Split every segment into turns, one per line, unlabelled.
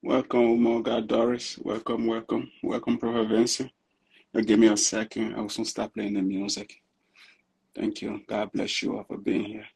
Welcome, my God, Doris. Welcome, welcome, welcome, Prophet Vincent. give me a second. I will soon stop playing the music. Thank you. God bless you all for being here.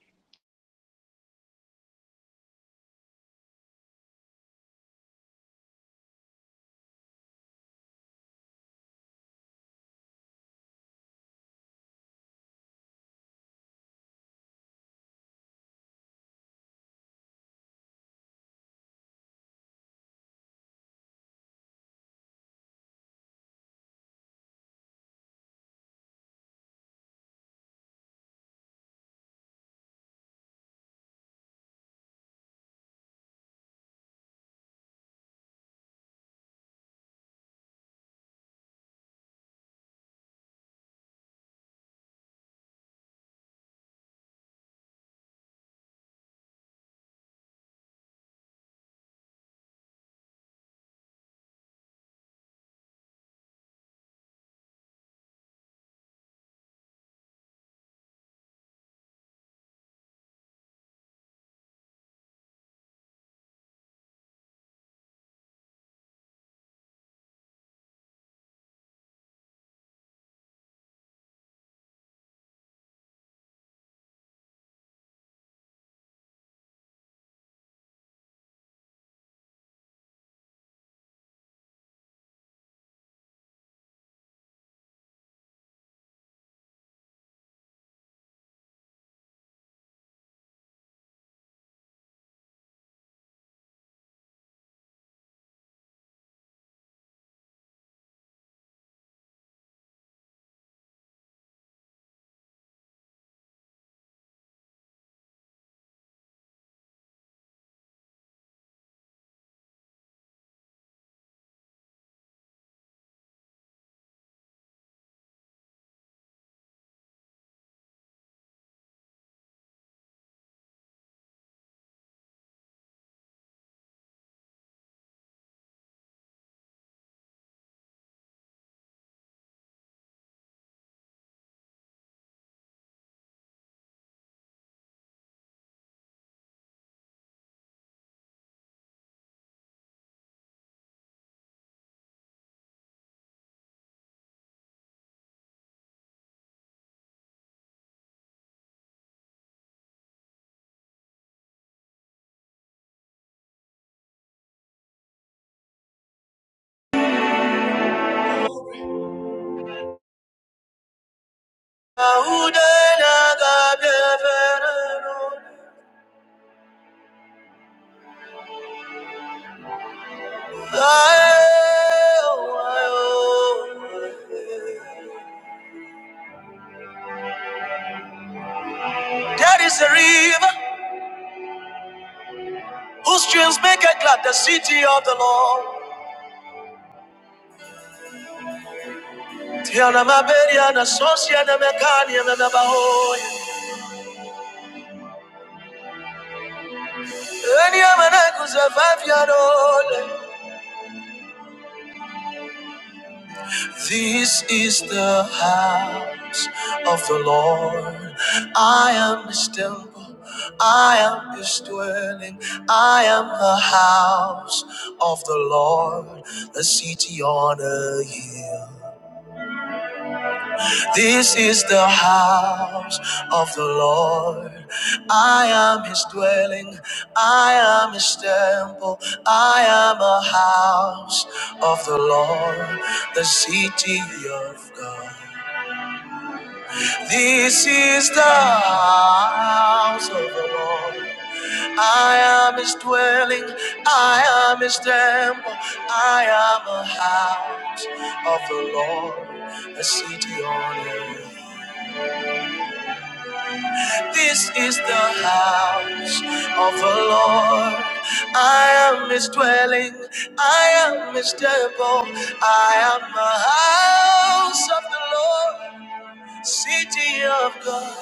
Thank
There is a river whose streams make it glad the city of the Lord. Tiana Maberia and Associa and Mekania and Abahoy. Any Amanakos five year old. This is the house of the Lord. I am his temple. I am his dwelling. I am the house of the Lord, the city on a hill. This is the house of the Lord. I am his dwelling. I am his temple. I am a house of the Lord, the city of God. This is the house of the Lord. I am his dwelling. I am his temple. I am a house of the Lord, a city on earth. This is the house of the Lord. I am his dwelling. I am his temple. I am a house of the Lord, city of God.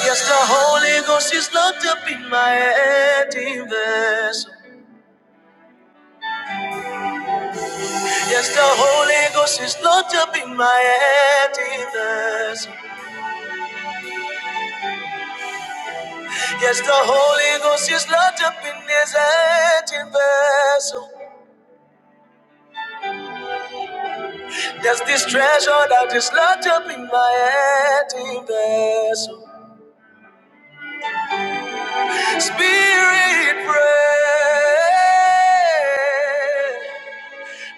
Yes, the Holy Ghost is locked up in my empty vessel. Yes, the Holy Ghost is locked up in my empty vessel. Yes, the Holy Ghost is locked up in this empty vessel. There's this treasure that is locked up in my empty vessel. Spirit, pray,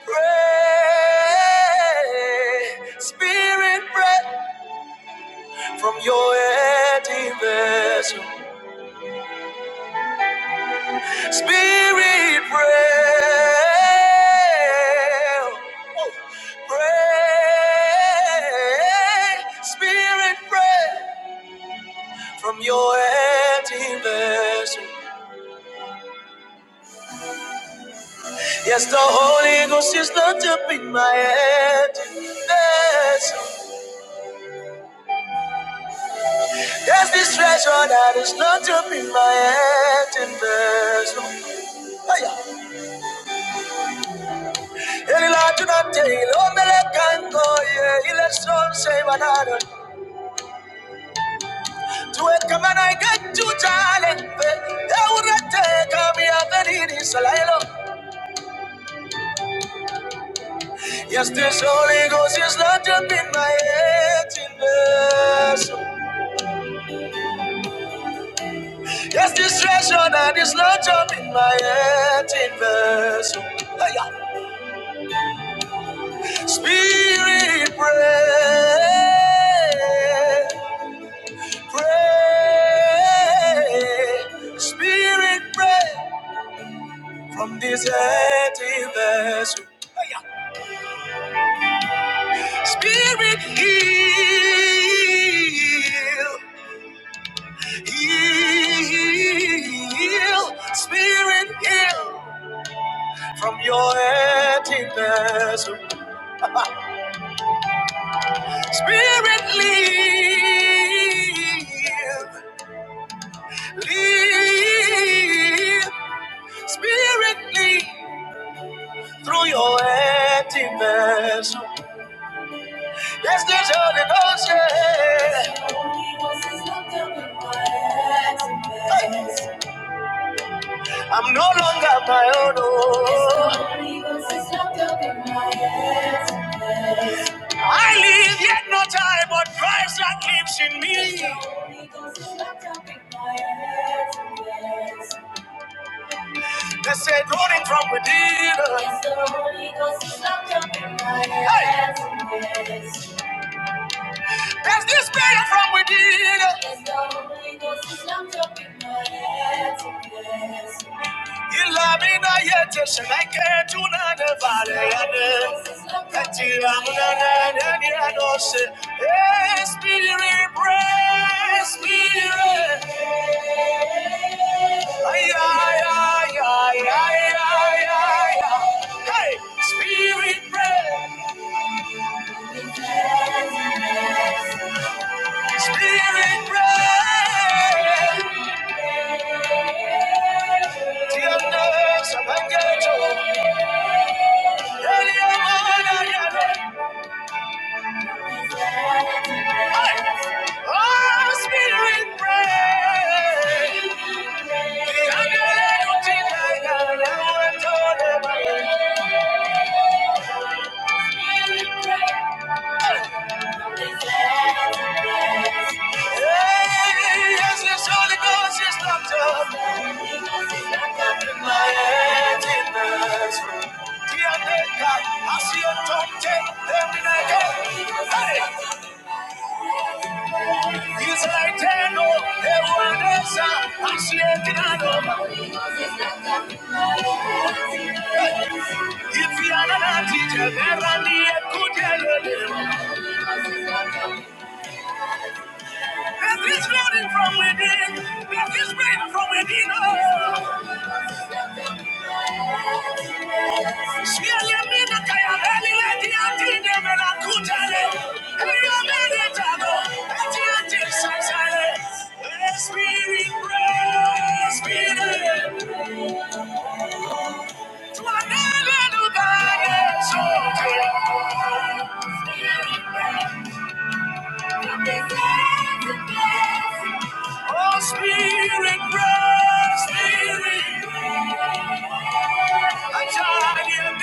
pray. Spirit, pray. from your empty vessel. Spirit, pray. Woo. Pray. Spirit, pray from your empty vessel. Yes, the Holy Ghost is not to be my empty vessel. Yes, this treasure that is not to be my empty vessel. Hey-ya. El illuminati, lo merekango, yeah, ile son se banano. Tuwe kama na igeju jalembe, ya urete kami ya gadini salailo. Yes, this Holy Ghost is not up in my emptiness. Yes, this treasure that is not up in my emptiness. Hey, yeah. Spirit, pray. Pray, Spirit, pray from this empty vessel. Hey, yeah. Spirit, heal, heal, Spirit, heal from your empty vessel. Spirit, lead, lead, Spirit, lead through your empty vessel. Let's get Holy Ghost, yeah. Hey. I'm no longer my own. oh. I live yet not I, but Christ that lives in me. Let's say rolling from within. Hey. There's the spirit from within. Ilamina yete shenake tunane valeyane. Eti ramunane neni anose. Hey, spirit, pray, spirit. Ay, ay, ay, ay, ay, ay, ay, ay. Hey, spirit, pray. Spirit bread, tiernos abangacho, el amor Hey! Oh, spirit bread, I see a top ten every night. Hey! He's like Teno, Evanessa, Asiatinano. If you are not a teacher, there are the good Death is flooding from within. Death is raining from within. Oh. Sialamina kayaveli leti atine menakutele. Eliyomele jago, eti eti sasele. Spirit, pray, Spirit, to a little God, so Oh, Spirit, pray, Spirit. Oh,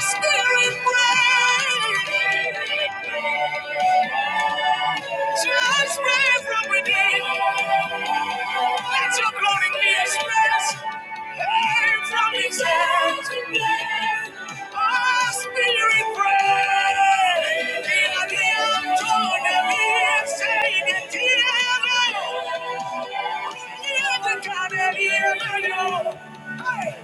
Spirit, pray. Just raise from within. Let your glory be expressed. Came from his hand to bless. Oh, spirit, pray. The adianto de mi se detiene. Y el cadere de the Hey.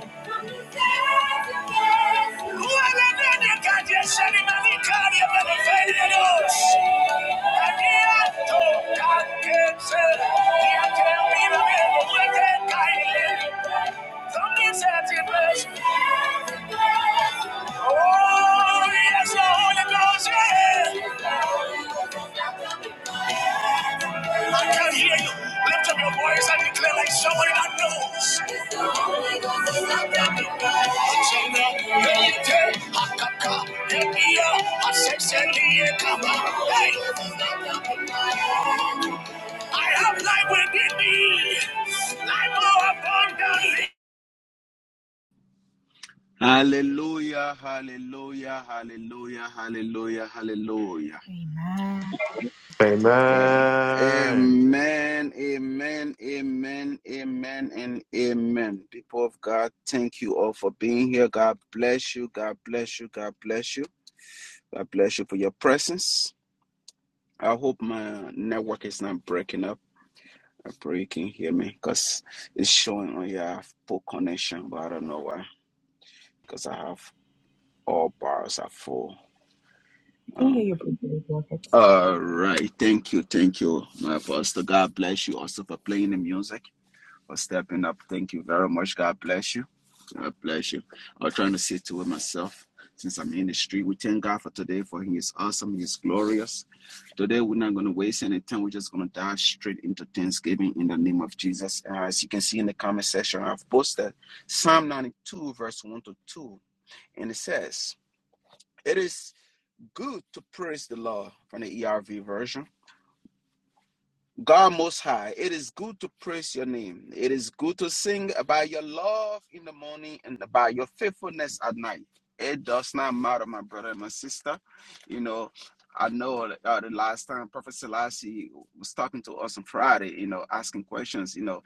Who are the men that dedicated, Shani Manikari, and the Fedidos? Can't tell me the middle where that guy lives. Come inside your place. Oh, yes, the Holy Ghost, yeah. I can hear you. Lift up your voice and declare like someone that knows. Hey, I have life within me, life more abundantly.
Hallelujah, hallelujah, hallelujah, hallelujah, hallelujah.
Amen.
Amen, amen, amen, amen, and amen. People of God, thank you all for being here. God bless you. God bless you. God bless you. God bless you for your presence. I hope my network is not breaking up. I pray you can hear me because it's showing on here I have poor connection, but I don't know why because I have all bars are full. Um, all right, thank you, thank you, my pastor. God bless you also for playing the music, for stepping up. Thank you very much. God bless you. God bless you. I was trying to see to it myself since I'm in the street. We thank God for today, for He is awesome, He is glorious. Today, we're not going to waste any time. We're just going to dive straight into Thanksgiving in the name of Jesus. Uh, as you can see in the comment section, I've posted Psalm 92, verse 1 to 2. And it says, It is good to praise the Lord from the ERV version. God Most High, it is good to praise your name. It is good to sing about your love in the morning and about your faithfulness at night. It does not matter, my brother and my sister. You know, I know uh, the last time Prophet Selassie was talking to us on Friday, you know, asking questions, you know,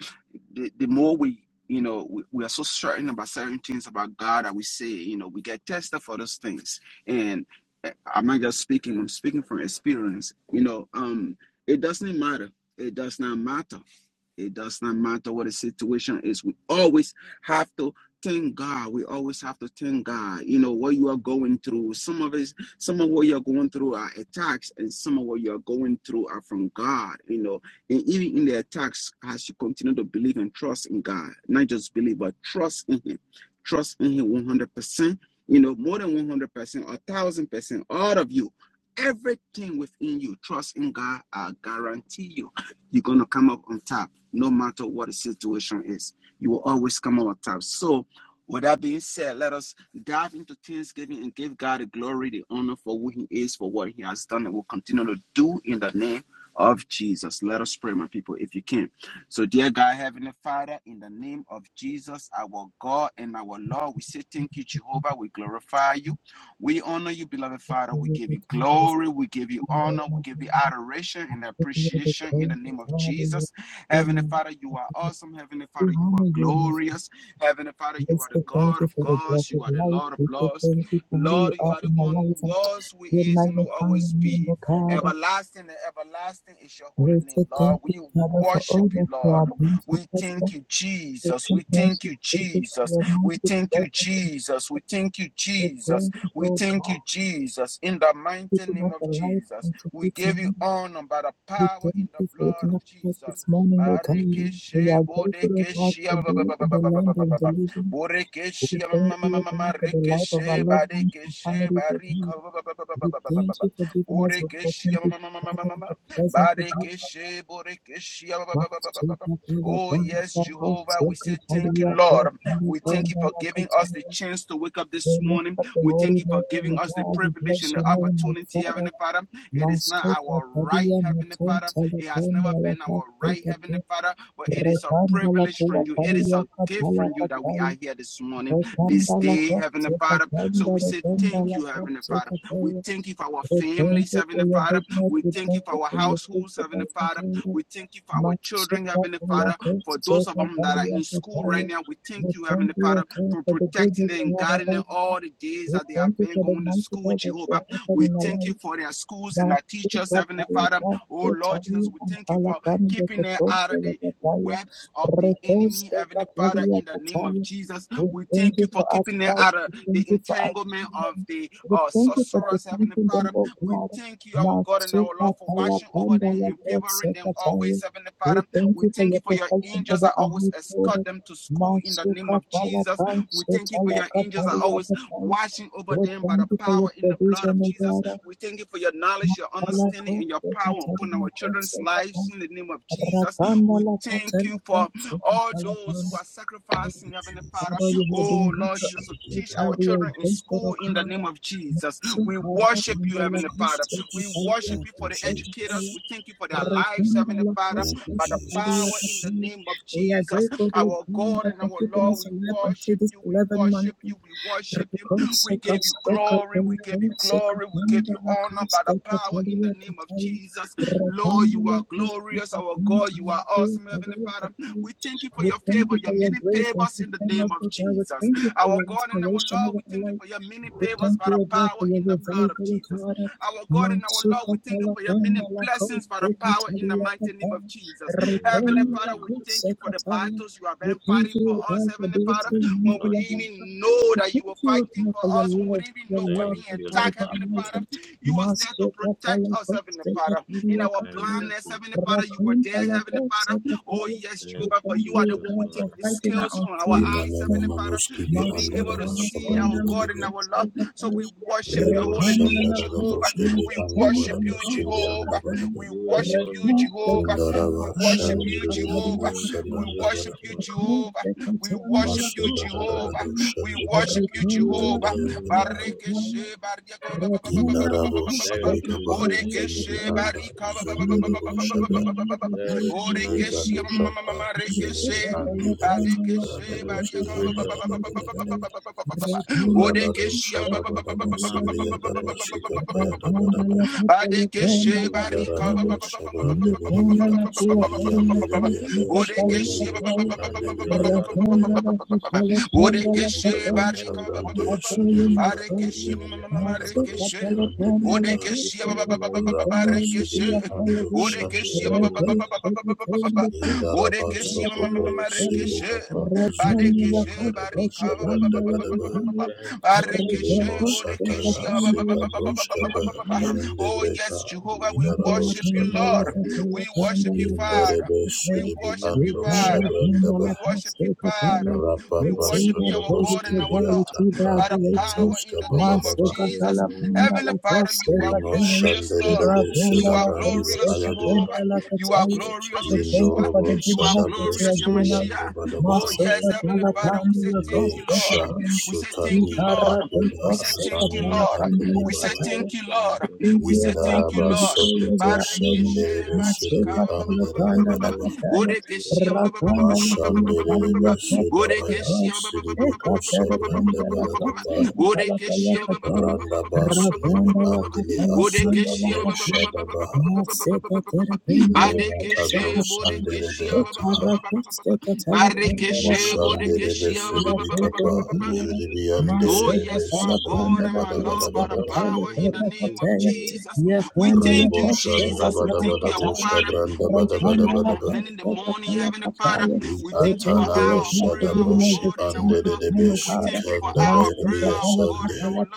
the, the more we, you know, we, we are so certain about certain things about God that we say, you know, we get tested for those things. And uh, I'm not just speaking, I'm speaking from experience, you know, um, it doesn't matter it does not matter. It does not matter what the situation is. We always have to thank God. We always have to thank God. You know what you are going through. Some of it, some of what you're going through are attacks, and some of what you're going through are from God. You know, and even in the attacks, as you continue to believe and trust in God, not just believe, but trust in Him. Trust in Him 100 percent. You know, more than 100 percent or thousand percent. All of you, everything within you, trust in God. I guarantee you you're going to come up on top no matter what the situation is. You will always come up on top. So, with that being said, let us dive into Thanksgiving and give God the glory, the honor for who He is, for what He has done, and will continue to do in the name of Jesus. Let us pray, my people, if you can. So, dear God, Heavenly Father, in the name of Jesus, our God and our Lord, we say thank you, Jehovah. We glorify you. We honor you, beloved Father. We give you glory. We give you honor. We give you adoration and appreciation in the name of Jesus. Heavenly Father, you are awesome. Heavenly Father, you are glorious. Heavenly Father, you are the God of gods. You are the Lord of lords. Lord, you are the one who was, who is, and will always be. Everlasting and everlasting is your holy name, Lord. We worship you, Lord. We thank you, Jesus. We thank you, Jesus. We thank you, Jesus. We thank you, Jesus. We thank you, Jesus, in the mighty name of Jesus. We give you honor by the power in the blood of Jesus. Oh, yes, Jehovah, we say thank you, Lord. We thank you for giving us the chance to wake up this morning we thank you for giving us the privilege and the opportunity, Heavenly Father. It is not our right, Heavenly Father. It has never been our right, Heavenly Father, but it is a privilege from you. It is a gift from you that we are here this morning, this day, Heavenly Father. So we say thank you, Heavenly Father. We thank you for our families, Heavenly Father. We thank you for our households, Heavenly Father. We thank you for our children, Heavenly Father. For those of them that are in school right now, we thank you, Heavenly Father for protecting them and guarding them all the days that they have been going to school, Jehovah. We thank you for their schools and their teachers, Heavenly Father. Oh Lord Jesus, we thank you for keeping them out of the webs of the enemy, Heavenly Father, in the name of Jesus. We thank you for keeping them out of the entanglement of the uh, sorcerers, Heavenly Father. We thank you, our God and our Lord, for watching over them and favoring them always, Heavenly Father. We thank you for your angels that always escort them to school in the name of Jesus. We thank you for your angels are always watching over them by the power in the blood of Jesus. We thank you for your knowledge, your understanding, and your power upon our children's lives in the name of Jesus. We thank you for all those who are
you,
sacrificing, Heavenly Father.
Jesus.
Oh, Lord Jesus,
Shall be
teach
back.
our children in school in the name of Jesus. We worship
Thank
you,
you,
Heavenly Father. We
Jesus.
worship
Thank
you for
you,
the educators.
Jesus.
We thank you for their lives, Heavenly Father,
Thank you,
by the power in
Jesus.
the name of Jesus. Our God and our Lord, we worship you, we worship you, we worship you. We give you glory, we give you glory, we give you honor by the power in the name of Jesus. Lord, you are glorious, our God, you are awesome, Heavenly Father. We thank you for your favor, your many favors in the name of Jesus. Our God and our Lord, we thank you for your many favors by the power in the blood of Jesus. Our God and our Lord, we thank you for your many blessings by the power in the mighty name of Jesus.
Thank you,
Heavenly
Lord
Father, we
Jesus.
thank you for the battles you have been fighting for us, Heavenly Father.
Thank you,
When we
Lord
didn't
Jesus.
even know that you were fighting for us, when we didn't even know we were
Thank
being
you, Lord
attacked, Heavenly
Jesus.
Father, you was there to protect us, Heavenly Father. In our
Thank you,
blindness,
great
Heavenly
God.
Father, you were there, Heavenly Father. Oh, yes,
Thank
Jehovah,
you,
for you are the
gracious
one who take
Father.
the scales from our eyes,
Imanana
Heavenly Father,
manoski bi
to
You
be able to
alone,
andaraba
my
see
God.
shabrande
our God and
bedebe.
our love. So we worship
You
your
Lebro
holy
alone, my
name,
God.
shandarada
Jehovah.
broskebri
We
andabara
worship you,
broskebri
Jehovah.
andabadaba.
We
You
worship
alone,
you,
my God.
Jehovah.
Indaraba
We worship you,
shandiri debedebe
Jehovah.
Thank you,
We worship
gracious
you,
sabrandabadaba.
Father.
Jehovah. We worship
Maso
you,
da da da da da
Jehovah. We
shandi
worship you,
bekapna
You
zibidi
Jehovah.
alone, my
yandaba.
God.
Barekeshe barika ba- ba- ba- ba- ba- ba- ba-
Indarabo
ba- ba- ba-
sibiri
Thank you,
kaba
gracious
zimidi
Borekeshe
Father.
anda
barika ba- ba- ba- ba- ba-
zendelo
ba- ba- ba- ba- ba-
shabe
There is none like
Orekeshe
Yegado
ma- ma- ma- ma- ma-
Shapa Zunimi
rekeshe.
Andelebek
you.
Barekeshe
Thank
Radados
you,
barika
gracious
ba- ba-
Father.
ba- ba- ba-
Yandadabadabadaba
ba- ba- ba- ba- ba- ba- ba. Bade
Radado
kese
Shadabadaba
None compares
Sibriyadaba
to you.
Sukapayadabadaba
bade
Thank
kese
you,
bari
gracious
ka
Indarabo
Father.
bade
Shabrandebedeba Subriyandelebe Yadaba
You are good,
kese
you
Shababayos
are kind, you
Yandelebe
are
bari
loving.
Yakapaya
ka bade kese
Yuziminikado
bari
Thank
ka
you,
Shabrande
gracious Father.
Surimika
bade kese bade kese bade kese
Zinimi Andabaloski
bade
Andebeyada
Thank you
kese
for your mercy.
Rapa Sudibi Ando
bade
Thank you
kese
for your
Shandelebekaya
love.
bade
Indaraba
Thank you for
Sokoto
your faithfulness.
Sigirikapa
kese
Zunibiyandarado
bade
Shabrandabadaba
Oh,
kese
thank you, magnificent
Limo
Barekeshe,
God.
Sataya
Borekeshe, ah,
Sikabroshkaba
Oh,
Zundebreka
yes, Jehovah, we
Nidarado
We give
worship you,
you all
Lord.
Sandabaya
glory.
We worship you, Father.
Inderebe
We
To
Sudibi
you
worship you,
be
Ando
all
Father.
honor.
We
Shabrandaba
worship you, Father. We
There
Rapapa
is
worship you,
none
our
like
God
you.
Sotokoski
and our Lord.
Briatapa
By the power in
Indoska
the name of
Bababa
There is
Jesus.
none like
Heavenly
you.
Father, you are
Limo
glorious, Lord.
Shanderebe
You are
Oh, the
Sudabrandibe
glorious,
little
Ayadua
Jehovah.
shakapon,
You
the
are
little
glorious,
shakayo.
Yeshua.
Indorobo
You are glorious,
Sadabroski
Yamashia. Oh,
Briandabadaba
yes, Heavenly
Gentomino
Father, we say thank you,
Le
Lord.
Sha
shashkatabradia.
We say thank you,
Sukadi
Lord. We say
Makuda
thank you,
Zanimi
Lord. We say
Akadibaya
Little
thank you, Lord.
shanta
We say
kapilato
thank you,
Indaraba
bradia.
Lord.
Sokoto
Barikeshe
Sandelebe Sudibi
badika ba- ba- ba- ba- ba- ba-
Red
ba- ba.
Andarabadaba
bomb paratiro
Bodekeshe ba- ba- ba- ba- ba- ba-
shakakam
ba- ba- ba- ba- ba- ba-
mariataba.
ba-
Mashandelebe
ba.
Sudabaya
Bodekeshe ba- ba- ba- ba- ba-
Sidibiko
ba-
Thank you, Father.
ba- ba-
Sabrandabalakapaya Randaba
ba- ba- ba- ba- ba-
Sunimi
ba- ba- ba- ba.
Andili
Bodekeshe
Asutabre
ba-
Thank
ba- ba- ba- ba- ba- ba- ba- ba- ba- ba-
Shadabaha
ba- ba- ba- ba- ba- ba. Bodekeshe ba- ba- ba- ba- ba- ba- ba- ba- ba- ba- ba- ba- ba- ba-
Lema
you,
Kado
Father.
Badekeshe,
Sandelebe
Bodekeshe
Ataha
Oh, you
Barikeshe,
are good,
Moshandelebe
Bodekeshe
you are
Sudibi
kind, you
Kapa
are faithful,
Zudibi
Oh,
Andelebe
yes, my God and my
you are
Lord, by the
Sabrandabadabadabadaba
just,
power
and you
in
are
the name
true to
of
your word.
Jesus. We thank
Rebo
you,
shanda
Jesus.
Oh,
We
bada
thank
bada
you,
Barak
our
boshka
Father.
Shakam,
branda
We
bada
thank you
bada
for
Barakiro
bada ba.
coming in the
Shakatada.
morning, Heavenly Father.
Li
We thank you for
atana
Nekom
our prayer,
mosada
our
Baraniro
broshi
God and our
ande de
Shakata
de be
Lord.
Yudada
We thank you for
shukanda
Brakatada.
by
our prayer,
Elia
our God
sande.
and our Lord.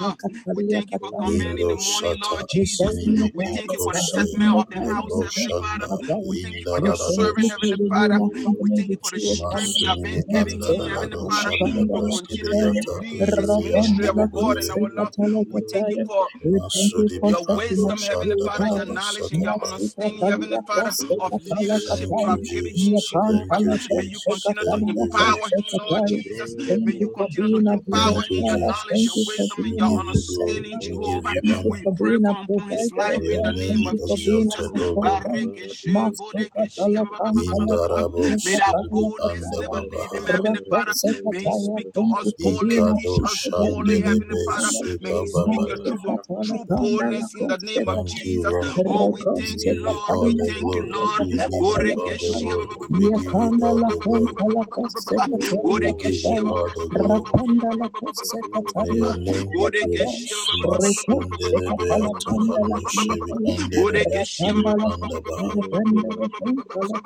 We thank you for
Nekom
coming in the
Indo
Balaria
morning,
sata
Lord
Banta
Jesus.
zinimi
Branta
We thank you
Kiro
iko
for the
saya
settlement
Shakatada.
of the house,
lebro
Heavenly Father.
shanda
We thank you
linda
for your servant,
radadosi.
Heavenly Father.
Maliro
We thank you for the
Shakam
strength you have
Brakatu
Masunimi
been giving
anda
him,
Yudada
Heavenly
radado
Father
shanda
to
braski
continue to
briata
lead this
zulian de
ministry, our God
Well,
and
lebelebe.
our
being
Lord.
to
We
feel
thank you
shut
for
up, but you don't know,
Masudibi
your
brother.
ando
wisdom, Heavenly
shanda
Father, your
dadaba
knowledge and your understanding,
Ah,
Heavenly Father, of
Kaban to feel
leadership
Thank
you have
you,
the
given
little
him,
Jesus.
shut
Thank
Jehovah.
you,
up.
May you
Jesus.
continue to
Thank you,
empower him,
Jesus.
Lord Jesus.
Legrondo
May you
viro
continue
shut
to
up.
empower
Thank
him,
you,
your knowledge, your wisdom,
Jesus. We
and your
give you glory.
understanding,
We
Mekova,
give
Jehovah.
you honor.
We pray for upon his life in
Your
Mekova,
the
name
name
be
of Jesus.
exalted, O God.
Macom paradiro shut up, brother.
Indarabo
May that
Sidibi
boldness
Anda
never leave him,
Babaha.
Mecom
Heavenly Father. May he
parataiza the
speak to us
brother.
boldly, teach
Ikado
us boldly, Heavenly
Shandelebe
Father. May
Suka
he
Meshatai
speak your
Babaya.
valino
true, true
Shakataba,
boldness in the name of
Thank you,
Jesus.
Lord.
Oh, we
We
thank you,
give
Vino
you
Lord. We
all the
thank you,
glory.
Scantaviro
Lord.
We
Sholo
give you all the
Bracatiro
glory. We
Shakataba.
give you all the glory.
Thank you,
We give you all the glory. May your name be praised. Masundelebe
Lord
atahando
Jesus.
shebi andelebe shibe andabaha.
Thank you, Lord Jesus. Thank you, Lord Jesus.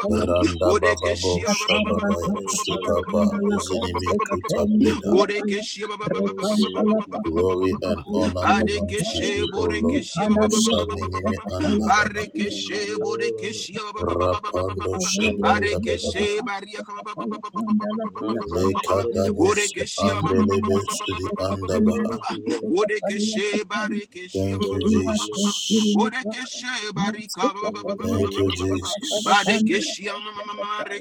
Randa bababo shababaya
Thank
sutapa zinimi kutapreda.
Borekeshe ba- ba- ba- ba- ba- ba-
you,
ba-
Lord
ba- ba- ba- ba- ba-
Jesus.
ba- ba-
Glory
ba- ba- ba.
and honor belongs to
Badekeshe
you,
To
O Lord.
you be
borekeshe ba- ba-
all
ba- ba- ba- ba- ba-
glory.
ba- ba-
Musaninimi
ba.
andadabaha.
To
Barekeshe
you be all
borekeshe
honor.
ba- ba- ba- ba- ba- ba- ba- ba- ba-
Rapando
ba- ba.
Thank you,
shabranda
Father.
Barekeshe
badabaha.
bariaka ba- ba- ba- ba- ba- ba- ba- ba- ba- ba- ba- ba-
None
ba-
love
ba- ba- ba.
showed us you.
Lekadabosi
Borekeshe ba- ba- ba- ba-
andelebe
ba- ba- ba-
sudi
ba- ba-
The
ba- ba- ba- ba- ba-
God
ba-
andabaha.
of the
ba.
heavens,
Borekeshe
the
barekeshe ba-
Thank
ba-
you,
ba-
God
ba-
of
ba- ba-
the
ba-
earth.
ba.
Jesus.
Borekeshe barika ba- ba- ba-
Thank
ba- ba-
you,
ba-
Thank
ba-
you,
Lord
ba- ba- ba- ba.
Jesus.
Jesus.
Badekeshe ma- ma- ma-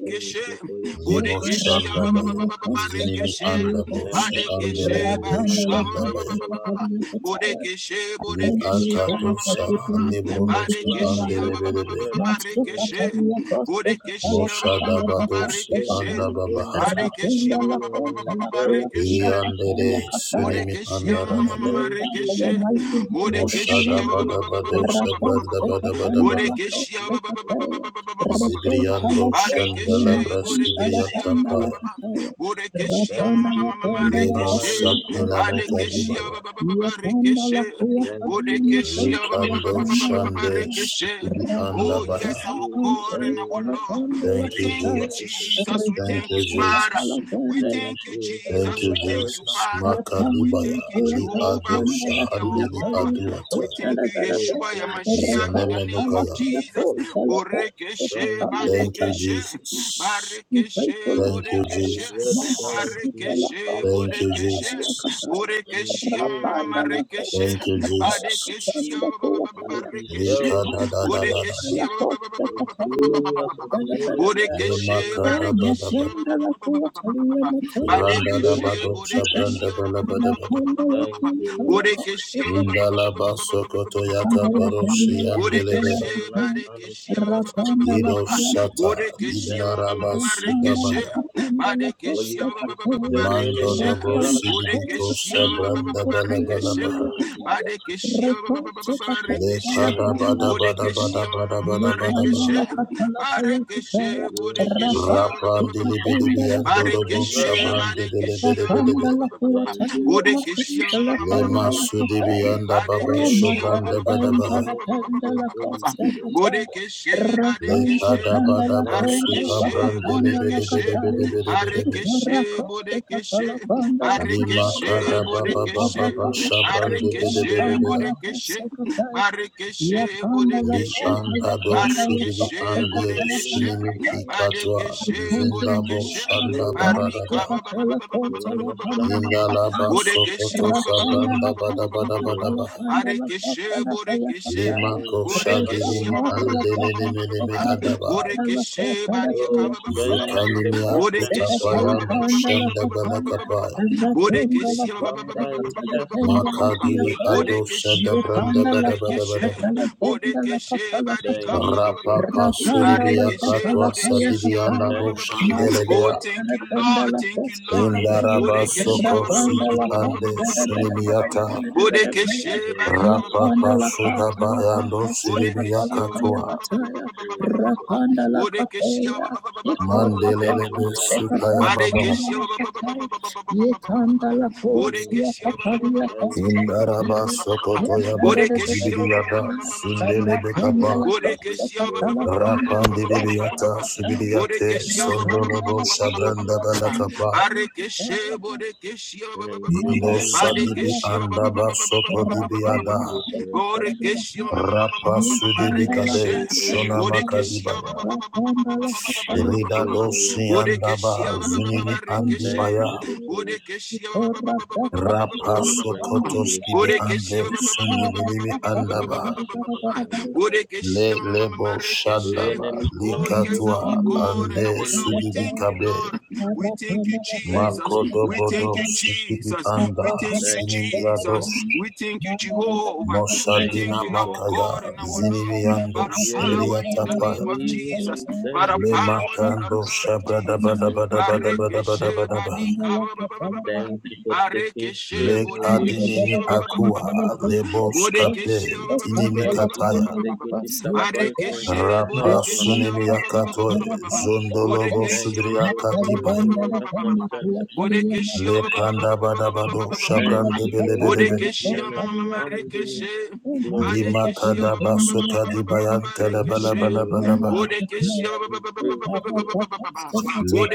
Thank you for your
Lebo
sacrifice.
shanda baya. Zinimi anda
Thank
bosi
you for
andele
Badekeshe
laying
debe
down your
barika ba-
shanda
ba- ba-
life
ba-
baya.
for
ba- ba- ba- ba.
us.
Bodekeshe
Li
bodekeshe
akato
ma- ma- ma- ma-
sa
ma- ma-
Thank you for your
lebronoski
blood that
Badekeshe
andele
was
ba-
bedebe.
shed at Calvary.
Bodekeshe ba-
Mosha dabadosi
Thank
anda
you for you
babahata.
took
Badekeshe ba-
away our infirmity.
Li andere sunimi
Morekeshia
anda radaba.
Thank you
Marekeshe,
because of us you
Mosha
Morekeshia
became poor
dabadabadosa branda
that we might
badabadaba.
take your
Borekeshia,
place of us.
Zibriando shanda
Barekeshe,
Thank
labras
you, Lord
Borekeshia, Borekeshia,
ibriata
Jesus.
paya.
Mordecai,
Thank you for the
Mordecai,
Lemo
power and
sakina
authority given us.
mokadibaya.
Thank you, Lord
Mordecai,
Jesus.
Lekando shande
Mordecai,
sukibi anda
Oh,
Thank
baya.
yes, our
you for
God and our
the life
Lord. We
that
Thank you,
you
thank you,
brought us in.
Jesus.
Jesus. We
Thank
thank you,
you,
Father.
Jesus.
We
Thank
thank you,
you for
Thank
Jesus.
the
you,
We thank
inheritance
you,
Jesus.
Father. We
Makadibaya
thank you,
li
that you
ado
Jehovah.
brought
We
to
thank
us.
you, our
shahandi li
God.
aduata
We thank you,
Oh,
Yeshua,
thank you,
Yamashia,
Lord
in
Jesus.
the name of
zanemenukaya.
Jesus. Borekeshe,
Thank you, Lord
Thank you,
Badekeshe,
Jesus.
Jesus.
Barekeshe,
Thank you,
The
Borekeshe,
word that was
Jesus.
made
Barekeshe,
flesh
Thank you,
Borekeshe,
Jesus.
and
Borekeshe,
dwelt amongst us.
Marekeshe,
Thank you, Jesus.
Badekeshe,
And we
Li
Barekeshe,
beheld his
kada da da da da
glory,
da.
Barekeshe, Borekeshe,
the glory as of the only
Le
begotten
Borekeshe,
of the
makada ba
Father,
da ba da.
Barekeshe,
full of
Randa da
grace
ba
Badekeshe,
and
do
truth.
Bodekeshe,
shabranda ba
ba-
la
ba- ba-
ba
ba-
da
ba-
ba
ba-
da.
ba- ba- ba- ba- ba-
Thank
ba-
you, Lord Jesus.
Bodekeshe, ba- ba- ba- ba-
Indala
ba- ba- ba-
baso
ba-
koto
ba- ba- ba- ba- ba- ba-
yaka
ba-
Yes,
ba- ba- ba-
you are
baroshi
seated
yakabaroshi
at the
Bodekeshe,
right hand of
Badekeshe, ba- ba-
God.
ba- ba- ba- ba- ba- ba- ba-
Ido
ba-
Shata,
Bodekeshe,
Thank
ma- ma-
you,
ma- ma-
Inaraba
Lord
ma-
Jesus.
Rekeshe,
Sudabaya,
For
Badekeshe,
you
ba- ba- ba- ba- ba-
defeated
ba-
the
Mando
enemy
Rekeshe,
Dobro
in our behalf.
Sidibiko
Bodekeshe, ba- ba- ba-
Sabran
ba- ba-
de
ba-
Thank
Rekeshe,
Balabalaba,
you, Lord Jesus.
Badekeshe, ba- ba- ba- ba- ba- ba- ba- Rekeshe,
You
Lekada
are
Bada
good,
Bada
Bodekeshe,
Bada
ma- ma-
Bada
ma- ma-
Bada
ma-
you
Bada
are
Rekeshe,
Bada,
loving,
Barekeshe,
you are gracious,
Rapan
Bodekeshe,
Dilibidibi and
you are
Dodobo
merciful.
Barikishe,
Shabran de
barikishe, ba- ba- ba-
Belebedebedebe,
ba- ba- ba- ba- ba-
Thank you, Lord Jesus.
Bodekeshia, ma- ma- ma- ma- ma- ma-
Lema
ma- ma- ma- ma-
Sudibi
ma.
and Ababa
Thank
Badekeshia,
you
ba- ba-
for
de
ba- ba- ba- ba- ba- ba-
giving
Badabaha,
ba- ba-
us
ba- ba- ba-
your
ba- ba- ba- ba-
Holy
ba.
Spirit.
Bodekeshe,
Lekada
Badekeshe,
Bada
Thank
Basuka
you for
Barikeshe,
Brand
giving us
Bodekeshe,
your Holy Spirit.
Delebedebedebedebedebe,
Barikeshe, Bodekeshe,
Lima
Barikeshe,
Kada
Thank
Baba
you for
Bodekeshe,
Baba
giving us
Shabran
your
de
Holy
Barikeshe,
Spirit.
Bedebedebea.
Bodekeshe,
The
Barikeshe,
Spirit
Li
of
Bodekeshe,
insight,
andado shibili
Barikeshe,
of
ande
Bodekeshe,
revelation,
sunimi ikatwa
Badekeshe,
the
zindabo
Bodekeshe,
shanda
Spirit
baradaba
Marika ba- ba- ba- ba- ba- ba- ba- ba-
of
ba- ba- ba- ba- ba- ba-
understanding.
ba- ba.
indalaba
Borekeshe
sokoto
ba- ba- ba- ba- ba- ba-
Thank
ba-
sabranda
ba-
you,
ba- ba-
bada
sweet
ba- ba-
bada
ba- ba-
Spirit.
bada
ba.
of
ba
Barekeshe, borekeshe,
God.
lima ko
Thank you for
shadi
having
borekeshe
limi
our
ba- ba- ba- ba-
abode
ba- ba- ba- ba- ba- ba-
mele
ba-
me
ba.
adaba
Borekeshe, bariaka
Oh,
ba- ba- ba- ba- ba-
thank
ba- ba-
you,
zukani
ba.
the
mi
presence
akuta
Borekeshe
of
ba-
the
ba- ba-
payano
Father.
ba- ba- ba-
shanda
ba- ba- ba-
bala
ba- ba- ba- ba- ba- ba.
kapaya
The
Borekeshe ba- ba- ba- ba-
Father
ba- ba-
in
ba- ba- ba-
us
ba- ba- ba- ba-
that
ba- ba.
makadili
doeth the
ado
Borekeshe
shada
ma- ma-
works. We say
ma-
branda
ma-
Thank
ma-
you.
bada bada
rekeshe.
bada ba
Borekeshe barika
Thank
ba- ba- ba-
you,
ba- ba- ba-
Holy
rapa
ba-
pa
ba.
Spirit.
sudibia
Barekeshe,
katwa
borekeshe
sadibia
ba- ba- ba- ba-
nabo
ba-
Thank
ba- ba- ba.
you,
shandele
Holy
Oh,
Spirit.
thank you, Lord. Thank you, Lord.
The
Indaraba
power
Bodekeshe
behind
soko
ba- ba- ba-
all
ba- ba-
siki
ba-
ande
creation.
ba- ba- ba- ba- ba- ba- ba- ba- ba- ba- ba- ba.
sunimiata
Thank you,
Bodekeshe
Holy
barika ba- ba-
Spirit.
ba- ba- ba-
rapapa
ba- ba- ba- ba- ba- ba- ba- ba- ba.
sudabayando
Bodekeshe
Thank
ba- ba- ba- ba-
you,
siribiyakatua
ba- ba- ba-
sweet
ba- ba- ba- ba- ba-
Spirit
ba-
of
ba- ba- ba.
God.
Bodekeshe ba- ba- ba- ba- ba- ba- ba- ba- ba- ba-
Rebbe
ba-
David
ba-
mandelelebe
ba- ba- ba- ba.
and from
sukayababa
Bodekeshe ba- ba-
Barakia.
ba- ba- ba- ba- ba- ba- ba- ba- ba-
Mena Shoshka Talidara Nero
Indaraba soko
Shoshka Tira.
toyaba zibidiyada sundelebe kapa
Thank you, sweet Spirit of God.
rapandelebiyata subidiyate
Borekeshe ba-
Thank
ba- ba-
you,
ba- ba-
sondolobo
ba-
sweet
ba- ba- ba- ba-
Spirit
ba-
of
shabranda
ba-
God.
ba- ba.
balakapa
Barekeshe, borekeshe ba- ba- ba- ba- ba-
Thank
ba-
you,
Indo
ba.
angels of
sadibi
God.
Barekeshe ba- ba- ba- ba-
andaba
ba- ba- ba- ba- ba-
soko
ba- ba- ba- ba-
dibiada
Thank
ba- ba.
you for your
Borekeshe
presence.
ma- ma- ma- ma- ma- ma-
rapa
ma- ma- ma- ma-
Thank
sudibikade
rekeshe.
you for your
Borekeshe
ministration.
ba-
shonamakadibaya
ba- ba- ba- ba- ba- ba- ba- ba- ba- ba- ba- ba- ba-
Thank
ba- ba-
Iriga
ba-
you
ba.
for your
dosi
help.
Borekeshe
Iridadosiandaba
ba- ba- ba- ba-
Zunimi
ba- rekeshe.
Thank
Andibaya
you for provision.
Borekeshe ba- ba- ba- ba- ba- ba- ba- ba- ba- ba-
rapa
Oh, thank you,
sokotoski bi
gracious Father.
ande sunimilimi andaba
Menos shakapari yakapa.
le lebo
The
shandaba
enemy
Oh,
planned for
yes,
likatwa
our
evil, but
God
you
and
ande
our
turned
Lord.
it
We
for
thank
our
you,
sudibikabe
good.
Lord. We thank you,
Thank
Jesus.
you,
We
Father.
makodobodo
thank you,
sikibi
Jesus.
anda
We thank you,
Thank
sinimi
you,
Jesus.
Father.
sinimiados
We thank you, Jehovah. We
Thank
mosadina
thank
you,
you, our
Father.
makaya
God and our
zinibi
Lord. By
andos
The
the
enemy
power in
ibriyata
the
planned
ibriatapaya
name
for
of
evil, but
Jesus.
you
By
turned
the
it
le
for our
power
good.
in the
makando
blood of Jesus.
Thank you, Father.
Barekeshe
shabradabadabadabadabadabadaba
badika ba- ba- ba- ba- ba- ba-
Thank
ba.
you for taking
Barekeshe
shame
Le
away from our
bodekeshe
kadimini
heart.
akua leboskape
Bodekeshe
Thank you for
dinimikataya
taking disappointment
Barekeshe,
out of our
Borekeshe,
way.
ba- ba- ba- ba- ba- ba-
rapasunimiakatoe
ba- ba- ba- ba- ba- ba-
zondolobo
Borekeshe,
Thank
ba-
you
ba- ba-
for
ba- ba- ba- ba-
sudriakadibaya
blessing
ba-
all
ba- ba- ba-
that
ba- ba- ba- ba- ba-
concerns us.
Borekeshe, ba- ba- ba- ba- ba- ba- ba- ba- ba-
lekandabadabado
ba- ba- ba- ba- ba- ba- ba-
Thank
ba-
you for
shabrandebelebedebe
increasing
Borekeshe, ma-
and
ma-
expanding His
rekeshe.
glorious.
Barekeshe, ba-
Thank you for your
limakadabasokadibayantelebelebelebelebeha
righteousness
Borekeshe,
that reveals to us.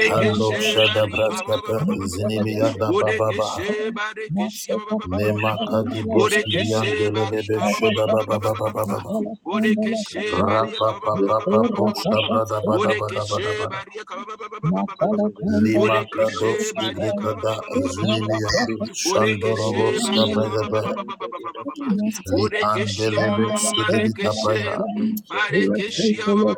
O Baratino
barika,
shadabraskape
Shakatam Brakatia.
zinimiyadabababaha
Borekeshe, barekeshe,
Nishkabanta
Borekeshe,
Dira
lemakadibroskiliandelelebe
barika,
Komprakataka.
shodabababababa
Bodekeshe
Ate
Baria
Banta Dira
Rapapapapo
Kabababababababababa.
Kateja de
sabrada bada bada
Brakatia.
bada
Bodekeshe
bada.
Baria Kababababababababa.
Lima
Deliveteja de
Bodekeshe
kadoski
Branino
Baria
brikada
Shakataka.
Kababababababababa.
zunimiyadi
Bodekeshe
shandoroboska
Baria
O
bragabe
Tagante Dira
Kababababababababa.
li
Kiro
Bodekeshe
andelebe sudibitapaya
Marekeshe.
Lam pragna
Barekeshe
tagila de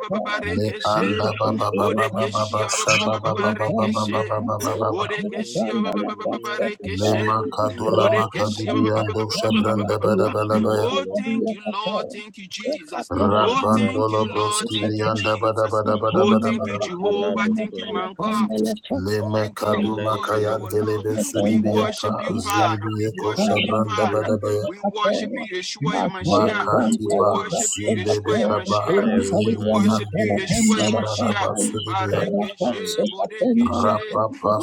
le
pragmatura
Barekeshe.
dida
anda
da
baba
blanca
baba
dia.
baba
Bodekeshe
basha baba baba baba
Barekeshe.
baba baba
Loro
baba
Bodekeshe
santo frenino
le
scadigro diro
makadola
stacate.
Barekeshe.
makadibiyando shabranda bada
Bodekeshe
bala
Thank
baya
you,
Oh,
Lord
thank you,
Jesus.
Lord. Thank you, Jesus.
Thank
Oh,
you,
thank
Abba
rapandolo
you,
Father.
Lord.
broski
Thank you,
briyanda bada
Jesus.
bada bada
Oh,
bada
thank you,
bada
Thank you,
Jehovah.
Abba
Thank you,
Father.
my God.
Lema
Thank you, our
kaduma
Thank
God
you,
and our
kayan
Abba
Lord.
delebe
Father.
We
sudibiyata
worship you, Father. We
zinibiye
worship
Thank
you,
you,
koshabranda
great
Father.
God.
badabaya
We worship you, Yeshua Yamashiach.
Thank you,
We
makatiba
Holy One.
worship you,
sundebe
Yeshua
kaba
Yamashiach.
There is
We
none like
worship
zindibiyande
you, Yeshua Yamashiach.
sundalaba
you. There
sudibiyata
is
Barikeshe,
none like you.
Bodekeshe,
rapapa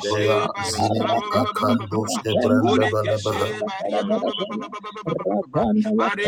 There is none like
Barika,
zinimi
ba-
you.
ba- ba-
akandoske branda
There
balabaha
Bodekeshe,
is none
Barika, ba-
like you.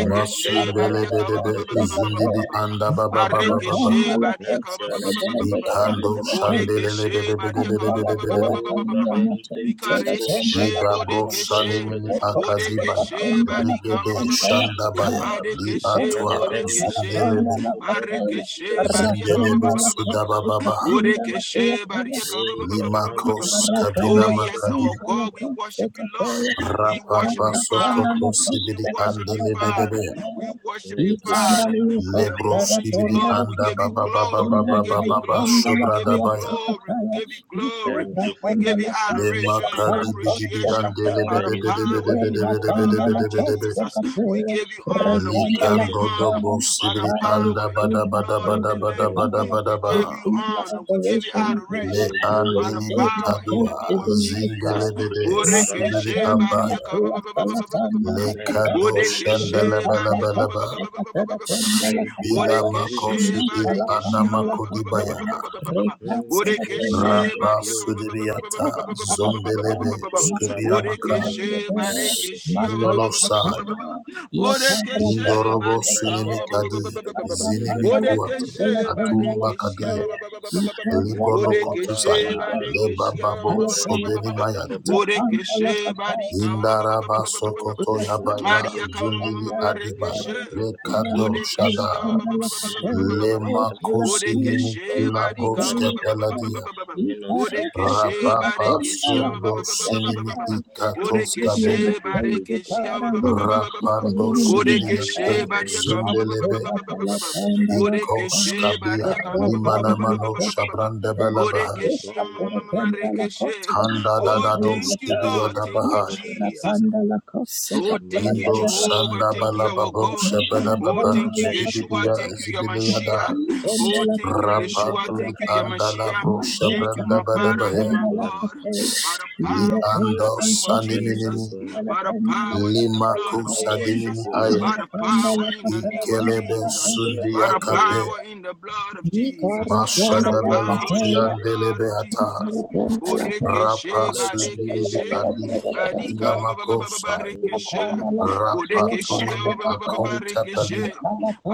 Rata tata
Barika, ba-
shata vadia.
zundibi anda baba baba baba
Barika,
Nanta
ikando
Boreke she baria ka ba ba ba ba ba
shandelebedebedebedebedebe
ba ba
Oh,
ba ba ba ba.
valente chi
Bikareke she
Ida
comprende ti,
boreke
solo
she
Sanimini
bragadia capa.
boreke
Akadibaya,
she bari ka ba
Regede
ba ba ba ba ba.
Shandabaya, Li
Bareke she
Atwa,
Bragadei
boreke
se le
she
Zundelebe,
pronto
mareke
prende chiro
she baria ka ba
Zindelebe
ba
shakatabe.
ba ba ba ba ba ba ba.
Sudabababa,
Boreke she baria ka ba
Oh,
ba ba ba ba ba ba ba ba
valente
ba ba.
Limakos
chiro
Kabina
Oh
shanta
yes,
Makadi,
our
braga.
God, we worship you, Lord. We worship
Rapapa
you,
Thank you,
Father.
Father.
Sokoto
We
Sibidi
worship you, Father.
Andelebedebe,
We worship you,
Thank you,
Father.
Father.
We
Lebro
honor you,
Sibidi
Lord. We
Anda
give you
Baba Baba
glory. We
Baba
Thank
give you
you,
Baba
Father.
glory. We give you
Shobradabaya,
glory. We give you glory.
Thank you,
We give
Father.
you
Le
adoration and
Makadi Bidibi
appreciation by the
Thank you for
power
the
in
gift
the
of life.
blood of
Andelebedebedebedebedebedebedebedebe,
Jesus. We give you
Thank
honor.
you
We
for
give you
strength.
Likando
honor
dobo
by the
sibiri
power
anda
in the
bada bada
blood of
Thank
bada
the
you for
bada
Lamb.
your
bada
power.
bada
We give
baha.
you honor. We give you
Thank you for
Le
adoration
your
by
glory.
the
andilini
power in
kadua
the name of Jesus.
Thank you
zindelebede
for your power.
subiri
Borekeshe
abaya.
bariaka ba-
Le
Thank you
kado
for your glory.
shandala bala
bariaka
bala ba.
Thank you for
Ina
your week of
makosi
Borekeshe
il
glory.
Barekeshe
anamakudibaya.
Thank you for a week
Borekeshe
Rapa
of
Bariaka
glory.
sudibiyata zondelebe
Mate brakato
skubiyamaka.
Borekeshe
brankatiro shakoto
Barekeshe
Ninono
brakatabra.
saya.
Borekeshe
Mente
Indorobo
Barika
sunimi
brankatiro
kadie.
shakoto
Zinimi
brakatia ko
kuate.
Borekeshe Barekeshe
brakatabra.
Atumba kadie. Librono
Meko
kutusaya
Borekeshe
brate bado
Barekeshe
lebababo
brakatembre nino
sobeni
shakata
mayante
brakatabra.
Borekeshe Barika
indaraba sokoto
Meko
yabala
bradido
Maria
zodo
zundili
brakate
adibaya
zara
Marekeshe
brakatabra.
lekado shada
Bodekeshe
Malera shakata
lemakusinimi
Bodekeshe Barika
kilabroske
matete.
peladia
Mino sashketega.
Bodekeshe
rapapa
Barekeshe
Thank you,
sundo
Father.
sinimi ikatoskabe
Thank
Bodekeshe
you, great God.
Barekeshe
rapando
Oh,
sibidiyate
Zadeva,
Bodekeshe
Doja,
Bariaka
Bija,
zundelebe
Vempa,
Bodekeshe
ikoskabia
Bariaka
Matomba
limanamano
kaba,
shabrandebelabaha
Bodekeshe
matomba kaba,
Marekeshe
tanda
Oh,
dadados
thank you,
yakuyipete
Lord. Thank you,
kibiyadabaha
izodobrobetia.
Jesus. Oh, thank
Mali,
you,
Indo
shanta
Jehovah.
Sanda
Thank you,
pratashka.
our
Balababo
God. Oh,
Shabadababa
thank you,
Thank you,
Yeshua.
Zibidibia
Father.
Thank you,
Zibiliada
Yamashia. Oh, thank you,
Thank you,
Yeshua.
Rapanduli
Thank
Father.
you, Yamashia.
Andalabro
Thank you, my Father
Thank
and
Shabrandabadabaya
you,
my
Father.
God. By the
Li
power in the
Ando
name of
Thank you,
Jesus.
Saniminimi
Father.
By the power in the blood
Limaku
of
I worship
Sadimini
Jesus.
your
Aye
By the
majesty.
power in the name of
Ikelebe
I
Jesus.
bless
By the
your holy
Sundiakape
power
name.
in the blood of Jesus. By the
I
Mashadabalo
worship
power
your
in the
majesty.
blood of
Siandelebeata
Jesus.
I
Borekeshe,
Rapa
bless your
Sundilibi
holy
Badekeshe.
name.
Adige
Badika
Kilamakosai
Thank
Barikeshe,
you, Lord.
Bodekeshia
Rapatunemi Akontapalia
Barikeshe,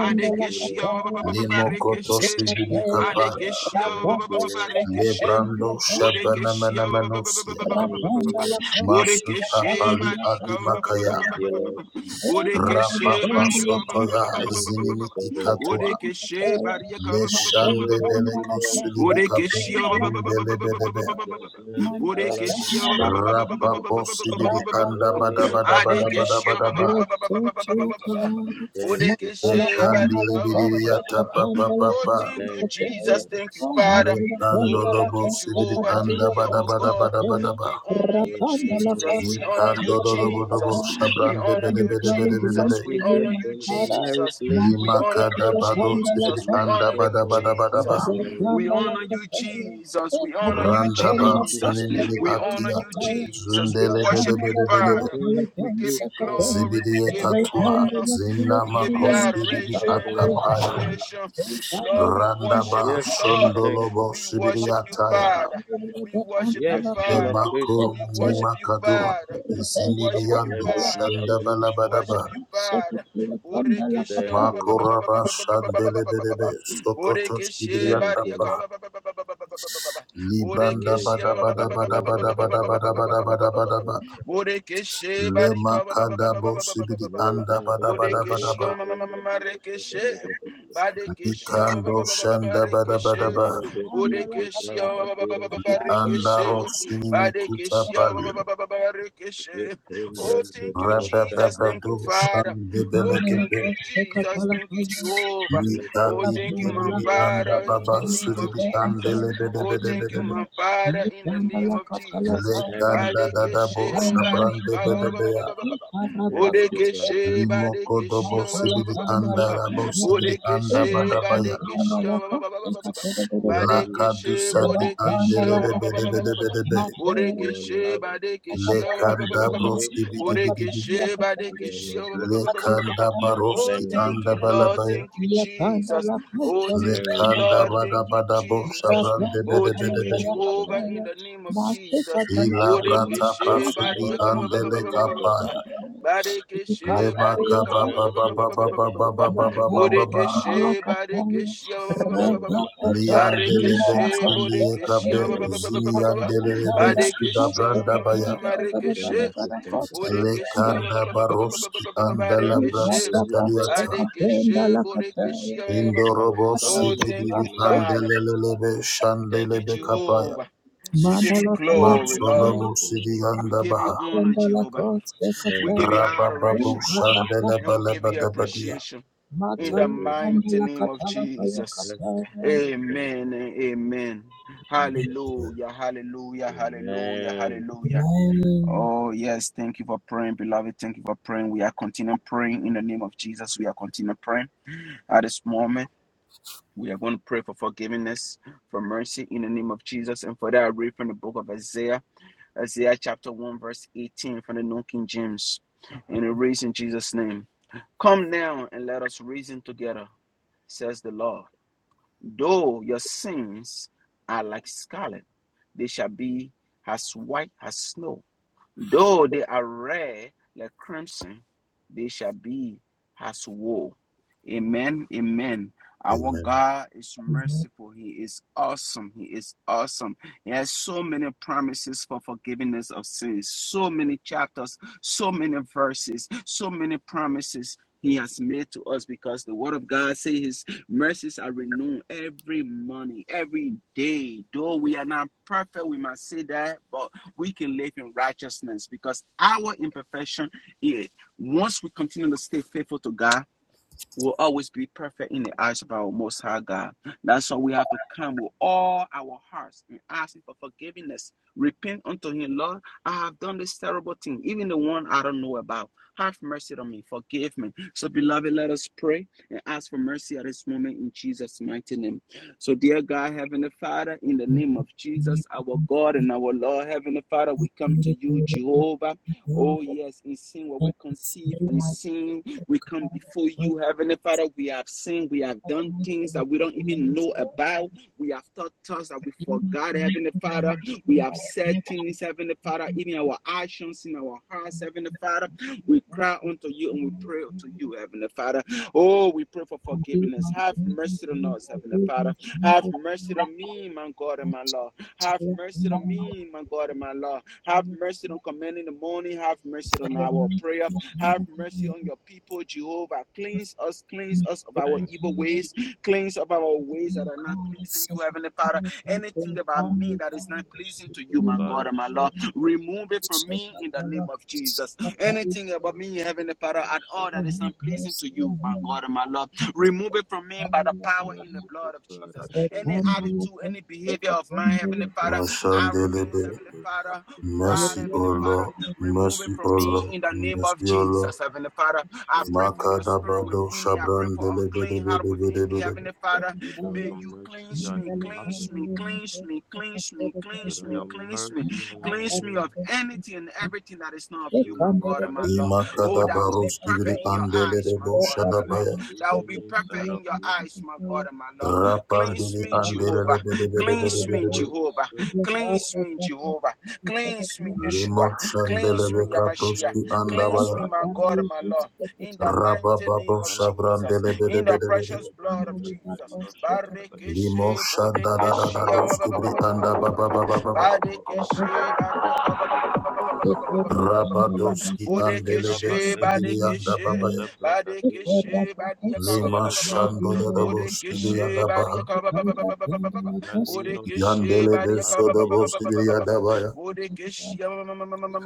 Thank you, Lord.
Limo koto
Barikeshe,
sigili kapaya
Badekeshia
Thank you, Lord.
Barikeshe,
Lebrando
Bodekeshia
Shabanamanamosia,
Thank you, Lord.
Masuta
Bodekeshe
Pali
Badika
Adimakaya,
Thank you, Lord Jesus.
Bodekeshe
Rapapa
Barika
Sotoya
Thank you,
Zinimi
sovereign God.
Ikatua,
Bodekeshe Barika
The whole
Leshande
world
Beleko
belongs to you.
Sulibikape, Yundelebedebe,
God
Bodekeshia
wins
Bodekeshia
Rapapo Sibidi Anda
all
Bada
in it
Bada Bada
belongs
Bada
to
Badekeshia
Bada
ba-
you.
ba-
Bada,
Thank you, Father.
Ekandilibiliata Papa
Oh,
Papa,
thank you,
Thank you,
Jesus.
Father.
Thank you, Father.
Lekando
Oh, thank
Lobo
you,
Sibidi
Jehovah.
Thank you,
Thank
Anda
you,
Bada
our
Father.
Bada
God.
Bada Bada Bada,
We honor you,
Words are not
Jesus. We
enough to
honor you,
say
Nikando
thank you.
Lobo
Jesus. We
Shabrande
honor
Bede
you,
Bede Bede Bede
You
Jesus.
Bede
We
picked us
honor you,
from the miry
Jesus.
clay.
We
Lima
honor you,
kadabado sibidi
Jesus.
You
We
anda
honor
set
you,
bada
our
bada bada
feet
Jesus.
ba.
on a rock
We
to
honor
step.
you, Jesus. We honor you,
Randaba
Thank you,
Jesus.
sunimini
faithful
We
one.
honor you,
akiate
Jesus. We
zundele bede
worship you,
bede bede be.
Father.
Thank
We
you,
give
great
you
God.
glory.
Zibidi
We give you
ekatua
honor.
zina
We give you
Yes,
makosidibi
adoration
we
and
bless your holy
atapaya.
name.
appreciation. Lord, we
Randaba
worship
Yes,
you,
we
Lord.
thank
shondolobo
you.
We
sibidi
worship you,
ataya.
Father. We worship you,
Yes, you are
Father.
faithful.
Demako
We worship you,
nimakadua
Father. We worship you,
Yes,
zinibiando
you
Father.
are good.
shandabala
We
bada ba.
worship you, Father.
Thank you, Lord.
Borekeshe
Makoraba shandele bede be sokotos ibidi
Borekeshe
Thank you,
atapa.
Lord.
Bariaka ba- ba- ba- ba- ba- ba- ba- ba- ba- ba- ba-
Libranda
Le
Borekeshe
bada bada
kapa te
bada bada bada
brekete
bada bada bada
breketiro
bada ba.
shukete brekete.
Borekeshe Barika
Lema kada bo sibidi
Le
anda bada
daba de
bada bada
Borekeshe
ba.
jodo breketiro
Marekeshe
shukete breketiro.
Badekeshe
Likando shanda bada bada
Barekeshe
ba.
Mante ki tu
Borekeshe
pranta tiro
Li
shukete
anda ro
brekete.
Barekeshe
sinini kuta
Badekeshe
pali.
Barekeshe
Zitum
Oh
brente
thank you
diro
Jesus
Rebebebe
shanta
thank
do
you
brekete.
Father
shande
Oh thank
belekebe.
you Jesus thank you Jehovah
Le
Lika
Oh,
kum
di di
thank you,
di di
my
di
paradiro
anda
Father, in the
baba
shilangre
name
diro
of
sudidi ande
Jesus.
shukete.
lebede bede
Oh,
bede
thank you,
bede be.
my Father, in the name of Jesus.
Thank you,
Lekanda dada
Father.
bo
Badekeshe
shabrande
barika
bede
ba- ba-
be
ba- ba-
ya.
ba- ba- ba- ba.
Thank you, Father.
Bodekeshe
Limoko
badekeshe
dobo
ba- ba- ba- ba- ba-
sibidi
ba- ba- ba-
anda
ba.
rabo sibidi anda
Thank
Bodekeshe
you,
badabaya.
Father.
badekeshe ba- ba- ba- ba- ba- ba- ba- ba.
You are good.
Lakadu
Badekeshe
sadi di
bodekeshe
andele
ba-
You
ba-
bebe
are
ba- ba- ba-
bebe
kind.
ba- ba- ba-
bebe
ba.
bebe.
You are
Bodekeshe
loving.
badekeshe ba- ba- ba- ba-
Lekanda
ba-
You are
ba- ba- ba.
broski
gracious.
bidi bidi bidi.
Bodekeshe
You are
badekeshe ba- ba- ba- ba-
magnificent.
ba- ba- ba- ba-
Lekanda
ba. Oh,
baroski
Thank you,
thank
anda
you,
Father.
Lord.
balabaya.
Thank you, Jesus. Oh, thank you,
Thank you,
Lekanda
Lord.
Father.
bada
Thank you,
bada bo
Jesus.
shabran debe
Oh,
debe
thank you,
debe.
Thank you,
Jehovah,
Father.
in the name of Jesus.
Ila
We're very much
brata
Borekeshe
grateful
pasudi
for
bariyaka
how
ba- ba- ba- ba-
andele
far you
ba- ba- ba- ba- ba-
brought,
ba.
kapaya.
Barekeshe
for
Lemaka
your
bariyaka ba- ba-
hand
baba
of
ba- ba- ba-
baba
ba- ba- ba- ba- ba-
baba
ba-
protection
ba-
baba
ba.
over my
baba baba
family.
baba.
Borekeshe barekeshe ba- ba- ba- ba- ba- ba-
Thank
ba-
you,
ba.
Father.
Liandelebe
Barekeshe
Sundia
borekeshe
Gabe
ba- ba- ba-
Thank
ba- ba-
you,
ba- ba-
Father.
ba- ba.
Ziniandelebe Suda
Barekeshe ma- ma- ma- ma-
Brandabaya
ma- rekeshe.
Thank you, Father.
Borekeshe ba-
Lekanda
ba- ba- ba- ba-
Baroski
Thank you for
Andalabras
good health.
Etaliata
Thank you for
Indorobo
Oh,
soundness of
thank you,
Sigidivi
mind.
Father.
Andelelebe
Thank you,
Shandelebe
Thank you,
Kapaya
God.
Jehovah. We give you glory, Lord.
Thank
Matsonomo
you, Lord.
Sidi
We give you
Andabaha
honor, Jehovah. We
Thank
give
you,
you
Lord.
Rabababo
adoration and we give you
Yes,
Shandelebelebadabadia
appreciation
we
in
are
the
grateful.
mighty name of Jesus.
Yes, we are thankful.
Amen and amen.
In Jesus' name.
Hallelujah, hallelujah, hallelujah,
Amen.
hallelujah. Oh, yes. Thank you for praying, beloved. Thank you for praying. We are continuing praying in the name of Jesus. We are continuing praying at this moment. We are going to pray for forgiveness, for mercy in the name of Jesus. And for that, I read from the book of Isaiah. Isaiah chapter 1, verse 18 from the New King James. And it reads in Jesus' name Come now and let us reason together, says the Lord. Though your sins are like scarlet, they shall be as white as snow. Though they are red like crimson, they shall be as wool. Amen. Amen. Our
Amen.
God is merciful. He is awesome. He is awesome. He has so many promises for forgiveness of sins, so many chapters, so many verses, so many promises. He has made to us because the word of God says his mercies are renewed every morning, every day. Though we are not perfect, we must say that, but we can live in righteousness because our imperfection is once we continue to stay faithful to God, will always be perfect in the eyes of our Most High God. That's why we have to come with all our hearts and ask Him for forgiveness. Repent unto Him, Lord, I have done this terrible thing, even the one I don't know about. Have mercy on me, forgive me. So, beloved, let us pray and ask for mercy at this moment in Jesus' mighty name. So, dear God, Heavenly Father, in the name of Jesus, our God and our Lord, Heavenly Father, we come to you, Jehovah. Oh, yes, in sin, what we conceive, in sin, we come before you, Heavenly Father. We have sinned. We have done things that we don't even know about. We have thought thoughts that we forgot, Heavenly Father. We have said things, Heavenly Father, even our actions in our hearts, Heavenly Father. We cry unto you and we pray unto you, Heavenly Father. Oh, we pray for forgiveness. Have mercy on us, Heavenly Father. Have mercy on me, my God and my Lord. Have mercy on me, my God and my Lord. Have mercy on commanding the morning. Have mercy on our prayer. Have mercy on your people, Jehovah. Cleanse us, cleanse us of our
Thank you,
evil
Lord.
ways, cleanse of our ways that are not pleasing you, Heavenly Father. Anything about me that is not pleasing to you,
Merciful
my God
Father,
and my
show
Lord,
us mercy.
remove it from me in the name of Jesus. Anything about me,
Merciful
Heavenly Father,
Father,
at
show
all
me
that is not
mercy.
pleasing to you, my God and my Lord, remove it from me by the power in the
Merciful
blood of
Father,
Jesus.
show
Any
me mercy.
attitude, any behavior of mine, Heavenly Father, arrogance,
Mashandelebe
Heavenly
This
Father,
afternoon,
pride,
show
Mercy
me
Heavenly
O
Father,
mercy.
Lord
Remove it
Mercy
from
O
me
Lord
in the name of
Mercy O Lord
Jesus, Heavenly Father. I
Show me
pray for your
mercy, O
spirit
Makadabado
God.
within me. I pray
Shabran
for a clean heart within me,
Delebedebedebedebedebe.
Heavenly Father.
Without
May
your
you
mercy,
cleanse
I
me,
am
cleanse
nothing.
me, cleanse me, cleanse me, cleanse
Without
me,
your
cleanse me,
mercy, I am
cleanse
no
me of
one.
anything and everything that is not of
Show
you, my
me
God and my
mercy,
Lord.
O
Oh, that will be
Imakadabaros Kibri
perfect in your eyes,
God.
my
Andelebo
God and my Lord.
Shadabaya.
Anything
That will
hidden
be
inside
perfect
of
in your
me
eyes, my God and my Lord.
that is
Cleanse
Rapandini
me,
waiting
Jehovah.
to
Cleanse me,
manifest
Andelebedebedebedebe.
Jehovah.
itself in the
Cleanse me, Jehovah. Cleanse me, Yeshua.
Limo
Cleanse me,
Shandelebe
Father, show
Yamashia.
Kaproski
me
Cleanse
mercy
me,
Andabaya.
and I
my God, my Lord. In the mighty name
Rabababo
of
Kada ba
Shabran
de
Jesus.
bra
In the precious
Delebedebedebe.
do bra
blood of
da bra di
Jesus.
o
Limo
Barikishe, bodikishe, ba-
Shandadadados
ba- ba- ba-
Kibri
ba- ba- ba- ba- ba- ba- ba- ba-
Ete
Andababababa.
brente diro
Badikishe, barika,
shashkata.
ba- ba- ba- ba- ba- ba- ba- ba- ba- ba- ba- ba- ba- ba- ba- ba- ba- ba-
Rabadoski Andelebe
Bodikishe,
Rabate
Sidiri
badikishe,
Andababaya.
sebrakate.
ba- ba-
Lima
ba-
Zele
ba- ba- ba- ba-
branta biro
Shandodadabos Kibri
Bodikishe,
shakataba.
Andabaha.
barika, ba- ba- ba- ba- ba- ba- ba- ba- ba-
Veliro
Bodekeshe
shakum
Yandelebe
bariyaka ba ba ba
paradia
Sodobo
ba ba ba ba
kaba.
ba
Sibiria
ba.
Dabaya.
Bodekishi,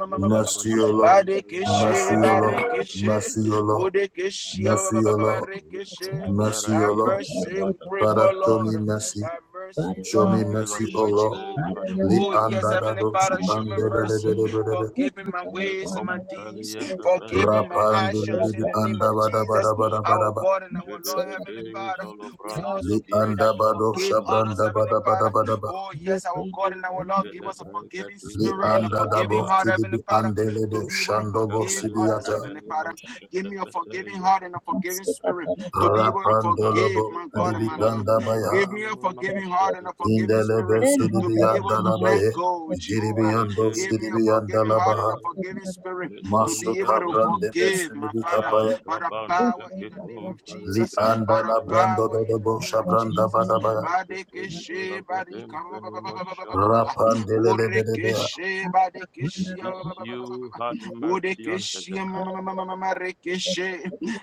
Zele brakate
Nasiolo,
zele
Badekishi,
brakate
Nasiolo,
zele
Badekishi,
brakataba.
Nasiolo,
Bodekishi,
Nasiolo,
Yikum
Badekishi. Thy
peranino
Nasiolo.
mercy, we pray
shakataba.
Father,
for
show me
Lord.
mercy.
Thy mercy,
Show me
Lord, we
Avilo
pray
mercy, O
for
Lord.
shade
Jehovah.
Li
badaba
Oh,
dido
yes,
anda da
Heavenly
do
branta
si
Father, show me
ande
badia.
le le be
mercy.
de be
Forgive me my ways and my
Yikum
deeds.
pelieta bear
Forgive me my
Rapa ande li
actions in
shatakabada.
di
the name of
anda ba da ba da
Jesus,
ba
our God and our
Zede
Lord, Heavenly
bede
Father.
zolo
We
brante
also
Li
kira
pray that
anda
you
ba do
shanta
forgive others,
kabala.
shabranda ba
Heavenly
da ba da
Father.
ba
Oh, yes, our God and our Lord, give us a forgiving
Li
Jelebrigadido
spirit and a
anda da
forgiving
bo
heart,
si
Shatabaya,
di bi
Heavenly Father,
ande be
to be able to
shando bo
forgive
si di
others,
yata.
Heavenly Father.
Jabelebrebenino
Give me a forgiving
Shatapeteya,
heart and a forgiving spirit to be able to forgive
Maki
Rapandolobo
my God and my Lord.
Lombanina
Libikandabaya
Give me a
Namanomano
forgiving heart and a
Shatakete,
forgiving
Indelebe
spirit to be able to let
Sudibiyandalabaye
go, Jehovah.
Jiribiyando
Yede,
Give me a forgiving heart
Jete,
and a
Sidibiyandalabaha
forgiving spirit to be able
Masuka
to
Mitompete,
Brandebe
forgive my Father
Sudibikapaya
by the
Atabante
power in the name of
Kitompele
Li
Jesus, by the
Andala
Grantatayate,
Brando
power in
Dodobo
the name of
Shabranda
Jesus.
Badabaya
Yipete
Badekeshe Badika
Ibarabatempenino Shantakitapa.
Rapandelebedebea
Burekeshe
It
Badekeshe
is you had mercy on
Bodekeshe
Hezekiah.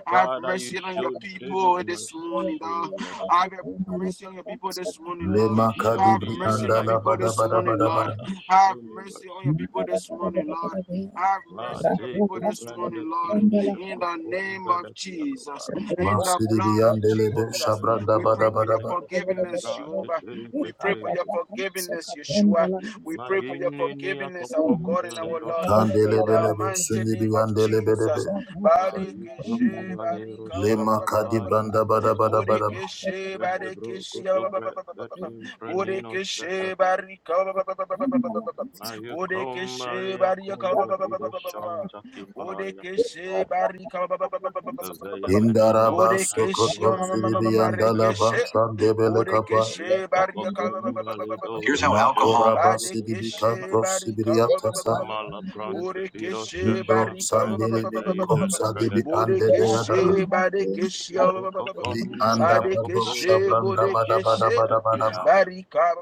Have
Father, you
mercy on your
showed David
people this
mercy.
morning,
Show
Lord.
me mercy.
Have mercy on your people this morning, Lord.
You
Lemaka
showed
Have
the
Dibri
mercy on your
Andala
Israelites
people this
mercy.
morning, Lord.
Father,
Badabadabadabada
show
Have
me
mercy on
mercy.
your people this morning, Lord. Have
Ma
mercy on your
te
people this
kuprende
morning, Lord.
kiro
In
shako
the name
kumba da
of
kiyakaba.
Jesus, in the blood of
Masidibiyandelebe
Jesus,
Shikombe
Shabranda
we pray
mikombe
for your
le
Badabadabada
forgiveness,
kutumbra te
Jehovah.
te te
We pray for
te
your
te.
forgiveness, Yeshua. We
Ma
pray for your
yini ni yako
forgiveness, our God and
le
our Lord,
roshaka
in the
pete.
Kandelebelebe
mighty name of
Sundibiyandelebedebe
Jesus.
Ma
Barikishe,
yukumba le
barika, ba-
roshaka
ba- ba-
Lemaka
ba- ba- ba- ba-
paya.
ba-
Dibranda
ba.
Badabadabadabada
Bodekeshe,
Vele broko
barekeshe,
to
ba- ba- ba- ba- ba-
breka
ba- ba- ba.
tim pranino
Bodekeshe,
shatabe.
barika, ba- ba- ba- ba- ba- ba- ba- ba- ba- ba- ba.
Ma yukumba
Bodekeshe,
le
barika, ba-
akombe
ba- ba- ba- ba-
vido
ba- ba- ba- ba.
shanta kipaya.
Bodekeshe, barika, ba- ba- ba- ba- ba- ba- ba- ba- ba- ba- ba.
Veyamanino
Indaraba
Borekeshe
sokoto
Shantamanino
sidibi
Shada
andalaba
Marekeshe
shandebele kapa.
Borekeshe Barika
Vikakumbalido
Here's how alcohol. Makoraba
Shashiprati
sidibi
Papa
Badekeshe
kanto
Barika
sibiriyatasa.
Malaprante Viro
Borekeshe
Hindo
Shashtam
Barika
sandelibi
Prankataisha de
kosa dibi
Pragada
andebeyada.
Borekeshe Badekeshe
Li
Yukukumania
andabado
Koko
Badekeshe
shabranda
Velido
bada bada
Borekeshe
Shanta
bada bada ba.
Kiraya
Barika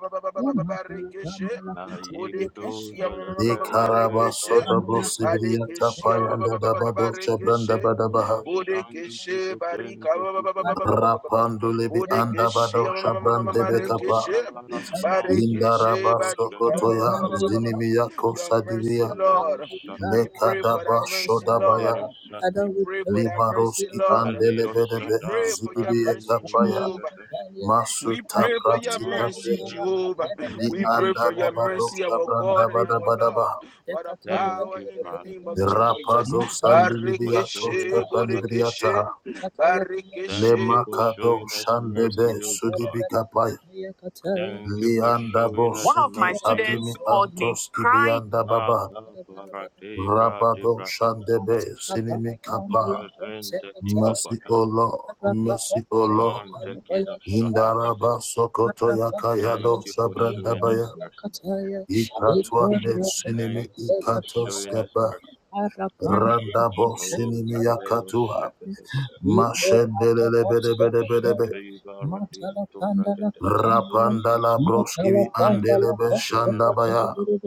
Barekeshe Borekeshe
Aigudoza le
Li karaba
Pregadeja
Marekeshe
de
sodobo
Pugoto
sibiriyata payanda
Badekeshe
dabado
Barekeshe
shabranda bada
Nino
baha.
Shanta
Bodekeshe
de
barika
Tente
ba- ba- ba- ba- ba- ba- ba-
Kikoba
ba- ba- ba- ba.
Rapando libi
Bodekeshe
andabado
ma- ma- ma- ma-
shabrandebe
Yakov
kapa.
Valara Shanta
Barekeshe
Indaraba
badika ba- ba-
Proniroshkade
sokotoya
ba- ba- ba- ba- ba- ba-
zinimiya
Your
kosa
mercy, Lord. We pray for that
Lekadaba
mercy,
Shodabaya
Lord.
Little Shada,
We pray for that mercy,
Limaroski
the
Lord.
Little
We
Andelebedebe
Shada,
pray for your
Zidibiye
Varadez,
mercy,
the
Kapaya
Jehovah.
Vegadesh,
We
Masuta
pray for your
Praktikape
mercy,
Manushin to
Jehovah.
Li
We
Brahmanino
pray for your
Andadabado
Salagrade.
mercy, our God and our Lord.
Shabrandabadabadaba
By the
Thank
power
you,
in the
Father.
name of Jesus.
Rapado
Thank you for
Sandinibiatos
showing
Barikeshe,
us mercy.
Borikeshe,
Kapanibriata
Thank you
Barikeshe,
for
bo-
Lemakado
showing us mercy,
Shandebe
O God.
Sudibikapaya
Thank you for
Liandabo
showing us
One of my
mercy, O
students Adimi called me crying.
God. Maka Parate Brate
Rabado
Brate
Shandebe Sinimikapa
Bravente
Mercy,
Kikopata,
O Lord. Mercy, O Lord.
Mante Kida Shata Brate.
Indaraba sokoto
Thank
yakayado
you for showing us
sabrandabaya.
mercy.
Ikatwande sinimi
Thank you for showing us
ikatoskapa.
mercy.
Randabo
Oh,
sinimi
Valero
yakatua.
Shakataba,
Mashendelebedebedebe.
Shakriva Radim Tufrakataba.
Rapandala broskibi
Thank you for
andelebe
showing us
shandabaya.
mercy.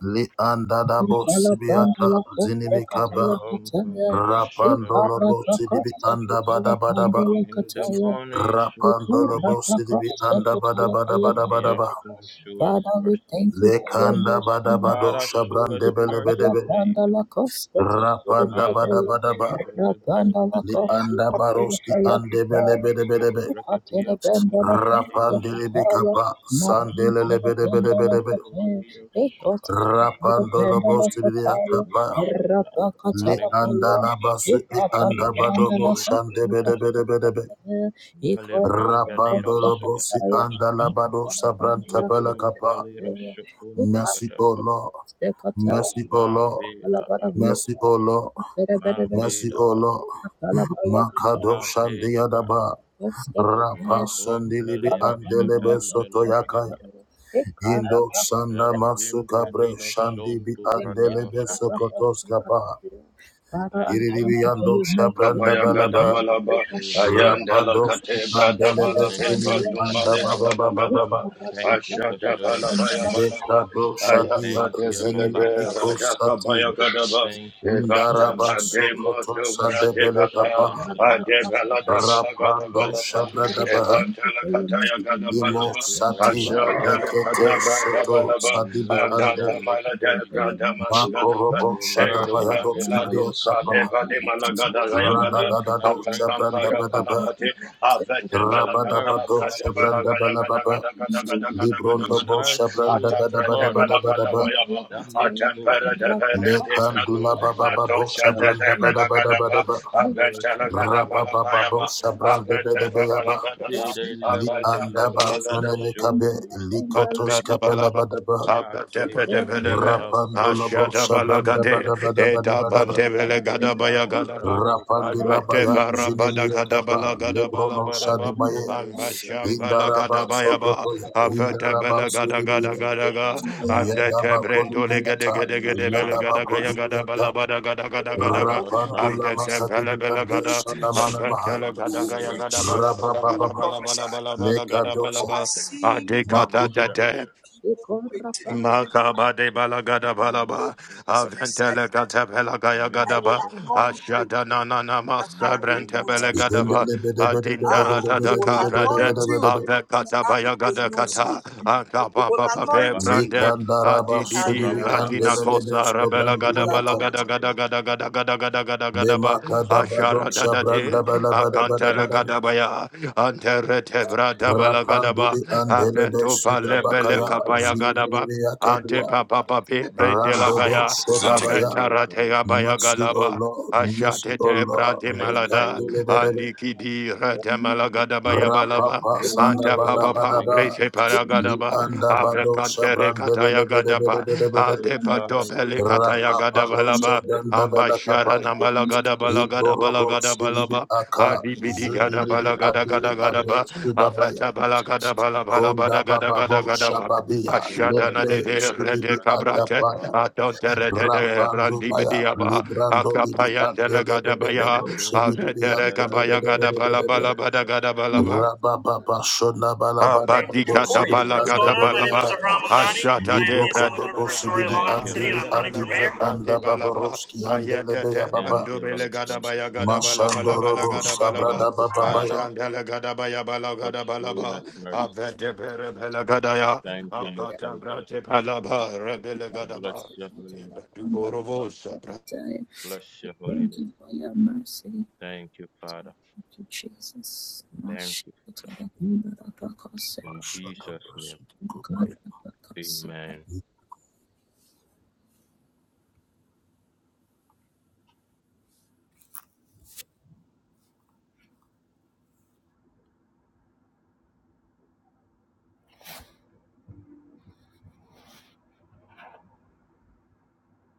Li andadabo sibiata zinimi kaba.
Welcome, Valero
Rapandolo
Shatabraga.
bo sidibi andabadabadaba.
In the morning, you show us
Rapandolo
mercy.
bosidibi anda bada bada
In
bada
the
bada ba.
afternoon, show us mercy.
Lekanda bada bado
Father, show us
shabrande bele
mercy
bede
in
be.
the evening.
Rapanda bada bada
Malkikum
ba. Li anda
Palagrangatayakata.
baroski ande bele bede bede
Yede
be.
Brakatia Kum Paratiro
Rapandili
Shakataba.
bikapa sandele le bede bede bede be.
Yekovalido Shakataba.
Rapandolo bosidibi atapa.
Maskiba,
Li
Manikoba.
anda la basu e anda bado bo shande bede bede bede be. Rapandolo bosi
Malevrangaderoshakataba,
anda la bado shabrante bele kapa. Mercy, O
Mitumpaliroshkumbrakataba,
Lord. Mercy, O Lord.
Mavedaba,
Mercy, O Lord. Mercy, O
Mavedaba,
Lord. Makado
Mavedaba,
Shandiyadaba. Rapa Sandilibi Andelebe Sotoyakaya.
Makompeliroshkataizelebrangadia,
Indo Sanda Masuka Bre Shandibi Andelebe
Elvimpeninoshontupraninoshtataida.
Sokotoskapa.
Thank you,
Iridibi
Father.
Ando Shabranda
Kabaya
Thank
Balaba.
you for
Gadabalaba,
showing us mercy.
Ayandela
Rapados
Katebra Dabala
Andelebe
Thank you,
Beba
Sunimi
Most High
Dumale
God.
Andababa
Rabada
Baba Baba.
Gadaba,
Thank you for
Asha
showing us
Dabalabaya
mercy.
Balaba,
Lekado Shadia
Thank
Ayakate
you,
Zinimi
Velebe,
everlasting
Iko
Raja
Father.
Kabaya
Satire.
Gadaba,
Thank you for showing
Evata
us
Indaraba
Bade
mercy.
Sokoto
Madlubra
Sandebele
Debaka,
Kapaha.
Rashakatabada,
Adebala Dabala
Rapando
Gadabalaba,
Mekatabadaba,
Shabragaba
Evantela Kataya
Imo
Gadabalaba,
Satia
Asha
Melehubradiakaba.
Dela
Nekete
Kadabra
Seto
Your
Dabalaba,
Sadibi
mercy
Andata
that
Ande
makes
Mala
whole,
Debra Damala
Mako
Gadaba,
Robo
your
Hey,
mercy that
Doram
Shadabayadovski
Belado
cleanses,
Briatapa
Sadeva de Malagada
your
Rayagada,
mercy that
Radadadado
brings
Apakampara
purity,
Shabrandabadaba
Palakate, Avete
your
Balagada,
mercy
Rabadabado
that
Braja
promotes,
Balagada Gada
Shabrandabalababa
Gada Gada Gada Gada Gada
your
Gada
Librondobo
mercy,
Ba,
O
Atavrete
God,
Balagada
Shabrandabadabadabadabadaba
Bayaba,
that makes whole.
Atempere de Verete
Show
Branto,
Lekandula
us
Baba
mercy,
Babo
Father.
Atosha de Belagada Ba,
Shabrandabadabadabadaba
Show us
Abentela Gada
mercy, O God.
Rabababo
Balabayaba, Avete
This
Shabrandabadabadaba
Balagada
day,
Ba,
the
Li
11th of
Apacha de
andaba
November,
Balagada
show us
sonemikabe
mercy.
likotos kapela
Padagadabalaba,
badaba
Mate,
Abadepedepedebe,
brate,
rapandolobo shabranda
Ashadabalagade,
badaba badaba
Le
badaba
brade brade
Etabantebelegadabaya
brade brade
rapandilabaya
brade brade brade.
zinimiyetapa lebrono
Advetefarabadagadabalagadabalabadaba,
Le
shadibaye
kodo brigada ijada
indaraba
brigadash.
sokotoya
Ambashambalagadabaya,
indaraba sudimiye
Mino
Afetebelegadagadaga,
shantaba.
yadaba kodumiyata
Mino
yadaba
shantaba.
kodumiyata
Andetebrendoligedegedegedebelegadagadagadabalabadagadagadaga,
Mino
rapandula
shantaba.
makadibiyande
Andetebelegada,
Zeko
shalamanamaha
kom peniaskete.
rabababa lekadosa
Afetelegadagayagadabalabadagadabalabalabalabalaba,
Mino
makudu
Adekatatate.
shakete.
Makaba de balagada
Mino
balaba,
shakete.
aventele gatapela gaya
Mino
gadaba,
shakete.
ashada na na na
and I
masa
will
Matom
use
brentebele
it.
gadaba,
paradiro shakete.
Ah,
adindara da da kaprade,
Rabba
avekata baya gada
rabba
kata,
He
akapa
will
papa pe
anoint
rabba
you.
brande,
Likandaraba
Adi di
He
di
will anoint you
rabba
and you will use
daba.
Radina
it. Andelebes
Kosa
You will
Rabela Gada Bala
anoint.
Gada Gada
Ekabadea.
Gada Gada Gada Gada Gada Gada Ba
In the
Lemakadabadon
Ashara da
name
da
of
De
Jesus, we
Akantara
thank you.
Gada
God.
Baya Antere Tebra Dabala Gada Ba
Rapanduli Andelebes
Apento
Thank
Palepele
you,
Sudrabakaya
O God.
Kabaya Gada Ba Ante
Ziniakadua
Papa Papi Brendela
Randebe
Gaya
Thank
Sedabaya
you, O
Apentara
God.
Teya Baya
Mercy
Gada
O
Ba
Lord, mercy
Ashate
O
Tebra
Lord,
De
Thank
Reka
you,
Malada
O God.
Delebedebe
Andiki Di Rade Malagada Baya Balaba
Rapapa
Great
ante
God,
Papa
we
Pa
thank you
Sandabadabadaba
for
Brete
showing us mercy.
Paragadaba
Liandabado
Avekantere
Shabran
kataya gadaba.
Debelebedebedebedebe
Holy
Adeba
Father, we
dobele
thank you
kataya
for showing
gadaba
Rapapado
us
laba.
Shabran Dabala
Ambashara
Kapala
namala gadaba la gadaba la
Iborobo
gadaba
Silibi
laba.
Aka
Adibidi
mercy.
gadaba
Zunilibi
la gada
Adili
gada
Ade
gadaba.
Sudabaya
Avata bala gadaba la bala bada
Konda
gada gada
Bababo
gadaba.
Shababia
Ashadana
Lebre
de de
Sudibi
rede cabrate.
Akapaya
Atontere de de
Rapando Baya
randibidiaba.
Librando Libi
Akapayan de la gadabaya.
Adelebedebedebe Sibilibi
Avetere kabaya gadaba la
Adelebedebedebe
bala bada gadaba laba.
Victoria. What's going on?
Abadikata
Thank you, Lord
balagada
Jesus.
My name is
balaba.
Abraham Abadi. I
Ashata
am the
de
Assembly
brada
Member for
balaba.
Astoria, Long
Thank
Island
you,
City, and
Lord
I'm
Avrata
Jesus.
running for mayor.
balaba brade balaba. Ayada de
Thank you,
pandubele
Lord
gada
Jesus.
baya gada balaba balaba gada balaba.
Thank you, Father,
Ashandele gada baya bala
for
gada
showing us
balaba.
mercy.
Avete bere bela gada ya.
Thank you, Most High
Akata
God.
brate balaba rebele gada
Bless
ba.
your holy name.
Ibadu borovosa
Bless your holy name. Thank you, Father. Thank you, Father. In Jesus' name, amen.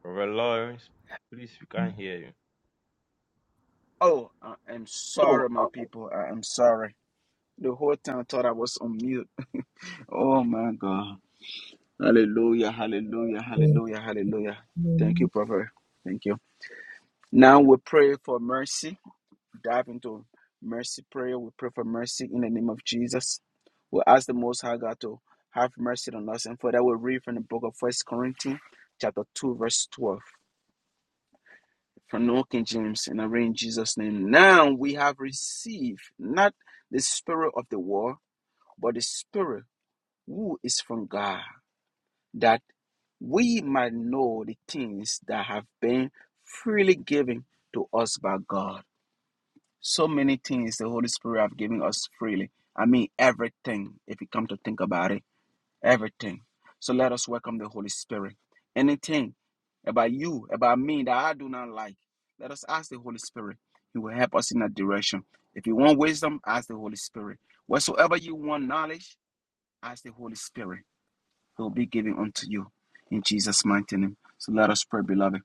Brother Lawrence, please, we can hear you.
Oh, I am sorry, my people. I am sorry. The whole time I thought I was on mute. Oh, my God. Hallelujah, hallelujah, hallelujah, hallelujah. Thank you, Prophet. Thank you. Now we pray for mercy. dive into mercy prayer. We pray for mercy in the name of Jesus. We ask the Most High God to have mercy on us. And for that, we read from the book of First Corinthians, chapter 2, verse 12, from the King James, and I read in Jesus' name. Now we have received not the spirit of the world, but the spirit who is from God, that we might know the things that have been freely given to us by God So many things the Holy Spirit have given us freely. I mean everything, if you come to think about it. Everything. So let us welcome the Holy Spirit. Anything about you, about me that I do not like, let us ask the Holy Spirit. He will help us in that direction. If you want wisdom, ask the Holy Spirit. Whatsoever you want knowledge, ask the Holy Spirit. It will be given unto you in Jesus' mighty name. So let us pray, beloved.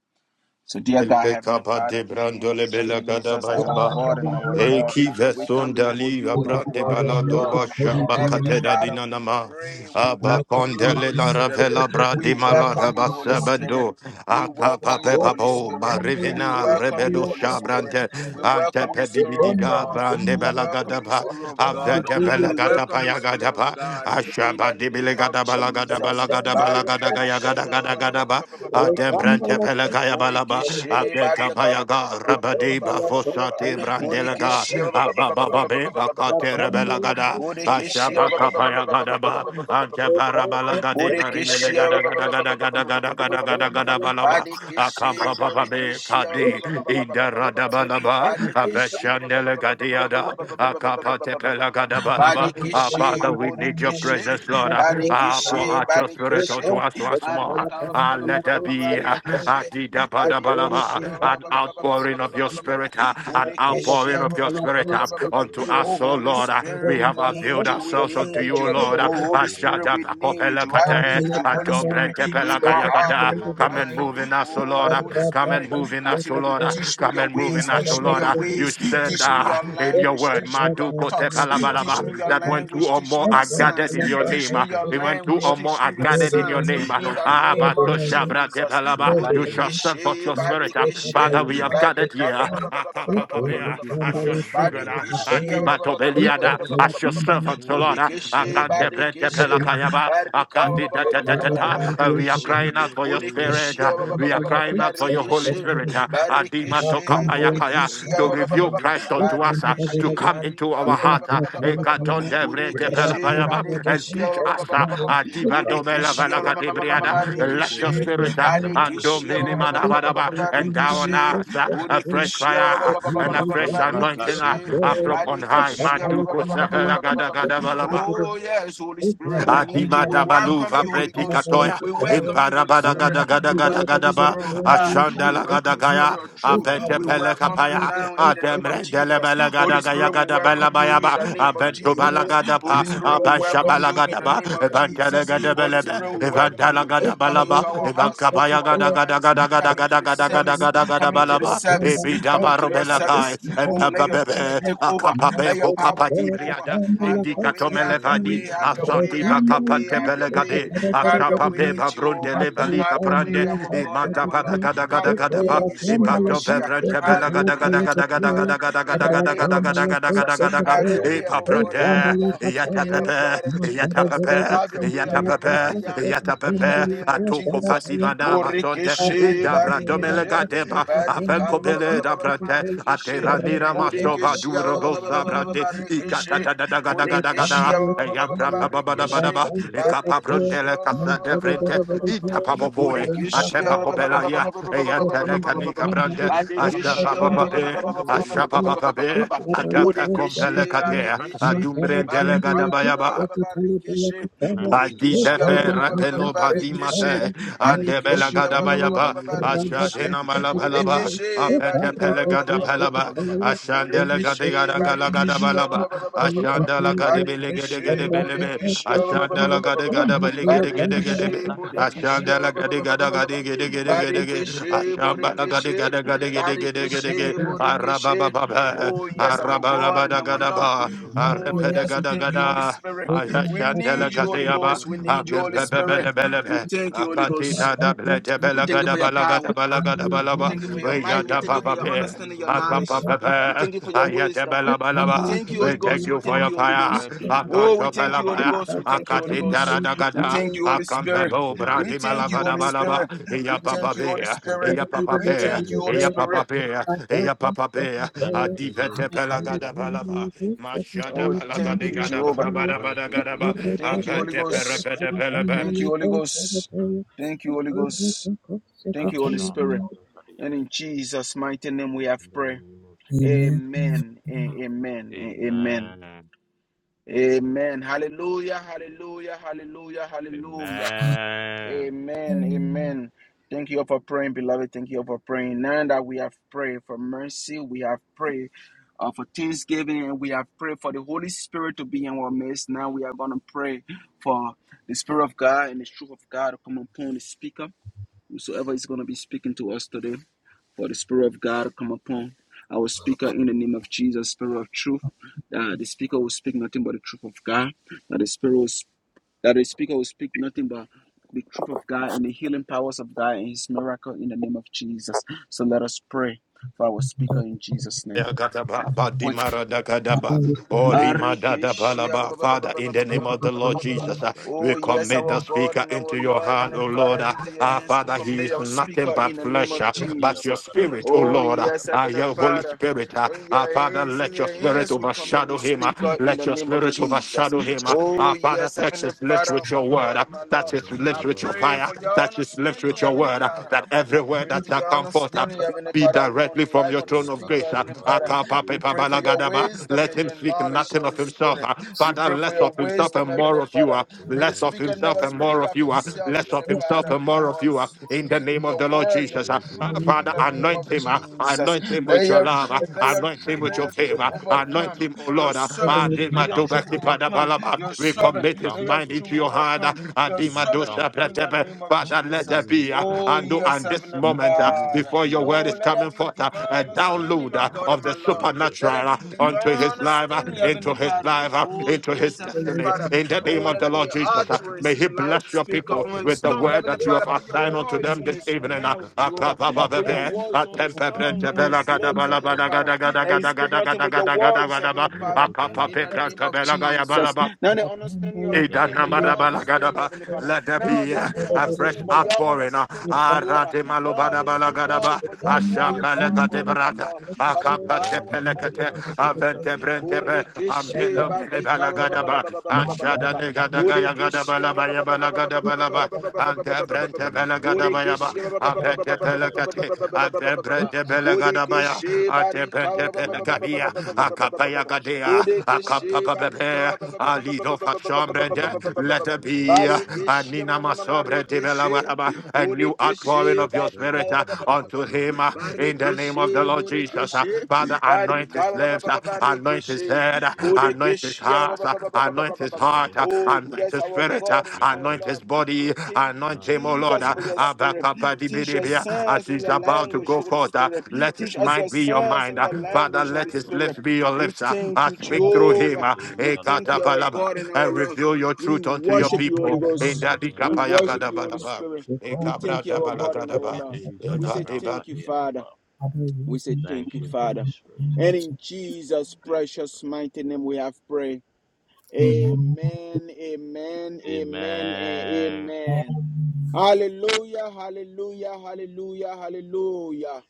So, dear God, Heavenly
Lekapa de
Father, in the name of
brandole belagada
Jesus, our
bayaba.
God and our Lord,
Eki
we
veson
come before
dali
you, my
abra de
God and my
balado
Lord.
basha
Heavenly
bakateda
Father, we
dinanama.
pray, we
Aba
welcome you,
kondele
Holy
la
Spirit.
ravela bra
We
de malara
welcome you, Holy Spirit.
basabando.
We
Akapa
welcome you, Holy
pepapo
Spirit. We
barivena
welcome you,
rebedo
Holy Spirit.
shabrante.
We
Ante
welcome you, Spirit of
pebibidiga
God.
brande
We welcome you,
belagada
Spirit of God.
avete
We
belegata
welcome you,
payagada
Spirit of
pa
God, in the
ashabadi
name of
belegada balagada
Jesus.
balagada balagada gaya gada
Barikishia-
gada gada ba adembrante pelekaya balaba
Borekeshe
abeka
Bariaka
payaga rabadi ba bavosati brandelega
Borekeshe
ababababe bakate rebelagada
Borekeshe
ashabaka payagada ba antebara balagadi bari
Borekeshe
belegada gada gada gada gada gada gada gada balaba akampa
Badekeshe
papabe
Borekeshe
kadi indarada Balaba,
Badekeshe
Aveshandele Gadiada, Akapa Tepela Gadabalaba. Ah,
Badekeshe
Father, we need your
Borekeshe
presence,
Thank
Lord.
you, Holy
Ah, pour
Spirit of
Badekeshe
out your
God.
spirit
Badekeshe
unto us once
Maria
more.
Kaba
Ah,
Thank
let there
you,
be
Holy
ah,
Spirit.
Adida
Badikishia
Badabalaba,
Thank
ba- ba-
an
ba-
you,
ba- ba-
sweet
outpouring of
Spirit
your
of God.
spirit, ah, an outpouring
Bodikishia
of your spirit ah,
Thank you,
unto
Holy
Oh
us, O
Spirit.
Holy
Lord. Ah,
Spirit,
We
we
have
need
availed
you,
For
we
we
ourselves
have
unto
need
you, O
you.
received
Lord. Ah,
the
Oh Holy
Spirit
Spirit,
Ashata
not
we
of this
need
Kakopela
you.
world,
I
Kate,
need you, Holy
Adombre
Spirit, in
Tepela
but
my
a
heart,
Gayagada.
in my
Spirit
Come
that
and
is
mind.
of
move in us, O Lord.
God.
Lord.
Oh
Uh,
Holy
Baruch
Come and
Spirit,
move in
Shakataba.
us, O
continue to
Lord. Uh,
teach me
Come
your
and move in
ways,
Thank
us, O
teach
you,
me
Lord.
your
Uh,
Father,
You
ways,
for
said
teach
giving
me
us
uh,
your
your
in your
spirit,
language,
word,
teach me your
Maduko te
thoughts,
your
teach
tepalabalaba,
me
Holy
your
that when
Spirit,
two
language,
or
teach
more
me your
are gathered
sons,
in your
to
teach
name, uh,
me
teach
your
us,
when two
language,
or more
teach
are
me your
gathered in your
sons.
to
name, uh,
In
help
the
us,
ah,
name of
Batosha
Jesus.
to
bratepalaba, you
guide
shall
us,
send
Borekeshe
forth your spirit. uh.
to
Badekeshe
Father, we
train
have
us.
gathered
Badika
here
ba-
uh,
ba- ba- ba- ba- ba- ba- ba- ba- ba- ba- ba-
Thank
ba-
akapapapea,
you,
ba- ba- ba.
as your
Father, for
children,
your
uh,
Holy
Badekeshe ba-
Spirit.
ba- ba- ba- ba- ba- ba- ba-
adibatobeliada,
ba- ba- ba- ba-
as
ba-
your
ba- ba- ba.
servants, O Lord.
Thank
uh,
you
Bodekeshe
for your Holy Spirit.
Badekeshe
akantepretepelakayaba,
Barika ba- ba- ba- ba-
Sweet
ba- ba- ba-
uh,
Spirit of
We are
God,
crying out
work
for your
your works
spirit. uh,
amongst
We are
us.
crying out for your Holy Spirit. uh, Adima
Sweet Spirit of God,
tokapayakaya, To
work your
reveal
works
Christ unto
amongst
us,
us.
uh, to come into
Barika ba-
our
ba- ba-
heart
ba-
uh,
Wow, take
Ekatondebre
over, take
debelabayaba,
over, take
and
over,
teach
take
us.
over, take
uh,
over.
Adiba domela valagadebriada,
Ma te
Let
ko
your
to
spirit uh,
brakata
and
brakoto
Barikishi,
brakoto brakata ba.
dominimanabadaba, endow on
Barikishi,
us uh, a fresh
Budikishi,
fire and
Ma
a
to
fresh anointing
brakate
uh,
Barikishi,
uh,
brakata
from on
brakoto
high.
Barikishi.
brakata
Maduko
brakoto brakata
sevela
ba.
gada gada balaba.
Oh, yes, Holy Spirit, we
Me ko
need you.
Adima
to
We
brante
welcome
dabaluva
ko
you,
to
Holy
breti
Ghost.
brakata
katoya.
We
brakoto
welcome
brakata
you,
ba.
Holy
Imparabada
Spirit.
gada gada
We
gada
welcome
gada
you, Spirit of God.
Sweet
Ashanda
We
la
spirit
welcome
gada
you,
of
gaya.
Spirit of
God,
truth.
Abete
We
valero
pele
welcome you
kapaya.
shakata ba.
now in the name of
Ademrendele
Jesus.
bele gada
Holy
gaya
Spirit, we
gada
Me
bela
welcome you
baya
pom
in the name of
Abentu
paratiro
bala
Jesus.
shakata ba.
pa.
Holy Spirit, we
Abasha
welcome
bala
you in the
ba.
name of
Evantele
Jesus.
gada
Veda
Holy
bele be.
Spirit, we
kumbera
welcome
Evantala
you
miro
gada
Come
bala ba.
into
shakata
our
ba.
hearts, come
Evankabaya
into our
gada gada
minds,
gada gada
come into
gada
the
gada gada
service,
gada
Ma
gada
come into
bala
ko
the
ba.
ba ti
service,
ho
Ibida
come
dum
into
baru
your
bela
pranino
kai
service. Oh,
shakata
let your truth
bebe,
take
ba.
over,
akapape
let your power
pokapa
take
di
over.
briada,
Have your
indica
way, have your
tomelevadi,
way,
Meko
have your way,
asati
pradido
have your way,
soto
bakapante
have your
brade
way,
belegade,
begronto
have your
akshapampe
pranino
way,
shakata.
babrunte
Jehovah.
lebalika
Have your
prande,
way, our God and our
imata
Lord.
babagada gada
Have
gada
your
gada ba,
way,
Makaba
Yeshua
ipato
dejo do
Yamashiach.
bevrente
Have
bradido
your
belegada
jom
way,
gada gada
Heavenly
gada
bragadiro
Father,
gada gada
in
shakata.
the
gada gada
name of
gada gada gada gada
Jesus.
gada gada,
Have your
Thank
way,
you,
our
Holy
God and our
ipaprunte,
Spirit.
Lord,
yata
in the
pepe,
blood of
yata
Jesus.
pepe,
Have your way,
yata
I
Thank
am that
you,
I
Holy
am.
pepe, yata
Spirit.
In the
pepe,
name of
atoko
Jesus.
pativana maso sonte
Borekeshe,
inda
Thank you,
brato
Holy
melega
Barekeshe,
Spirit
depa
of God.
Barika,
afenko
ba- ba- ba-
bele
ba-
da
ba- ba- ba-
brante
Barekeshe,
atera nira
Thank
masoba
you,
Bodekeshe, ba-
duro
sweet
ba- ba- ba-
bosa
ba-
Spirit
ba-
of
ba- ba-
brante
God.
ikata
Barekeshe,
da da da da da da da
Bodekeshe, ba-
da
ba- ba-
ya
ba- ba- ba-
prampa
Thank
ba ba
you,
da ba da
Holy
ba
Barekeshe,
Spirit of
ikapa
God.
Barekeshe,
brondele
ba- ba- ba-
kasa
ba-
de
ba- ba- ba- ba- ba-
brente
ba- ba- ba-
ita
ba-
pa po
Thank you, sweet
Bodekeshe,
atepa
ba-
Spirit
ba- ba-
of
kobela
God.
ya
ba-
ya
ba- ba- ba- ba- ba- ba- ba- ba- ba-
tele
ba- ba- ba- ba-
kanika brante
The
asha
Father
Badekeshe,
pa
ba-
pa
in
pa
us
pe
that doeth the
asha pa
works.
pa pa pe atepa kompele
Bodekeshe,
The
kate
Barekeshe,
presence of the
adumbrentele
Father.
Barika,
gada
ba-
ba ya ba
Thank you for
Borekeshia
having
Aditefe
your abode in
rebelo
us.
Barikeshe
badimate andebela
Thank
Badikeshia
you for
gadabayaba
doing your works in
Barikeshe
ashadena
today's meeting.
malabalaba
Borekeshe
apete
Badika
pele
Thank you
gadapelaba
for touching lives.
ashandele
Borekeshe
gadigada galagada
Badikeshia
balaba
Thank you
ashandala
for
gadibele gede
impacting
gede
Badikeshe
lives.
belebe
Borekeshia
ashandala gadigada bele gede
Thank
gede
you
gede
for
be
Barikeshe
touching lives.
Borekeshia
ashandala gadigada gadi gede gede gede ge
Thank you
Barikeshe
for
ashambala
Borekeshe
impacting
gadigada
lives,
gadi
sweet
gede gede
Spirit of
gede ge
God.
Barikeshe
arababa
Borekeshe Oh
Mate
yes our
braga
God
arababa
and
do
our
do
Lord
do
gadaba
braga di ro
Oh
arepede
yes we
shakato.
gada.
thank you Holy
gada
Spirit we
Ayashandela
need you,
Zo
Holy
do
Kateyaba,
Ghost. We
braga
need you,
do
Holy
bro do
Spirit.
braga di
We
bro
Akempebelebelebe,
go do
thank you, Holy
braga do
Ghost.
Akatina
braga di
da
abada.
Blete
We thank you
Belagada
for your
Balagada
power.
Balagada
Me
We
Balaba,
zo
thank you for
do
your might. We
brade
Weyada
thank you
ko
for
Papa
your
do
Bear,
brani
understanding, your
ro shoko
Akampa
do
knowledge.
braga do.
We
Pepe,
thank you for your
Ayate
wisdom.
Bela
We
Balaba,
thank you,
we
Holy
take
Me
Ghost.
you
We
for
ko
thank
your
you, Holy
to
fire,
Ghost.
brade do
Oh, we
Akanto
sun
thank
to
you, Holy
braga
Pelabaya,
Ghost.
do.
We thank you, Holy
Akatinda
Ghost. We
Radagada,
thank you, Holy Spirit.
Thank
Akampebo
you, Holy
We
Brati
thank
Spirit.
you,
Malavada
Holy
Balaba,
Spirit.
Iya
We
Papa
thank you, Holy
Bear,
Spirit.
Iya Papa
We
Bear,
thank you,
Thank
Holy
you,
Iya Papa
Spirit.
Jesus.
Bear, Iya Papa Bear,
Thank you,
Adivete
Holy Spirit of
Pelagada
God.
Balaba, Mashada
Oh,
balaka
thank
de
you,
gada
Mate
Jehovah.
ba
balabada
do
bada
zo
gada
do
ba.
bra ga da
Thank you,
ba.
Ampa
Holy
de pere
Ghost.
pere
Thank you, Holy Ghost. Thank you, Holy Ghost. Thank
Ba
you, Holy Spirit.
shante bra ga dia.
And in Jesus' mighty name we have
In the
prayer.
name of Jesus.
Amen. a- Amen. a- Amen.
Amen.
Amen. Hallelujah. Hallelujah. Hallelujah. Hallelujah.
Amen.
Amen. Amen. Thank you all for praying, beloved. Thank you all for praying. Now that we have prayed for mercy, we have prayed uh, for thanksgiving, and we have prayed for the Holy Spirit to be in our midst. Now we are going to pray for the Spirit of God and the truth of God to come upon the speaker, whosoever is going to be speaking to us today. For the Spirit of God come upon our speaker in the name of Jesus, Spirit of truth. That the speaker will speak nothing but the truth of God. That the Spirit will, that the speaker will speak nothing but the truth of God and the healing powers of God and His miracle in the name of Jesus. So let us pray for our speaker in Jesus' name.
Yagadaba,
Quick
Badimara Dagadaba, Orima
Barikishia
Dadabalaba.
ba- ba- ba- ba- ba-
Father, in
ba- ba-
the
ba- ba-
name
ba- ba-
of the
ba- ba-
Lord
ba- ba- ba.
Jesus, uh,
Rati
we
Oh,
o
yes,
commit
shala
our
the
bra ga
God
speaker
da.
and
into
our
your
Lord,
hand,
Heavenly
O
Father,
Lord. Uh,
into your
Our
Ra
hands we
ba
Father,
ba
he
commit
is
da
our
ba da
nothing
ba
speaker
da
but
in
ba
the
da ba
name
da
flesh,
ba
of
uh,
da ba dia
but your
bra
Jesus.
ga da ba
spirit, O
dia bra
Oh,
ga
Lord.
da
Uh,
ba da
yes,
ba da
uh,
ba.
Heavenly
Your Holy
Father,
Spirit, uh,
oh, in
our
your
Father,
hands, in
let
Ra
your
your
ba ba
spirit
hands
ba
we
bi di
commit
overshadow
the
bi di
him.
bi
uh,
di ga
speaker
da
in
ba
Let
the
da
your
ga da
name
ba
of
spirit
dia bra ga di bi
Jesus.
overshadow
dia
him.
bra
uh.
ga da ba da ba.
Oh,
Our Father,
yes,
touch
Heavenly
his lips
Father,
with
my
your word,
God
uh,
and my
Uses tank, oh
touch
Lord,
his
I
lips with your
pray
fire,
for your
God.
touch his lips
understanding,
with your
Heavenly
word, uh,
Father.
that every
I
word
pray
that
for
shall
your
come forth. uh,
understanding, Heavenly
be
Father,
directly
upon
from
life
your
of the
throne of
speaker,
grace. ah.
Heavenly Father. We pray for your
Akapapetabalagadaba.
wisdom
Let
and
him
your
speak
knowledge,
nothing of
Holy
himself.
Spirit.
ah.
We
Father,
pray
less
for your
of himself
wisdom,
and more
Heavenly
of you.
Father.
ah.
May the
Less of
speaker
himself
never
and more
speak
of
of
you. ah.
himself,
Less of
Heavenly
himself
Father,
and more of
but
you. ah. In the
speak
name of
your
the Lord
word,
Jesus.
your
ah. Ah,
truth in
Father,
the name of
anoint him. ah.
Jesus.
Anoint him
Let
with your
your
love. ah.
truth, let your
Anoint him
truth,
with
let
your
your truth
favor. Anoint
overcome
him, O
your
Lord. ah.
servant.
Uses
Let your
tank,
truth
oh God.
overcome
Adimatobakipadabalaba.
your
We
servant.
Uses
commit his
Let
tank,
your
mind
oh
into
truth
God.
your hand. ah.
overcome your
Uses
servant
tank, oh
in the
God.
Adimadosapratebe.
name of
Father, let there
Jesus.
be,
Uses
uh,
Oh,
eyes,
and,
oh
do-
God.
yes,
and this
Heavenly
moment uh,
Father.
Uses
before your
ears,
word
Oh,
oh
is
let
God.
there
coming
be
forth, uh, a
divine
Rabba
understanding,
download
my
uh,
Shan
God
of
and
the
my Lord. Let it
supernatural uh,
be
Teketoja
divine
onto his life, uh,
understanding,
Menomba days
into
Heavenly
a
his
Father.
days
life,
a
uh,
Oh,
into his
yes, Heavenly
destiny.
Father.
In the name
Oh,
days
of
a
let
the
it be
Lord Jesus, uh,
utterance
may
in
he
the life of the
bless your
speaker
people
days
on
with
his
the
tongue,
word
Heavenly
that you
Father.
have
a
Put your
assigned unto
voice
them
in
this
his
evening. uh,
mouth, Jehovah. Put your
Akabababebe,
voice on his tongue and on his lips, Heavenly Father. That he speak nothing but your voice, Heavenly
Atempebrentebelagadabalabalagadagadagadagadagadagadagadagadaba,
Father, in the name of Jesus.
Akapapebrantabelagayabalaba.
Not the understanding of man, but your understanding,
Edanabadabalagadaba.
Heavenly Father.
Let there
Now of
be uh,
his own
a fresh
understanding, but your
outpouring. uh,
understanding, Jehovah. Now of his own
Arademalobadabalagadaba.
voice, but your voice, my God and my
Ashambalagadebaraga.
Lord. By the power in the
Akapatepelekete.
name of Jesus.
Aventebrentebe.
Borekeshe badi ka.
Ambelobelebalagadaba.
Borekeshe.
Ashadanegadagayagadabalaba, yabalagadabalaba. Antebrentebelagadabayaba.
Borekeshe.
days a
Rakate, Adebre
days
de Belegadabaya,
Borekeshe bari
Adebre
ka.
de
Mikombe
Belegadia,
daga diga
Acapaya
dongo daga
Gadea,
diga kataga.
Borekeshe
Acampapa
bari ka.
Bebe, Alido Fachambrende,
Avende gida
let it
ga
be,
dongo dongo
Borekeshe.
diga
Anina
kataya
Masobre de
kataya.
Borekeshe.
Belawaraba, a new outpouring
Borekeshe
of your
Regada
badi
spirit
yuza
uh,
da
ka.
regada
unto
yaga
him uh,
dongo
in
daga
the name
daga
of the
Barekeshe,
diga
Lord
kataga.
Jesus. uh.
Borekeshe,
Father, anoint
Barika,
his
ba- ba- ba-
Yegede,
lips,
ba-
uh,
ba-
anoint his
Barekeshe,
head, uh,
zegede,
anoint his
Borekeshe, ba-
heart,
ba-
uh,
ba- ba- ba- ba- ba- ba-
anoint his heart,
zegede,
uh,
Oh,
anoint
yes,
his
our
spirit, uh,
God and our
zegede.
anoint his
Lord.
body,
We thank you,
anoint
Ma
him, O Lord,
Jesus,
uh,
for
regede,
your spirit.
ma
Teach your
abakapadibidibia,
tompara
as
sons and
he's
diga
your
about to
kapaya.
language,
go
Holy
forth. uh,
Spirit.
Let
Teach
his
us
mind
your
be your
sons
Eska
mind,
and
uh,
your
kaya
Father.
language,
zada
Holy
Let his
Spirit.
lips
bregadia.
be your
We
lips. uh,
thank
uh,
you,
Speak through him,
Jehovah.
uh,
Megede
We
zada
thank you, our
bregada.
ekatapalaba,
God and our
and
Lord.
reveal your
We
truth unto your
worship you, Holy
people. In
Ghost.
that
Mikombe
We
diga
worship you, Holy
dikapayagadabadaba,
sekata.
Spirit. We thank you, our God and our
ekabradabalagadaba,
Lord.
Megede
We
zada
say
evadibad-
thank you,
brankatia
Father.
kapa.
We say
Thank
thank you,
you, Holy
Father.
Spirit.
And in Jesus'
Thank
precious mighty name we have prayed. Amen, amen,
you.
amen, and
Amen.
amen. Hallelujah, hallelujah, hallelujah, hallelujah.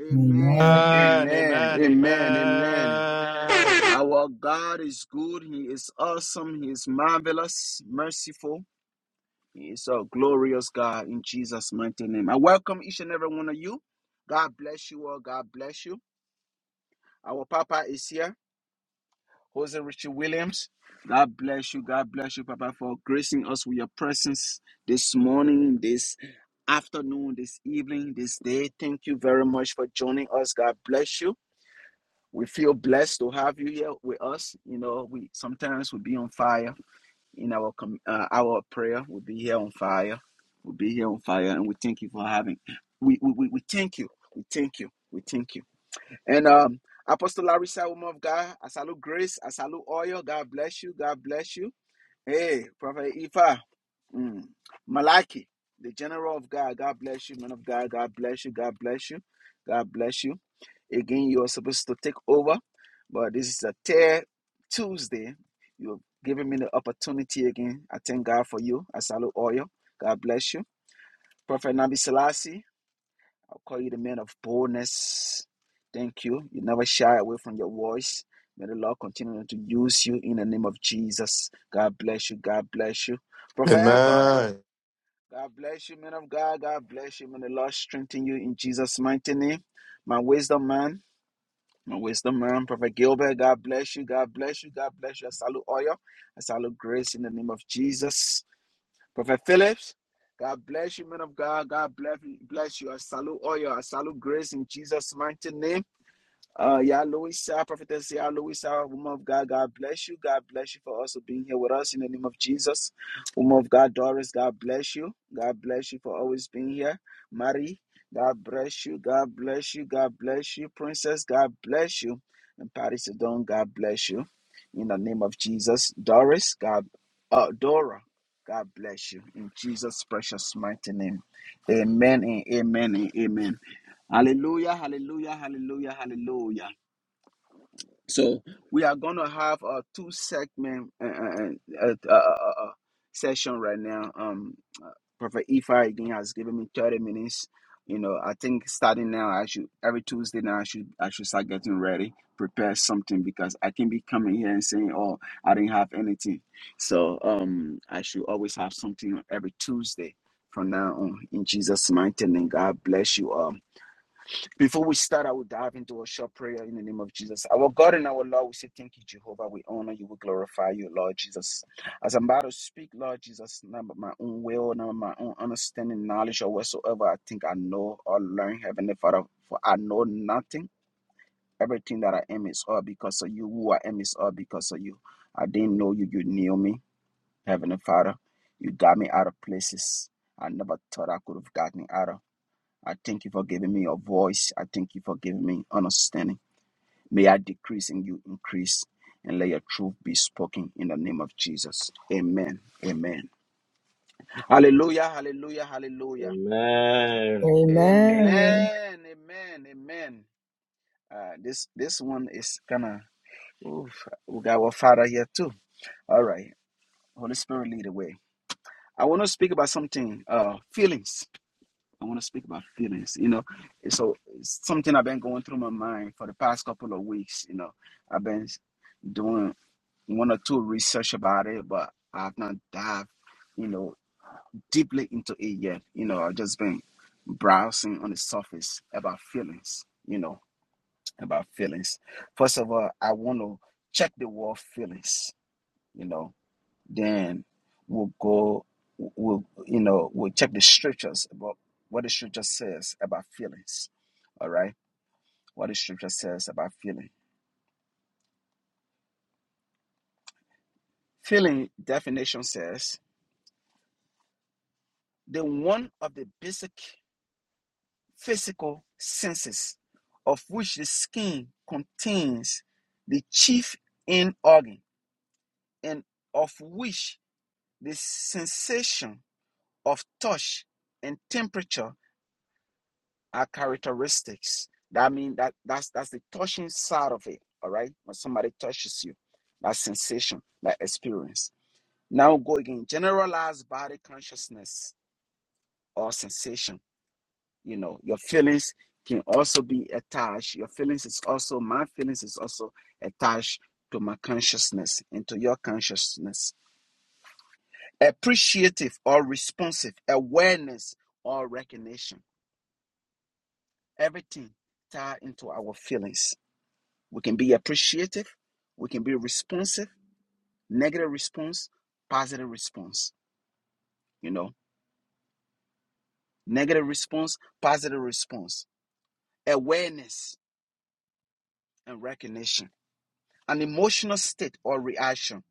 Amen,
Amen,
amen,
amen,
amen, amen.
amen.
Our God is good. He is awesome. He is marvelous, merciful. He's a glorious God in Jesus' mighty name. I welcome each and every one of you. God bless you all. God bless you. Our Papa is here, Jose Richie Williams. God bless you. God bless you, Papa, for gracing us with your presence this morning, this afternoon, this evening, this day. Thank you very much for joining us. God bless you. We feel blessed to have you here with us. You know, we sometimes we be on fire in our com- uh, hour of prayer. We'll be here on fire. We'll be here on fire, and we thank you for having. We we we, we thank you. We thank you. We thank you. And um, Apostle Larissa, woman of God, I salute grace. I salute oil. God bless you. God bless you. Hey, Prophet Ifa, mm, Malaki, the general of God. God bless you, man of God. God bless you. God bless you. God bless you. Again, you are supposed to take over, but this is a tear Tuesday. You've given me the opportunity again. I thank God for you. I salute oil. God bless you. Prophet Nabi Selassie, I'll call you the man of boldness. Thank you. You never shy away from your voice. May the Lord continue to use you in the name of Jesus. God bless you. God bless you. Prophet Echo, God bless you, man of God. God bless you. May the Lord strengthen you in Jesus' mighty name. My wisdom man, my wisdom, man. Prophet Gilbert, God bless you. God bless you. God bless you. I salute all you. I salute grace in the name of Jesus. Prophet Phillips, God bless you, man of God. God bless you. Bless you. I salute all you. I salute grace in Jesus' mighty name. Uh, Yah Louisa, Prophetess Yah Louisa, woman of God, God bless you. God bless you for also being here with us in the name of Jesus. Woman of God, Doris, God bless you. God bless you for always being here. Marie, God bless you. God bless you. God bless you. Princess, God bless you. And Patty Sedon, God bless you. In the name of Jesus. Doris, God, uh, Dora, God bless you. In Jesus' precious mighty name. Amen and amen and amen. Hallelujah, hallelujah, hallelujah, hallelujah. So we are going to have a two segment uh, uh, uh, uh, uh, uh, session right now. Um, uh, Prophet Ifa again has given me thirty minutes. You know, I think starting now, I should every Tuesday now I should I should start getting ready, prepare something because I can be coming here and saying, "Oh, I didn't have anything." So um, I should always have something every Tuesday from now on. In Jesus' mighty name, God bless you all. Before we start, I will dive into a short prayer in the name of Jesus. Our God and our Lord, we say thank you, Jehovah. We honor you, we glorify you, Lord Jesus. As I'm about to speak, Lord Jesus, not by my own will, not by my own understanding, knowledge, or whatsoever I think I know or learn, Heavenly Father, for I know nothing. Everything that I am is all because of you. Who I am is all because of you. I didn't know you, you knew me, Heavenly Father. You got me out of places I never thought I could have gotten out of. I thank you for giving me a voice. I thank you for giving me understanding. May I decrease and you increase, and let your truth be spoken in the name of Jesus. Amen. Amen. Hallelujah. Hallelujah. Hallelujah.
Amen.
Amen. Amen. Amen. Uh, this this one is kind of. we got our Father here too. All right. Holy Spirit, lead the way. I want to speak about something. Uh, feelings. I want to speak about feelings, you know. So it's something I've been going through my mind for the past couple of weeks, you know. I've been doing one or two research about it, but I've not dived, you know, deeply into it yet. You know, I've just been browsing on the surface about feelings, you know, about feelings. First of all, I want to check the word feelings, you know then we'll go we'll you know we'll check the scriptures about what the scripture says about feelings all right what the scripture says about feeling feeling definition says the one of the basic physical senses of which the skin contains the chief in organ and of which the sensation of touch and temperature are characteristics. That means that that's that's the touching side of it. All right. When somebody touches you, that sensation, that experience. Now go again. Generalized body consciousness or sensation. You know, your feelings can also be attached. Your feelings is also my feelings is also attached to my consciousness and to your consciousness. Appreciative or responsive awareness or recognition. Everything tied into our feelings We can be appreciative. We can be responsive. Negative response, positive response. You know, negative response, positive response. Awareness and recognition. An emotional state or reaction.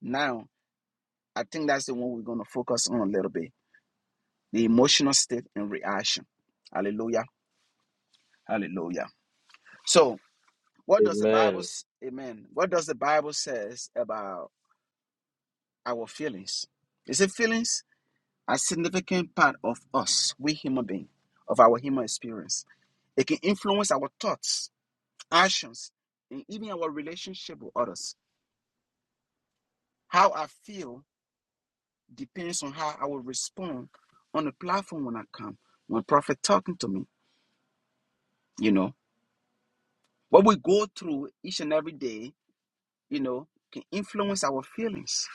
Now, I think that's the one we're going to focus on a little bit. The emotional state and reaction. Hallelujah. Hallelujah. So, what does the Bible,
Amen.
s- amen, what does the Bible says about our feelings? Is it feelings? a significant part of us, we human beings, of our human experience. It can influence our thoughts, actions, and even our relationship with others. How I feel depends on how I will respond on the platform when I come, when prophet talking to me, you know. What we go through each and every day, you know, can influence our feelings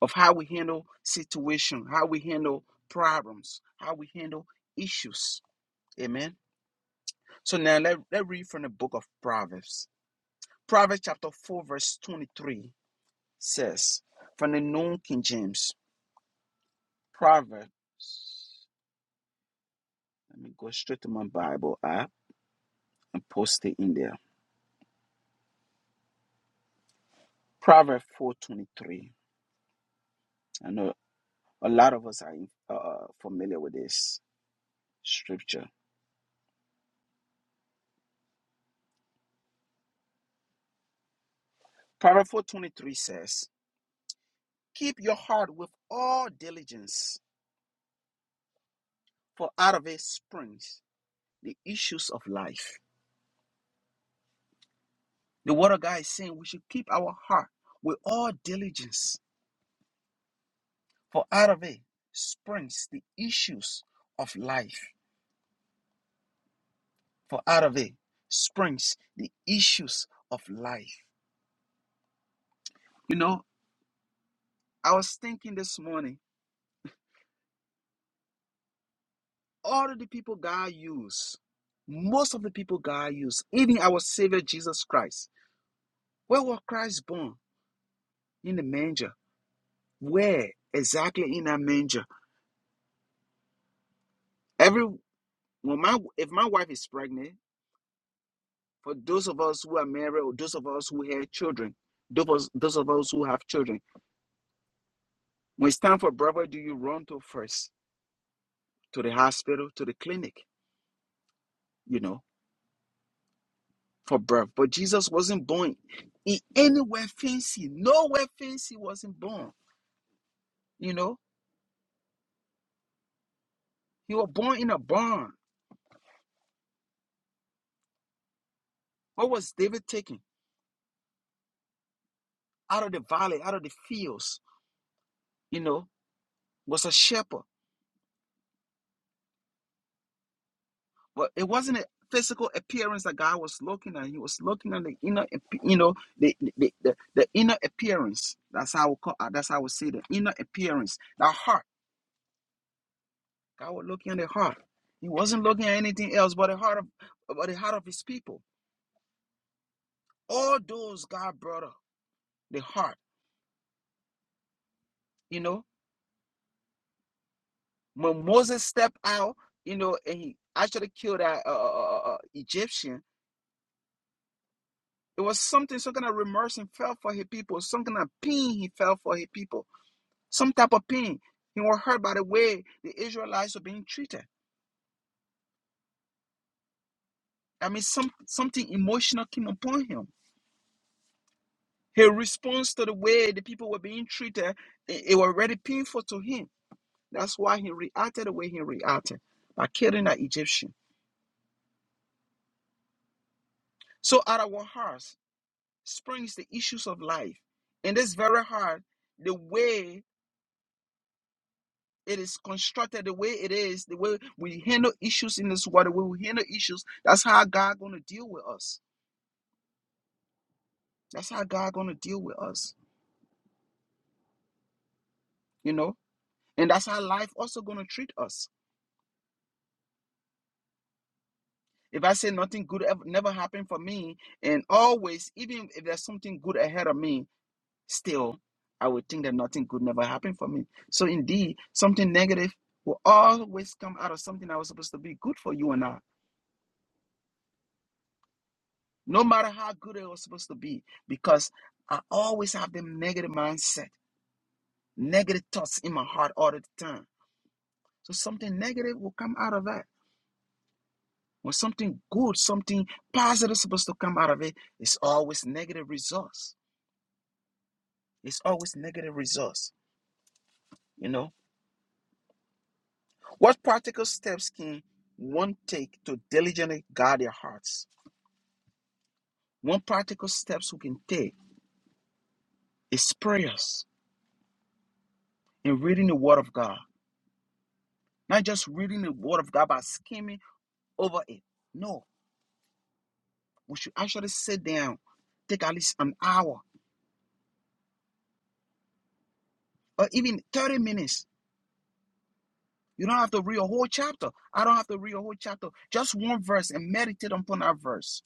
of how we handle situation, how we handle problems, how we handle issues. Amen. So now let, let read from the book of Proverbs. Proverbs chapter 4, verse 23 says, from the New King James, Proverbs. let me go straight to my Bible app and post it in there. Proverbs 4.23. I know a lot of us are uh, uh, familiar with this scripture. Proverbs 4.23 says, Keep your heart with all diligence, for out of it springs the issues of life. The word of God is saying we should keep our heart with all diligence For out of it springs the issues of life. For out of it springs the issues of life. You know, I was thinking this morning, all of the people God used, most of the people God used, even our Savior Jesus Christ, where was Christ born? In the manger. Where exactly in that manger? Every when my if my wife is pregnant, for those of us who are married or those of us who have children, those, those of us who have children. When it's time for birth, where do you run to first? To the hospital, to the clinic, you know, for birth. But Jesus wasn't born in anywhere fancy. Nowhere fancy wasn't born, you know. He was born in a barn. What was David taking? Out of the valley, out of the fields, you know, was a shepherd. But it wasn't a physical appearance that God was looking at. He was looking at the inner, ap- you know, the the, the, the inner appearance. That's how I would call, that's how I would say the inner appearance, the heart God was looking at the heart. He wasn't looking at anything else but the heart of but the heart of his people. All those God brought up, the heart. You know, when Moses stepped out, you know, and he actually killed that uh, uh, uh, uh, Egyptian. It was something, some kind of remorse he felt for his people, some kind of pain he felt for his people, some type of pain. He was hurt by the way the Israelites were being treated. I mean, some something emotional came upon him. His response to the way the people were being treated, it, it was already painful to him That's why he reacted the way he reacted by killing an Egyptian. So out of our hearts springs the issues of life. In this very heart, the way it is constructed, the way it is, the way we handle issues in this world, the way we handle issues, that's how God gonna deal with us. That's how God gonna deal with us, you know? And that's how life also gonna treat us. If I say nothing good ever never happened for me, and always, even if there's something good ahead of me, still I would think that nothing good never happened for me. So indeed, something negative will always come out of something that was supposed to be good for you and I, no matter how good it was supposed to be, because I always have the negative mindset, negative thoughts in my heart all the time. So something negative will come out of that. When something good, something positive is supposed to come out of it, it's always negative results. It's always negative results, you know. What practical steps can one take to diligently guard their hearts? One practical steps we can take is prayers and reading the Word of God. Not just reading the Word of God by skimming over it. No, we should actually sit down, take at least an hour or even 30 minutes. You don't have to read a whole chapter. I don't have to read a whole chapter. Just one verse and meditate upon that verse.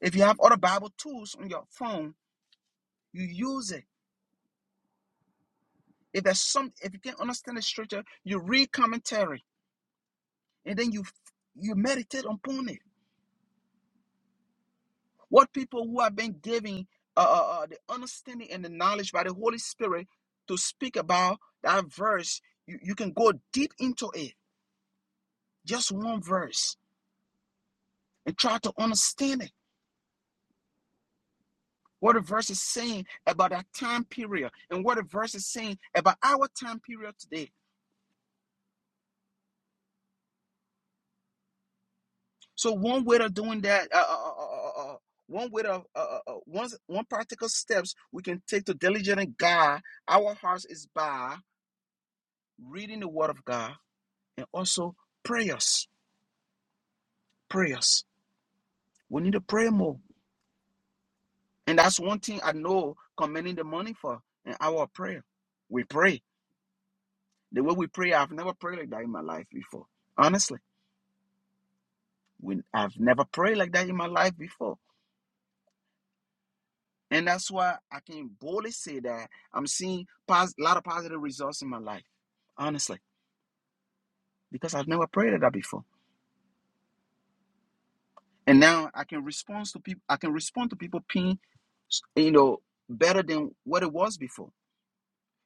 If you have other Bible tools on your phone, you use it If there's some, if you can not understand the scripture, you read commentary and then you you meditate upon it. What people who have been giving uh, uh, uh, the understanding and the knowledge by the Holy Spirit to speak about that verse, you, you can go deep into it, just one verse, and try to understand it. What the verse is saying about that time period and what the verse is saying about our time period today. So one way of doing that, uh, uh, uh, uh, uh, uh, one way of uh, uh, uh, one one practical steps we can take to diligently God our hearts is by reading the Word of God and also prayers. Prayers. We need to pray more, and that's one thing I know commending the money for in our prayer. We pray the way we pray. I've never prayed like that in my life before. Honestly, we I've never prayed like that in my life before And that's why I can boldly say that I'm seeing a lot of positive results in my life, honestly, because I've never prayed at that before. And now I can respond to people. I can respond to people pain, you know, better than what it was before.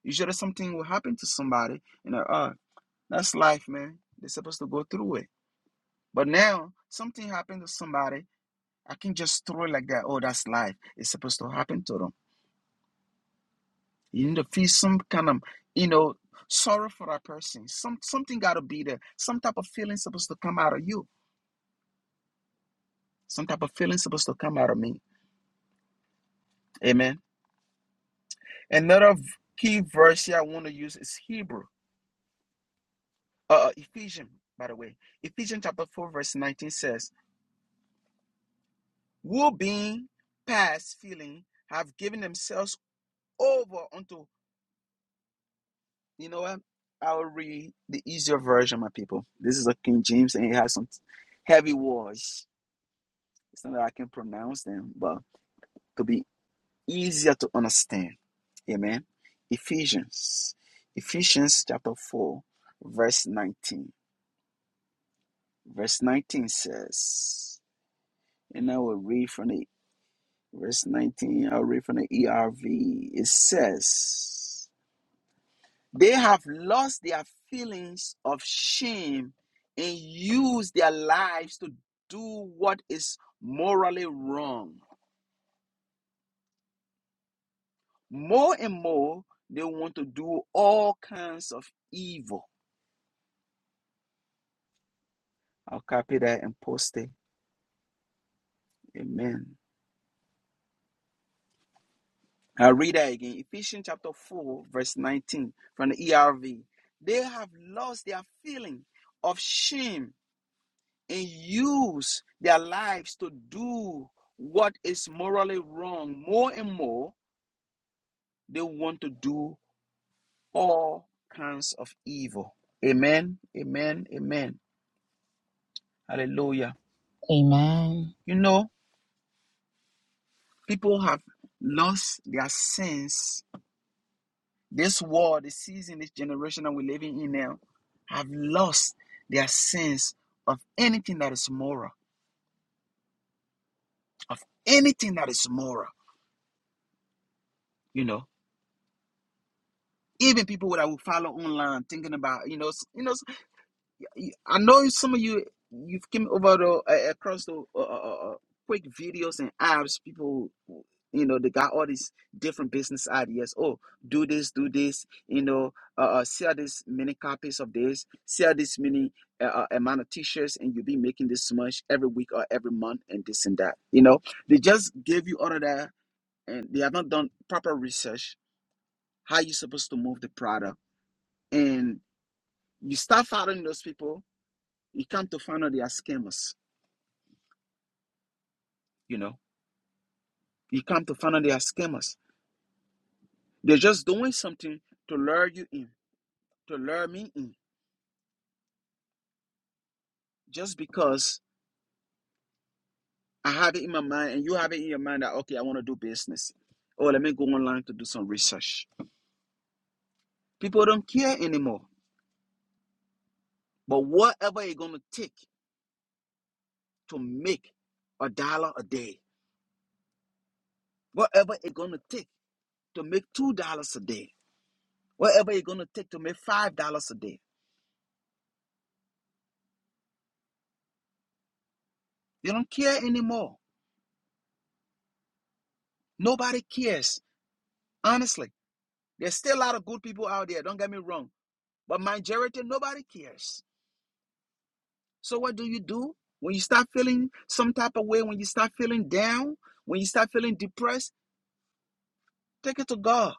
Usually something will happen to somebody, you know, oh, that's life, man. They're supposed to go through it. But now something happened to somebody. I can just throw it like that. Oh, that's life. It's supposed to happen to them. You need to feel some kind of, you know, sorrow for that person. Some something gotta be there. Some type of feeling supposed to come out of you. Some type of feeling supposed to come out of me. Amen. Another key verse here I want to use is Hebrew, uh, uh, Ephesians, by the way. Ephesians chapter 4, verse 19 says, Who being past feeling have given themselves over unto, you know what? I'll read the easier version, my people. This is a King James and it has some heavy words. It's not that I can pronounce them, but to be easier to understand. Amen. Ephesians, Ephesians chapter 4, verse 19. Verse 19 says, and I will read from the verse 19, I'll read from the ERV. It says, They have lost their feelings of shame and use their lives to do what is morally wrong. More and more, they want to do all kinds of evil. I'll copy that and post it. Amen. I'll read that again. Ephesians chapter 4, verse 19 from the ERV. They have lost their feeling of shame and use their lives to do what is morally wrong. More and more, they want to do all kinds of evil. Amen. Amen. Amen. Hallelujah. You know, People have lost their sense. This world, the season, this generation that we're living in now, have lost their sense of anything that is moral, of anything that is moral. You know, even people that will follow online, thinking about, you know, you know. you- I know some of you you've came over the uh, across the uh, uh, uh, uh, quick videos and apps. People, you know, they got all these different business ideas. Oh, do this, do this. You know, uh, uh, sell this many copies of this, sell this many uh, uh, amount of t-shirts, and you'll be making this much every week or every month, and this and that. You know, they just gave you all of that, and they have not done proper research. How you supposed to move the product, and you start following those people you come to find out they are scammers, you know. You come to find out they are scammers. They're just doing something to lure you in, to lure me in, just because I have it in my mind and you have it in your mind that, okay, I want to do business. Oh, let me go online to do some research. People don't care anymore. But whatever it's going to take to make a dollar a day, whatever it's going to take to make $2 a day, whatever it's going to take to make $5 a day, they don't care anymore. Nobody cares, honestly. There's still a lot of good people out there, don't get me wrong. But majority, nobody cares. So what do you do? When you start feeling some type of way, when you start feeling down, when you start feeling depressed, take it to God.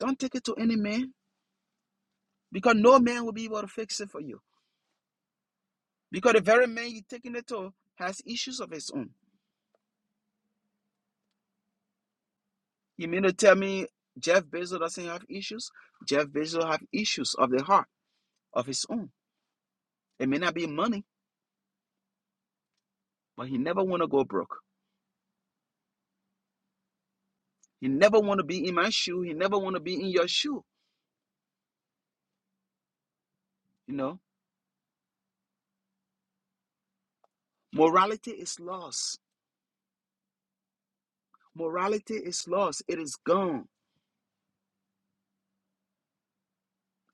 Don't take it to any man because no man will be able to fix it for you. Because the very man you're taking it to has issues of his own. You mean to tell me Jeff Bezos doesn't have issues? Jeff Bezos have issues of the heart of his own. It may not be money, but he never want to go broke. He never want to be in my shoe. He never want to be in your shoe. You know, morality is lost. Morality is lost. It is gone.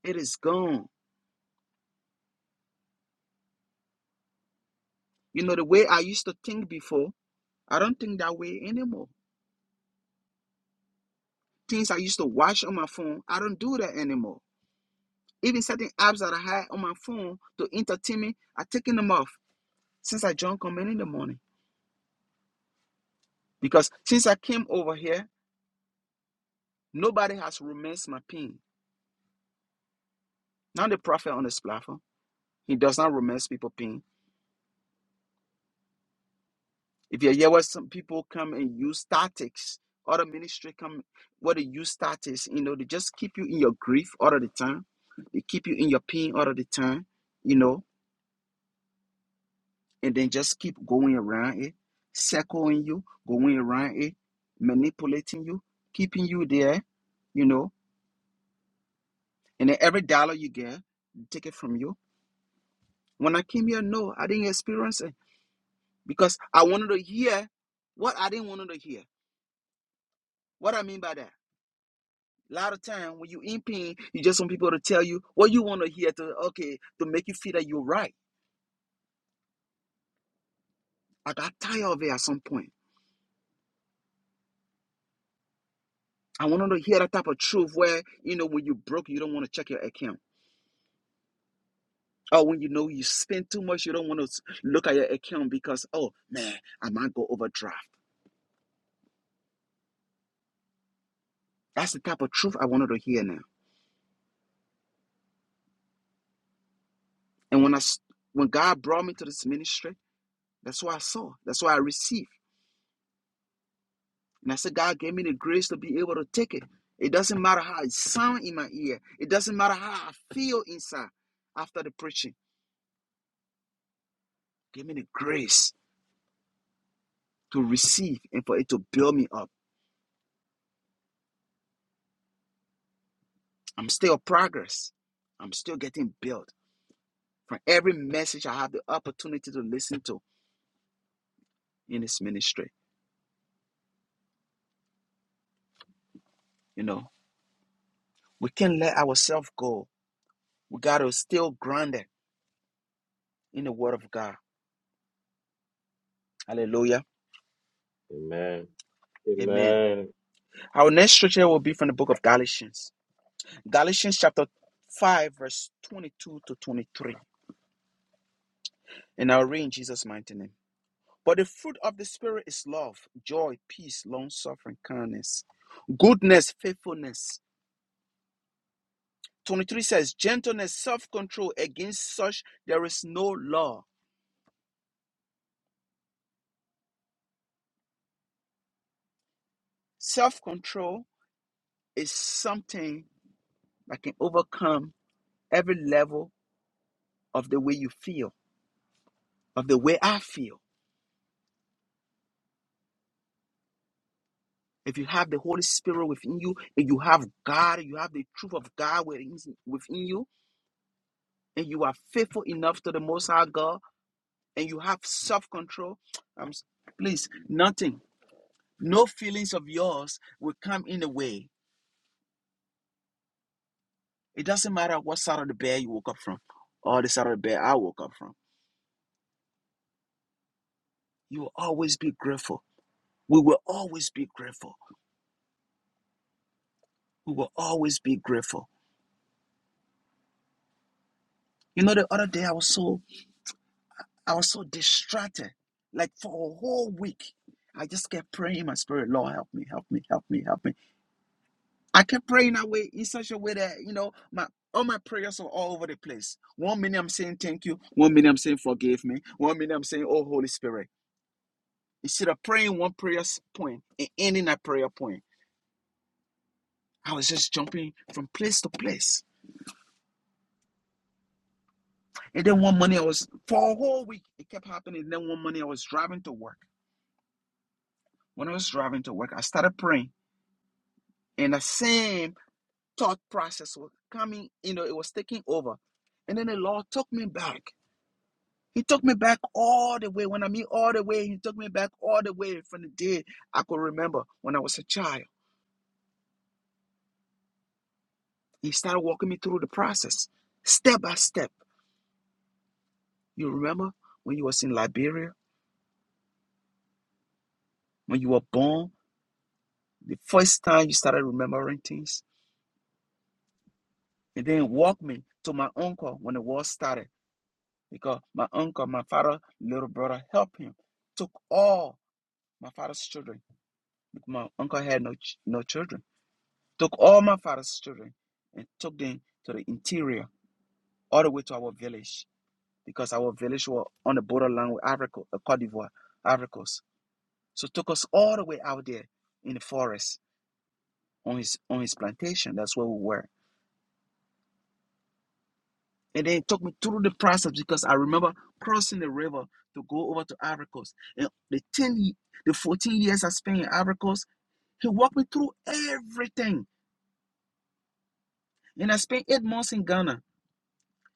It is gone. You know, the way I used to think before, I don't think that way anymore. Things I used to watch on my phone, I don't do that anymore. Even certain apps that I had on my phone to entertain me, i taken them off since I joined Command in the morning. Because since I came over here, nobody has romanced my pain. Not the prophet on this platform. He does not romance people's pain. If you hear what some people come and use tactics, other ministry come what they use tactics, you know, they just keep you in your grief all of the time. They keep you in your pain all of the time, you know, and then just keep going around it, circling you, going around it, manipulating you, keeping you there, you know, and then every dollar you get, they take it from you. When I came here, no, I didn't experience it because I wanted to hear what I didn't want to hear. What I mean by that? A lot of time when you in pain, you just want people to tell you what you want to hear to okay to make you feel that you're right. I got tired of it at some point. I wanted to hear that type of truth where you know when you broke, you don't want to check your account. Or when you know you spend too much, you don't want to look at your account because oh man, I might go overdraft. That's the type of truth I wanted to hear now. And when I when God brought me to this ministry, that's what I saw. That's what I received. And I said, God gave me the grace to be able to take it. It doesn't matter how it sounds in my ear. It doesn't matter how I feel inside after the preaching. Give me the grace to receive and for it to build me up. I'm still progress. I'm still getting built from every message I have the opportunity to listen to in this ministry. You know, we can't let ourselves go. We got to still grounded in the word of God. Hallelujah.
Amen.
Amen.
Amen.
Our next scripture will be from the book of Galatians. Galatians chapter 5, verse 22 to 23. And I'll read in Jesus' mighty name. But the fruit of the Spirit is love, joy, peace, long suffering, kindness, goodness, faithfulness. 23 says, gentleness, self control. Against such there is no law. Self control is something that can overcome every level of the way you feel, of the way I feel. If you have the Holy Spirit within you, and you have God, you have the truth of God within within you, and you are faithful enough to the Most High God, and you have self control, um, please, nothing, no feelings of yours will come in the way. It doesn't matter what side of the bed you woke up from or the side of the bed I woke up from. You will always be grateful. We will always be grateful. We will always be grateful. You know, the other day I was so I was so distracted. Like for a whole week, I just kept praying in my spirit, Lord, help me, help me, help me, help me. I kept praying that way in such a way that, you know, my all my prayers were all over the place. One minute I'm saying thank you. One minute I'm saying forgive me. One minute I'm saying, oh, Holy Spirit. Instead of praying one prayer s- point and ending that prayer point, I was just jumping from place to place. And then one morning I was, for a whole week, it kept happening. And then one morning I was driving to work. When I was driving to work, I started praying. And the same thought process was coming, you know, it was taking over. And then the Lord took me back. He took me back all the way. When I mean all the way, He took me back all the way from the day I could remember when I was a child. He started walking me through the process, step by step. You remember when you was in Liberia, when you were born, the first time you started remembering things, and then walked me to my uncle when the war started, because my uncle, my father, little brother, helped him, took all my father's children my uncle had no ch- no children. Took all my father's children and took them to the interior, all the way to our village, because our village were on the borderline with Africa, uh, Cote d'Ivoire, Ivory Coast. So took us all the way out there in the forest on his on his plantation. That's where we were. And then it took me through the process because I remember crossing the river to go over to Ivory Coast. And the ten, ye- the fourteen years I spent in Ivory Coast, he walked me through everything. And I spent eight months in Ghana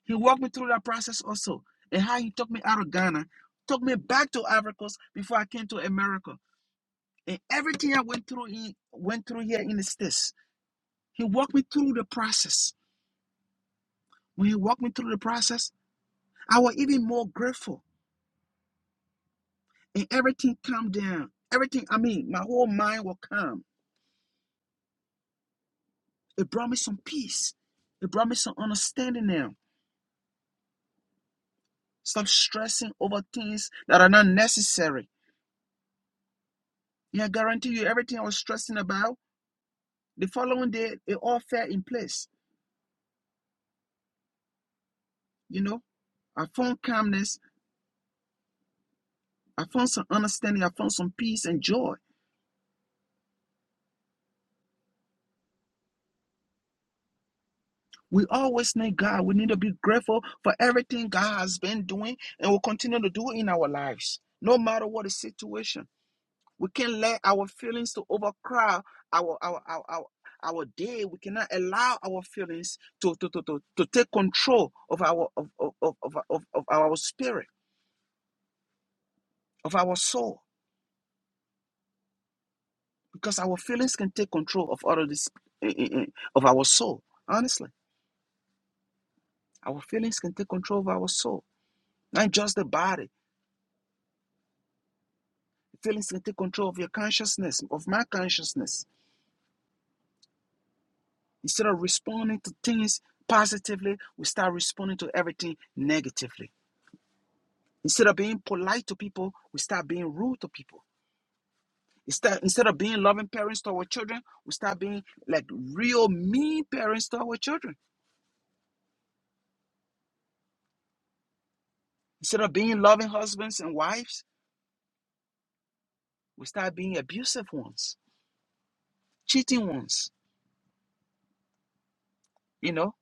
He walked me through that process also, and how he took me out of Ghana, took me back to Ivory Coast before I came to America, and everything I went through, he went through here in the States. He walked me through the process. When he walked me through the process, I was even more grateful, and everything calmed down. Everything, I mean, my whole mind was calm. It brought me some peace. It brought me some understanding now. Stop stressing over things that are not necessary. Yeah, I guarantee you, everything I was stressing about. The following day, it all fell in place. You know, I found calmness, I found some understanding, I found some peace and joy. We always need God. We need to be grateful for everything God has been doing and will continue to do in our lives, no matter what the situation. We can't let our feelings to overcrowd our our our, our our day we cannot allow our feelings to to, to, to, to take control of our of, of, of, of, of of our spirit of our soul because our feelings can take control of all of this eh, eh, eh, of our soul honestly our feelings can take control of our soul not just the body feelings can take control of your consciousness of my consciousness instead of responding to things positively we start responding to everything negatively instead of being polite to people we start being rude to people instead, instead of being loving parents to our children we start being like real mean parents to our children instead of being loving husbands and wives we start being abusive ones, cheating ones, you know,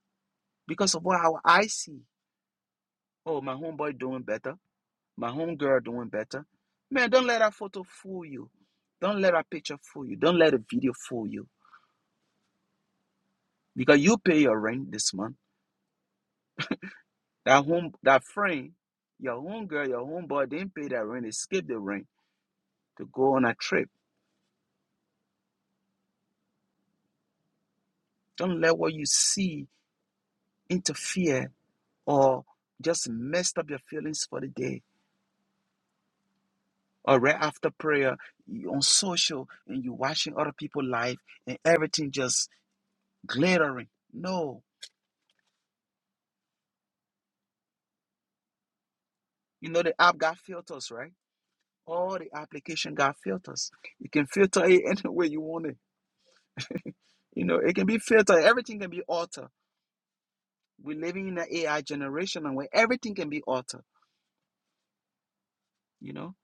because of what how I see. Oh, my homeboy doing better, my homegirl doing better. Man, don't let that photo fool you. Don't let that picture fool you. Don't let a video fool you. Because you pay your rent this month. That home that friend, your homegirl, your homeboy didn't pay that rent, they skipped the rent to go on a trip. Don't let what you see interfere or just messed up your feelings for the day or right after prayer, you on social and you're watching other people live and everything just glittering. No, you know the app got filters, right? All the application got filters. You can filter it any way you want it. You know, it can be filtered. Everything can be altered. We're living in an AI generation and where everything can be altered. You know,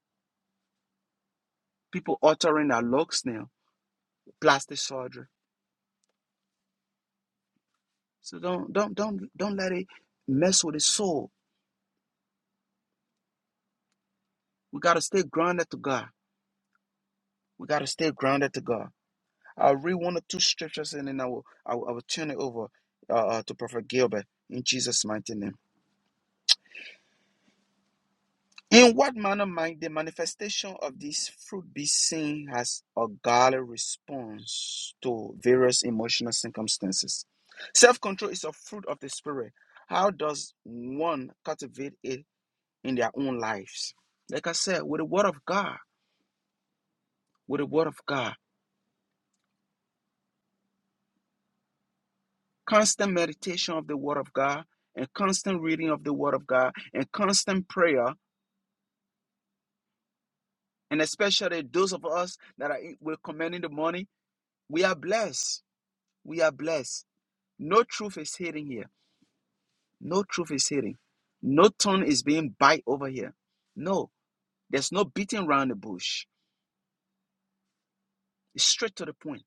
people altering their looks now, plastic surgery. So don't don't don't don't let it mess with the soul. We gotta stay grounded to God. We gotta stay grounded to God I'll read one or two scriptures and then I will, I will, I will turn it over uh, uh, to Prophet Gilbert in Jesus' mighty name. In what manner might the manifestation of this fruit be seen as a godly response to various emotional circumstances? Self control is a fruit of the Spirit. How does one cultivate it in their own lives? Like I said, with the Word of God, with the Word of God. constant meditation of the Word of God, and constant reading of the Word of God, and constant prayer, and especially those of us that are we're commanding the morning. we are blessed. We are blessed. No truth is hidden here. No truth is hidden. No tongue is being bite over here. No, there's no beating around the bush. It's straight to the point.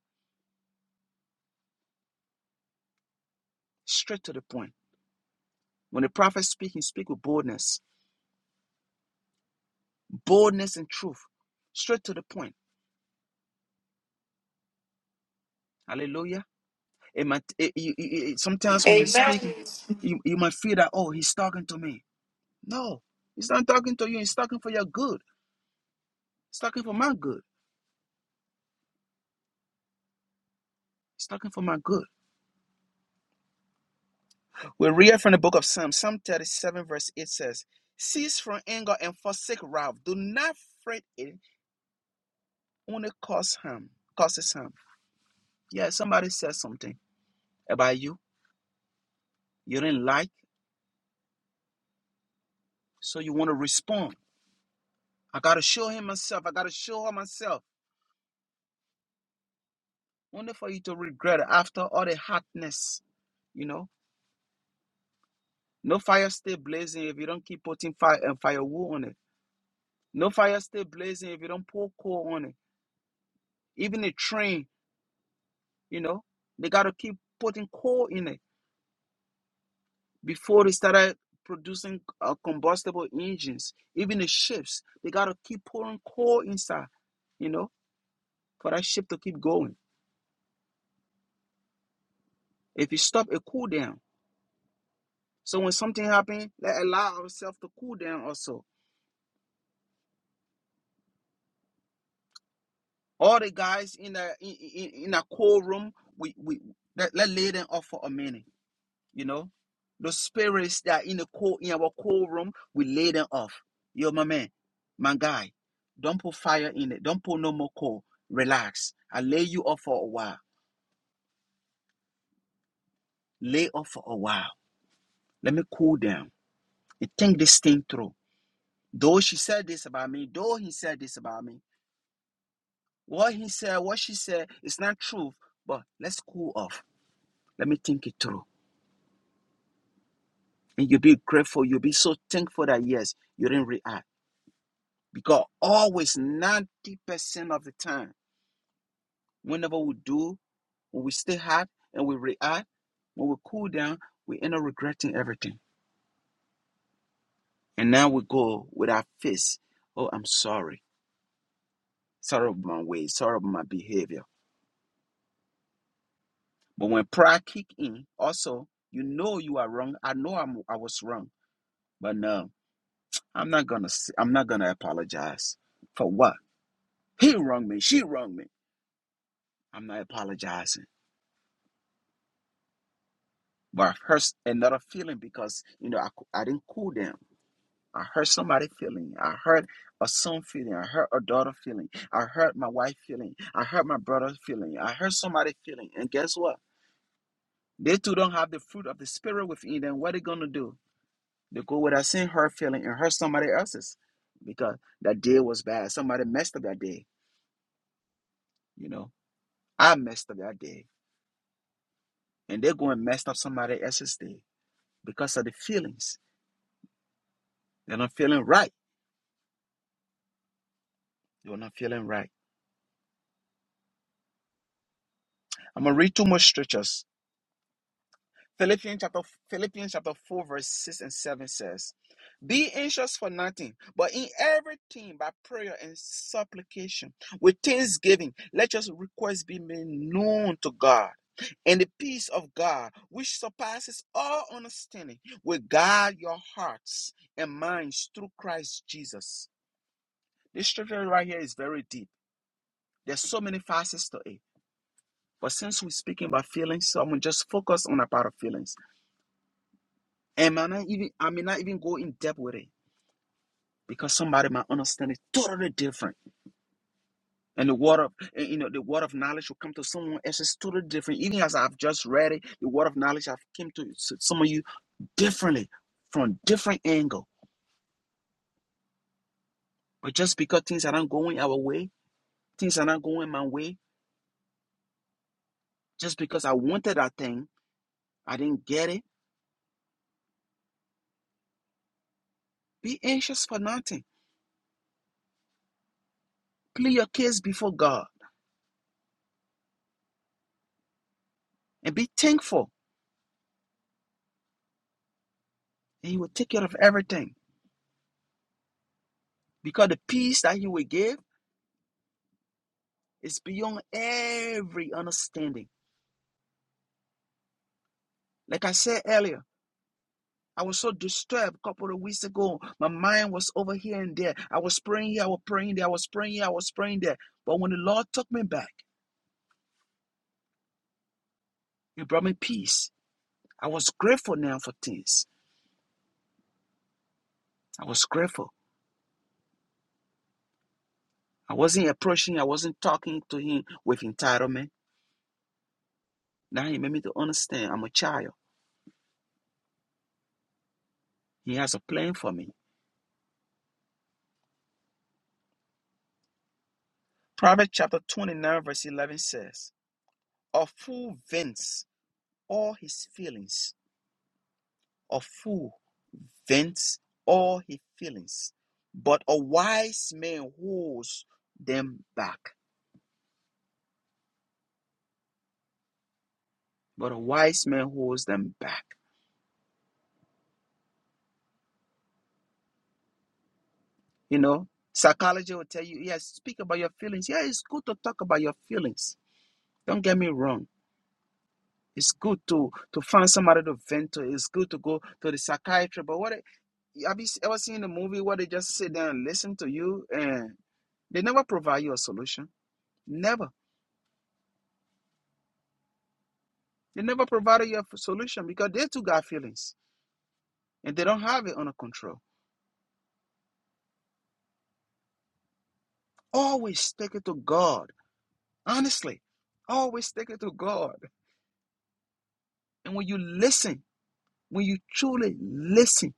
Straight to the point. When the prophet speaks, he speaks with boldness, boldness and truth, straight to the point. Hallelujah. It might, it, it- it- it- sometimes when he speaks,
Amen.
You, you might feel that, oh, he's talking to me. No, he's not talking to you. He's talking for your good. He's talking for my good. He's talking for my good. We read from the book of Psalm. Psalm 37, verse 8 says, Cease from anger and forsake wrath. Do not fret it, only cause harm. Causes harm. Yeah, somebody said something about you. You didn't like, so you want to respond. I got to show him myself. I got to show her myself. Only for you to regret it after all the hardness, you know? No fire stay blazing if you don't keep putting fire and firewood on it. No fire stay blazing if you don't pour coal on it. Even a train, you know, they got to keep putting coal in it before they started producing uh, combustible engines. Even the ships, they got to keep pouring coal inside, you know, for that ship to keep going. If you stop, it cool down. So when something happens, let allow ourselves to cool down also. All the guys in the in, in, in a cold room, we, we let, let lay them off for a minute You know, those spirits that are in the cold in our cold room, we lay them off. Yo, my man, my guy, don't put fire in it. Don't put no more coal. Relax. I lay you off for a while. Lay off for a while. Let me cool down and think this thing through. Though she said this about me, though he said this about me, what he said, what she said, it's not truth. But let's cool off. Let me think it through. And you'll be grateful. You'll be so thankful that yes, you didn't react. Because always 90% of the time, whenever we do, when we stay hot and we react, when we cool down, we end up regretting everything. And now we go with our face. Oh, I'm sorry. Sorry about my way. Sorry about my behavior. But when pride kick in, also, you know you are wrong. I know I'm, I was wrong. But no, I'm not gonna. i I'm not gonna apologize for what he wronged me. She wronged me. I'm not apologizing. but I hurt another feeling because you know I, cou- I didn't cool them. I hurt somebody feeling. I hurt a son feeling. I hurt a daughter feeling. I hurt my wife feeling. I hurt my brother feeling. I hurt somebody feeling. And guess what? They too don't have the fruit of the spirit within them. What are they gonna do? They go with that same hurt feeling and hurt somebody else's because that day was bad. Somebody messed up that day. You know, I messed up that day, and they go and messed up somebody else's day because of the feelings. They're not feeling right. You're not feeling right. I'm gonna read two more scriptures. Philippians chapter Philippians chapter 4, verse 6 and 7 says, Be anxious for nothing, but in everything by prayer and supplication, with thanksgiving, let your requests be made known to God. And the peace of God, which surpasses all understanding, will guard your hearts and minds through Christ Jesus. This scripture right here is very deep. There's so many facets to it. But since we're speaking about feelings, so I'm gonna just focus on a part of feelings. And may not even I may not even go in depth with it because somebody might understand it totally different. And the word of and, you know the word of knowledge will come to someone else is totally different. Even as I've just read it, the word of knowledge I've came to some of you differently from different angle. But just because things are not going our way, things are not going my way, just because I wanted that thing, I didn't get it. Be anxious for nothing. Plead your case before God and be thankful, and He will take care of everything. Because the peace that He will give It's beyond every understanding. Like I said earlier, I was so disturbed a couple of weeks ago. My mind was over here and there. I was praying here, I was praying there, I was praying here, I was praying there. But when the Lord took me back, He brought me peace. I was grateful now for things. I was grateful. I wasn't approaching, I wasn't talking to Him with entitlement. Now He made me to understand I'm a child. He has a plan for me. Proverbs chapter 29, verse 11 says, A fool vents all his feelings A fool vents all his feelings, but a wise man holds them back. But a wise man holds them back. You know, psychology will tell you, yes, speak about your feelings. Yeah, it's good to talk about your feelings. Don't get me wrong. It's good to to find somebody to vent to. It's good to go to the psychiatrist. But what have you ever seen the movie where they just sit there and listen to you and they never provide you a solution? Never. They never provided you a solution because they too got feelings and they don't have it under control. Always stick it to God. Honestly, always stick it to God. And when you listen, when you truly listen,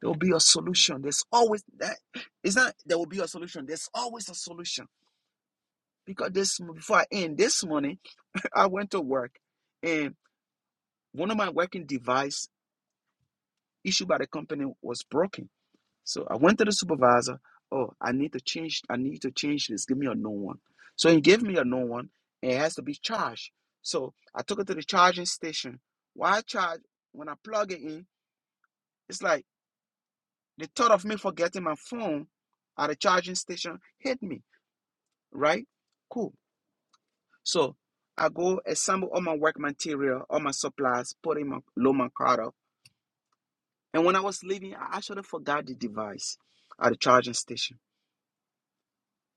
there will be a solution. There's always that. It's not there will be a solution. There's always a solution. Because this before I end this morning, I went to work, and one of my working device issued by the company was broken. So I went to the supervisor. Oh, I need to change. I need to change this. Give me a new one. So he gave me a new one, and it has to be charged. So I took it to the charging station. Why charge? When I plug it in, it's like the thought of me forgetting my phone at the charging station hit me. Right? Cool. So I go assemble all my work material, all my supplies, put in my load my car up. And when I was leaving, I actually forgot the device at the charging station.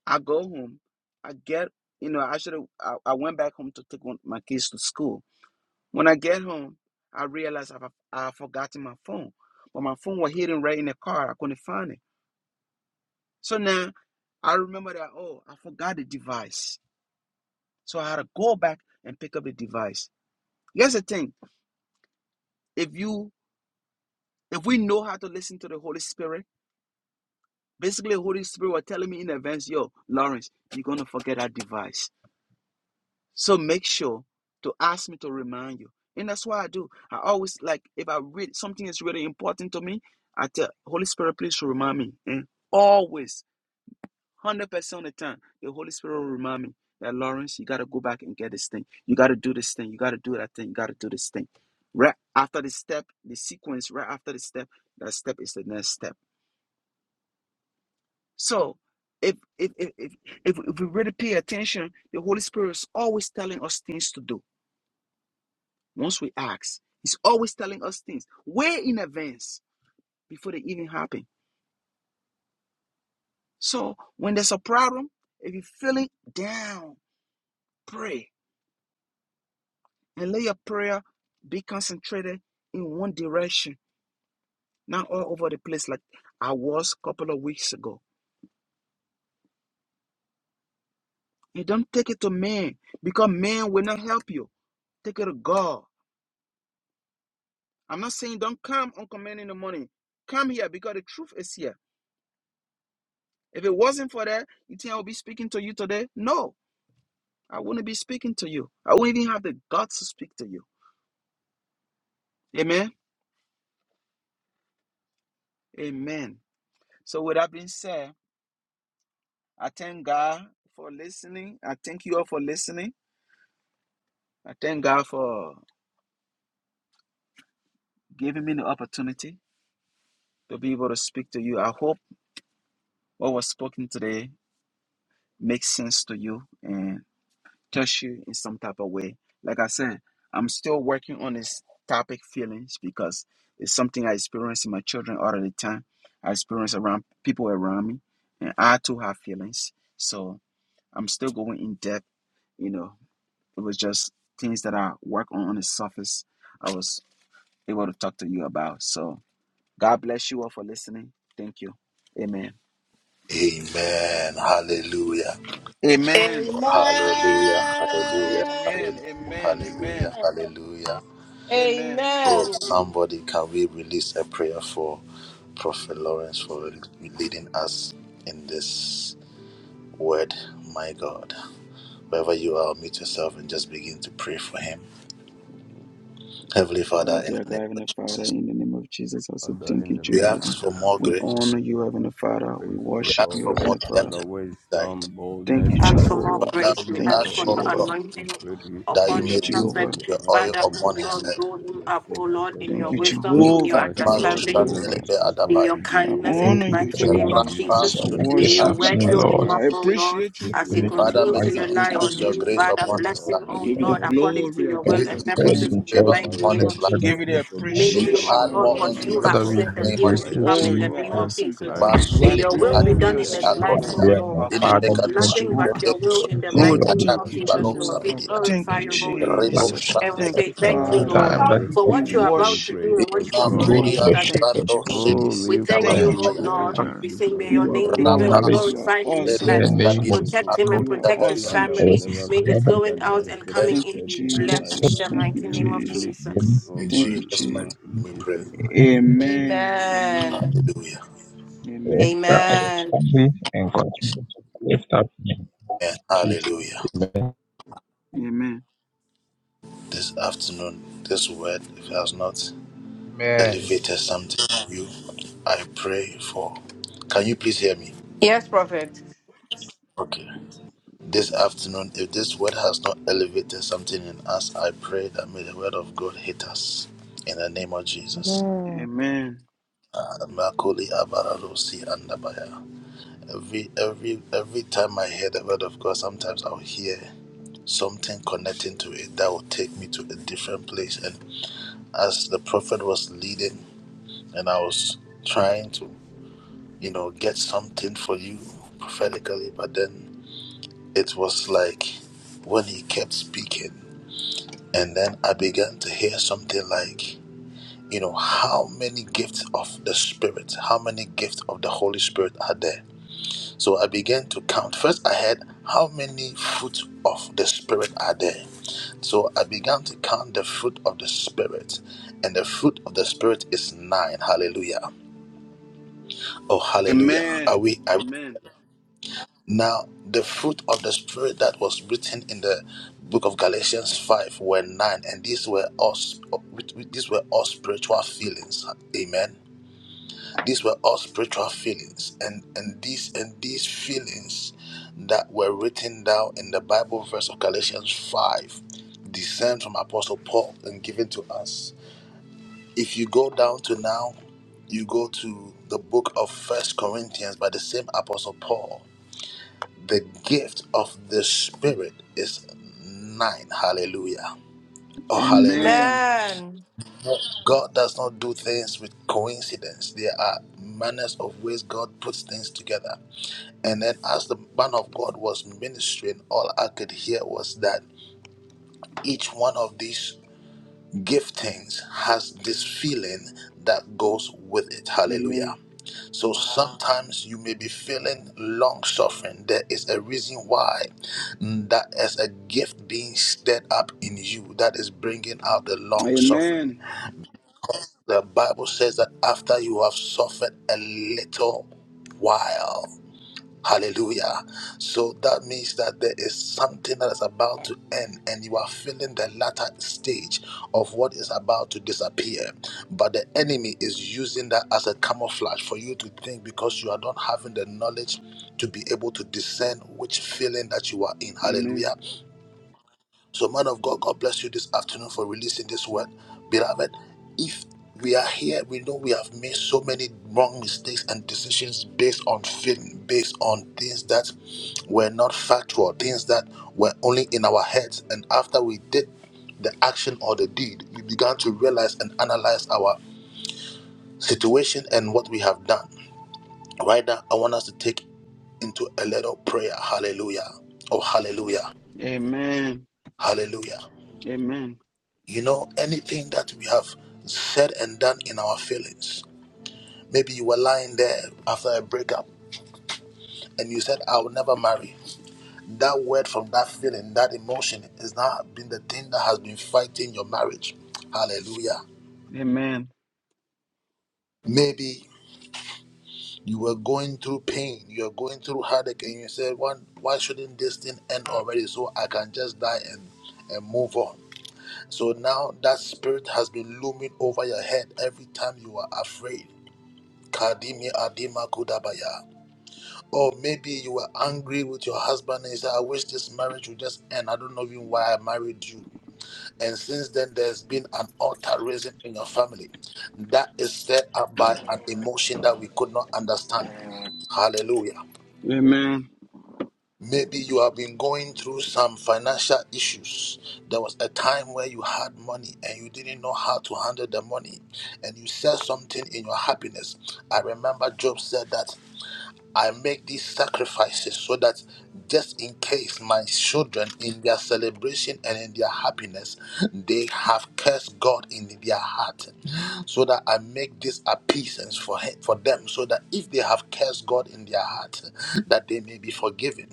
I go home. I get, you know, I should have, I, I went back home to take one, my kids to school. When I get home, I realize I've, I've forgotten my phone. But my phone was hidden right in the car. I couldn't find it. So now I remember that, oh, I forgot the device. So I had to go back and pick up the device. Here's the thing. If you, if we know how to listen to the Holy Spirit, basically the Holy Spirit was telling me in advance, yo, Lawrence, you're going to forget that device So make sure to ask me to remind you. And that's why I do. I always like if I read something is really important to me, I tell Holy Spirit, please remind me. And always, one hundred percent of the time, the Holy Spirit will remind me that Lawrence, you gotta go back and get this thing. You gotta do this thing. You gotta do that thing. You gotta do this thing. Right after the step, the sequence, right after the step, that step is the next step. So if if if if, if, if we really pay attention, the Holy Spirit is always telling us things to do Once we ask, he's always telling us things way in advance before they even happen. So when there's a problem, if you're feeling down, pray and let your prayer be concentrated in one direction, not all over the place like I was a couple of weeks ago. You don't take it to man because man will not help you. Take it to God. I'm not saying don't come on command in the morning. Come here because the truth is here. If it wasn't for that, you think I would be speaking to you today? No. I wouldn't be speaking to you. I wouldn't even have the guts to speak to you. Amen. Amen. So, with that being said, I thank God for listening. I thank you all for listening. I thank God for giving me the opportunity to be able to speak to you. I hope what was spoken today makes sense to you. and. touch you in some type of way. Like I said, I'm still working on this topic feelings because it's something I experience in my children all of the time. I experience around people around me, and I too have feelings. So I'm still going in depth. You know, it was just things that I work on on the surface. I was able to talk to you about. So God bless you all for listening. Thank you. Amen.
Amen. Hallelujah.
Amen.
Amen.
Hallelujah. Hallelujah.
Amen.
Hallelujah.
Amen.
Hallelujah.
Amen.
Hallelujah.
Amen.
Oh,
Amen.
somebody, can we release a prayer for Prophet Lawrence for leading us in this word? My God. Wherever you are, meet yourself and just begin to pray for him. Heavenly
Oh,
Father, in
dear
the
God,
name of
Heavenly Father,
Jesus,
in the name of Jesus, I say
Father,
thank
in
you,
the
we
mighty
Jehovah.
ask
name
for
of
more
We
grace.
Jesus,
honor
we
you, Heavenly
ask for
Father. We
grace, O
We
worship
ask
you,
for more
God.
Heavenly Father.
depth
Father,
and insight.
wisdom,
Thank you,
boldness,
Ask for
clarity
more
of
Jehovah.
Father,
thought,
grace.
we
We
O
ask
Thank you,
ask,
God.
for
oh
your
Jehovah.
God,
We
anointing
pray thee,
that you
upon
Thank
may
the
you,
Adonai,
increase
may
prophet.
Jehovah.
your
your
mighty
oil
Father,
hand be
O
upon his
strong
Lord,
head.
grow
upon
him
your
up, O
servant,
Lord,
O
in
Thank
your
you,
God.
wisdom
We
and your
ask,
For
Jehovah.
as he
Thank you,
has
Maro
availed
understanding.
Jehovah.
Yes,
Shandelebe
himself
in
Adabai,
your
unto thee,
I
O
kindness in
Thank
God,
the
honor
you
you,
for
mighty
the
may
name
life
you
of
use
you
Jehovah.
Rapa
him
Jesus.
I
for
sent
your
us
May
Sudibi
this
your
glory,
worship you,
word
Adabai.
afternoon,
fill
Jehovah.
him
Lord.
Adonai.
up,
I
O
We
Lord,
appreciate you,
speak
This
my
as he
minute
God and
wisdom
to
Father,
my
from
may
continues
Lord. I
fight
to
you
say
our
above,
rely
thank
fight.
increase
on
you,
your
you,
grace
Adonai,
Jehovah.
Father.
upon
oh
his
Bless
you
him,
God,
life.
I
may
O
you
give you
for
Lord,
the
cause
according
him,
to
glory. I
your
May
give
God
will
you
you
Father,
and
to
the
prepared
see
increase
purposes
honor,
in
you,
into
the
your
the
favor
Lord, to
mighty
Jehovah.
be
upon
the
name
realm.
his
of
head of
life.
We
Give
Jesus.
you
pray
the
my
for
life.
May
Make
grace,
him,
you
appreciation,
O
add
my
Lord,
more
God
oh
and
what
God.
my
unto
We
you
him
Lord.
pray
have
Father,
for
we
in
said
the
are
that
fresh
name
he
of
will
grateful
fire,
to
become
Jesus.
oh
Oh,
in the
you
you are
name
God.
for
of
awesome,
Jesus.
Father.
Clarity
what
of
You
May
are
Masuni
your
you
thought
will be done
in
in
the
glorious,
akini
his
mighty
life,
have
O
name
akodia.
Jehovah.
of
done.
You
My
Lord.
are
Ini
And
Jesus.
Father, we
glorious,
thank
mekadua.
nothing
you
but
Jehovah.
Rebe
Akaba
your
da
will
for
da
in the
da
teaching,
Oh,
kusone.
da
mighty
Lord.
da
name
thank
da
of
you,
Akambi
da
Jesus,
ya
in
balo
Lord.
ba
We
Jehovah.
bra
samedia.
Thank
da
glorify
you,
ni
your
mo
holy name.
si
our
ya
Rebo
lives.
ka
Jesus.
pa.
And we
Thank
Such
say
you,
shandabeka.
that
thank you,
this
Father,
Father.
we
Lord,
time that
pray
you
for
for
have
We
what you are about
finishing
to
worship
do
you.
grace,
and what
oh
you
Ima
you
have
lead
already
God,
Oh,
kuria
the
Father.
thank
started.
you,
sando
shepherds
Jehovah
with
shedi.
Oh, may
We
Nissi.
you
thank
cause
Thank
you,
and
you,
him
O
to
Namakopaya.
Jehovah
go
Lord.
fact
into
Jireh.
We say,
deeper
may your
You
realms,
are
name
oh
be
God.
gl-
knowledge
May
glorious.
Rapas.
You
your
are
glorified in
spirit
his
in
awesome,
take
the
Rebes
life.
Lord
name
over
kabini
of
him,
Jesus.
oh
Protect him and
Jesus.
God.
You are
protect his
akotabelia.
awesome,
Father,
Yes,
family.
whatever
Jesus.
we
May his
gather
virtue that
going
he
out
has
and
Thank
coming
you.
Thank
in
you,
deposited
be
in our
people
blessed
lives,
in
Jesus.
the
Father,
Thank you,
may
mighty
you
to
name of
Jesus.
replenish him
believe
Jesus.
In
over
Thank you,
and
Jesus'
over
mighty
Jesus.
in
name we pray.
Jesus' mighty name. Amen.
Amen. Amen.
Amen.
Hallelujah.
The
Amen.
extra of his
Amen.
family and continue to lift up him.
And
Jesus.
hallelujah.
name.
Amen.
this afternoon this word has not
Amen.
elevated something in you, I pray for. Can you please hear me?
Yes, prophet.
Okay. This afternoon, if this word has not elevated something in us, I pray that may the word of God hit us in the name of Jesus.
Amen.
Amen.
Ah, Makoli Abararosi Andabaya. Every every every time I hear the word of God, sometimes I'll hear something connecting to it that will take me to a different place. And as the prophet was leading and I was trying to, you know, get something for you prophetically, but then it was like when he kept speaking, and then I began to hear something like, you know, how many gifts of the Spirit, how many gifts of the Holy Spirit are there? So I began to count. First, I had how many fruit of the Spirit are there? So I began to count the fruit of the Spirit, and the fruit of the Spirit is nine. Hallelujah! Oh, hallelujah! Are
Amen.
we? Are we
Amen.
Now, the fruit of the Spirit that was written in the book of Galatians 5 were nine, and these were all, these were all spiritual feelings. Amen. These were all spiritual feelings, and, and, these, and these feelings that were written down in the Bible verse of Galatians 5 descend from Apostle Paul and given to us. If you go down to now, you go to the book of First Corinthians by the same Apostle Paul the gift of the Spirit is nine. Hallelujah. Oh, hallelujah.
Amen.
Amen.
God does not do things with coincidence. There are manners of ways God puts things together. And then, as the man of God was ministering, all I could hear was that each one of these giftings has this feeling that goes with it. Hallelujah.
Amen.
So sometimes you may be feeling long suffering. There is a reason why mm, that is a gift being stirred up in you that is bringing out the long
Amen.
suffering. The Bible says that after you have suffered a little while, Hallelujah. So that means that there is something that is about to end, and you are feeling the latter stage of what is about to disappear. But the enemy is using that as a camouflage for you to think because you are not having the knowledge to be able to discern which feeling that you are in. Hallelujah.
Amen.
So, man of God, God bless you this afternoon for releasing this word. Beloved, if we are here, we know we have made so many wrong mistakes and decisions based on feeling, based on things that were not factual, things that were only in our heads. And after we did the action or the deed, we began to realize and analyze our situation and what we have done. Right now, I want us to take into a little prayer. Hallelujah. Oh, hallelujah.
Amen. Amen.
Hallelujah.
Amen.
You know, anything that we have said and done in our feelings. Maybe you were lying there after a breakup and you said, I will never marry. That word from that feeling, that emotion, has not been the thing that has been fighting your marriage. Hallelujah.
Amen.
Maybe you were going through pain, you were going through heartache, and you said, why, why shouldn't this thing end already so I can just die and, and move on? So now that spirit has been looming over your head every time you are afraid Kadimi Adima Kudabaya. Or maybe you were angry with your husband and you said, I wish this marriage would just end. I don't know even why I married you. And since then, there's been an altar raising in your family that is set up by an emotion that we could not understand. Hallelujah. Maybe you have been going through some financial issues. There was a time where you had money and you didn't know how to handle the money, and you said something in your happiness. I remember Job said that. I make these sacrifices so that just in case my children, in their celebration and in their happiness, they have cursed God in their heart, so that I make this appeasance for him, for them, so that if they have cursed God in their heart, that they may be forgiven.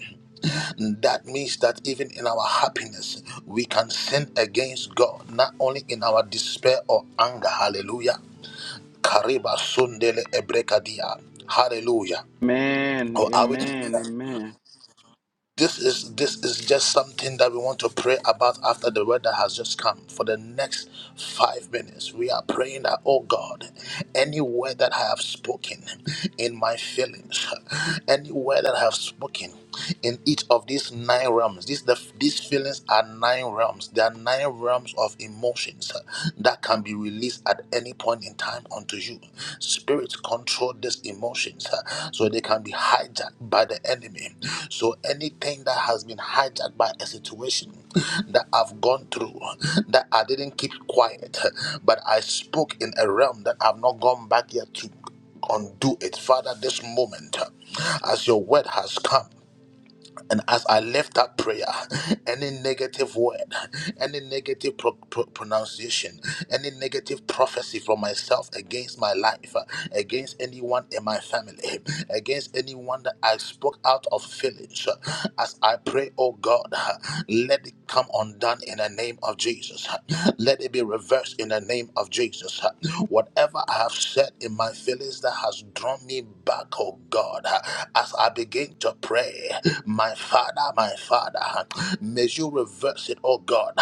That means that even in our happiness, we can sin against God, not only in our despair or anger. Hallelujah. Kariba sundele ebrekadia. Hallelujah.
Amen.
Oh, are we?
Amen. Amen.
This is this is just something that we want to pray about after the word that has just come. For the next five minutes, we are praying that, oh God, any word that I have spoken in my feelings, any word that I have spoken in each of these nine realms, these the, these feelings are nine realms. There are nine realms of emotions that can be released access at any point in time unto you. Spirits control these emotions uh, so they can be hijacked by the enemy. So anything that has been hijacked by a situation that I've gone through, huh, that I didn't keep quiet, huh, but I spoke in a realm that I've not gone back yet to undo it. Father, this moment, uh, as your word has come. And as I left that prayer, any negative word, any negative pro- pro- pronunciation, any negative prophecy from myself against my life, uh, against anyone in my family, against anyone that I spoke out of feelings, uh, as I pray, oh God, uh, let it come undone in the name of Jesus. uh, Let it be reversed in the name of Jesus. Whatever I have said in my feelings that has drawn me back, oh God, as I begin to pray, my Father, my Father, may you reverse it, oh God,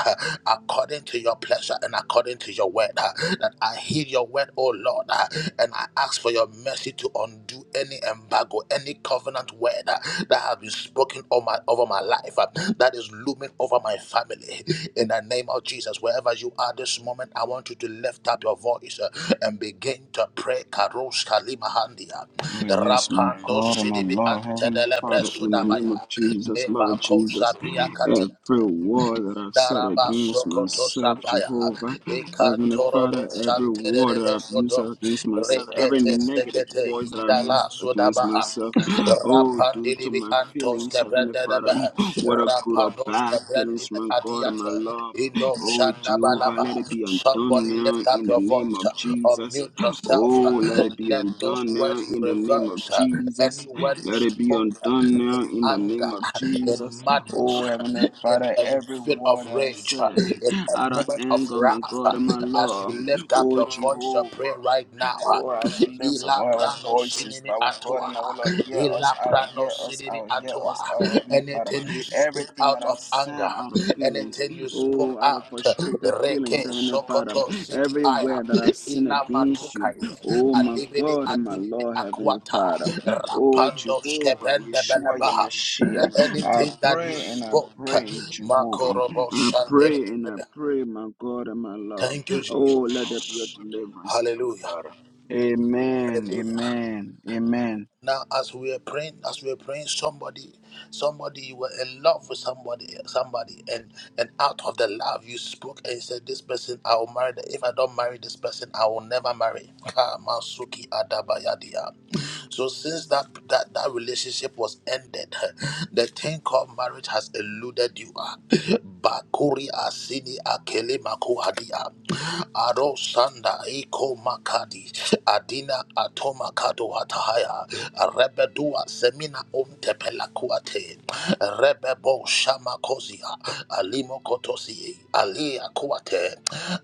according to your pleasure and according to your word, that I hear your word, oh Lord, and I ask for your mercy to undo any embargo, any covenant word uh, that have been spoken over my, over my life, uh, that is looming over my family. In the name of Jesus, wherever you are this moment, I want you to lift up your voice uh, and begin to pray. Karos Kalima Handia,
Oh, yes, my
Rapando
God and my
Sidibi
Lord, Heavenly
Antedelebre
Father, in the name of
Sudamaya,
Jesus, Lord
Leba
Jesus,
Kosabria Katia
every word that I've said
Daraba
against
Sokoto
myself,
Sapaya,
Jehovah, Heavenly
Ikantorobo
Father, every word that
Santerebe
I've used
Sodo,
against myself, every
Rekete
negative
Sekete,
voice that I've
Idala
used against
Sodabaha,
myself, oh, due to
Rapandibi
my
Antos
feelings, Heavenly Father,
Cabrandabaha,
what a good or
Rapandos
bad
Cabrandin
feelings, my God and my
Adiata,
Lord,
Indo
oh, Jehovah,
Shandabalaba.
let it be undone
Somebody
now
lift up
in the
your
name of
voice,
Jesus.
unmute yourself.
Oh, let
uh,
it be
Let those
undone now
words
in
be
the name of
reversed. uh, Any
Jesus.
word you
Let it be
spoke uh,
undone now
in
in the
anger,
name of
uh, in
Jesus.
madness,
Oh, Heavenly
uh, in
Father,
a
every
fit of
word I've
rage, uh,
said
in
out
a
of
moment of
anger, my
wrath,
God
uh,
and my
as you
Lord.
lift up
Oh,
your voice to pray
Jehovah.
right now. uh,
Oh, as we lift up
Ila
our
prano
voices,
sinimi
our God
atua.
and our Lord, hear us
Ila
out,
prano
hear us
sinimi
out, hear us out,
Atoa.
Heavenly Father.
Anything you speak
Everything that
out
I've
of
said
anger,
out of feelings,
anything you spoke
oh, out of
out,
frustrated feelings,
Reke
Heavenly Father,
Sokoto Siki Aya,
everywhere that I've sinned
Ilama
against you,
Tukaye,
oh, my
Alibidi
God and my
Aduni
Lord, Heavenly
Akwata,
Father, oh,
Rapando
Jehovah,
Skebende
Yeshua,
Belebaha.
Yamashia, I
Anything that you
pray and I
spoke,
pray, Jehovah,
Makorobo
I pray
Shandele.
and I pray, my God and my Lord,
Thank you,
oh, let there be your
Jesus.
deliverance, Heavenly
Hallelujah.
Father. Amen.
Hallelujah.
Amen. Amen.
Now, as we were praying, as we were praying, somebody, somebody, you were in love with somebody, somebody, and and out of the love you spoke and you said, "This person, I will marry. Them. If I don't marry this person, I will never marry." Kamasuki adabayadia. So since that that, that relationship was ended, the thing called marriage has eluded you. ah. Bakuri asini akele makuhadia. Aro sanda iko makadi. Adina atoma kado hatahaya. Rebedua semina pelakuate rebebo shamakozia alimo kotosi ali akuate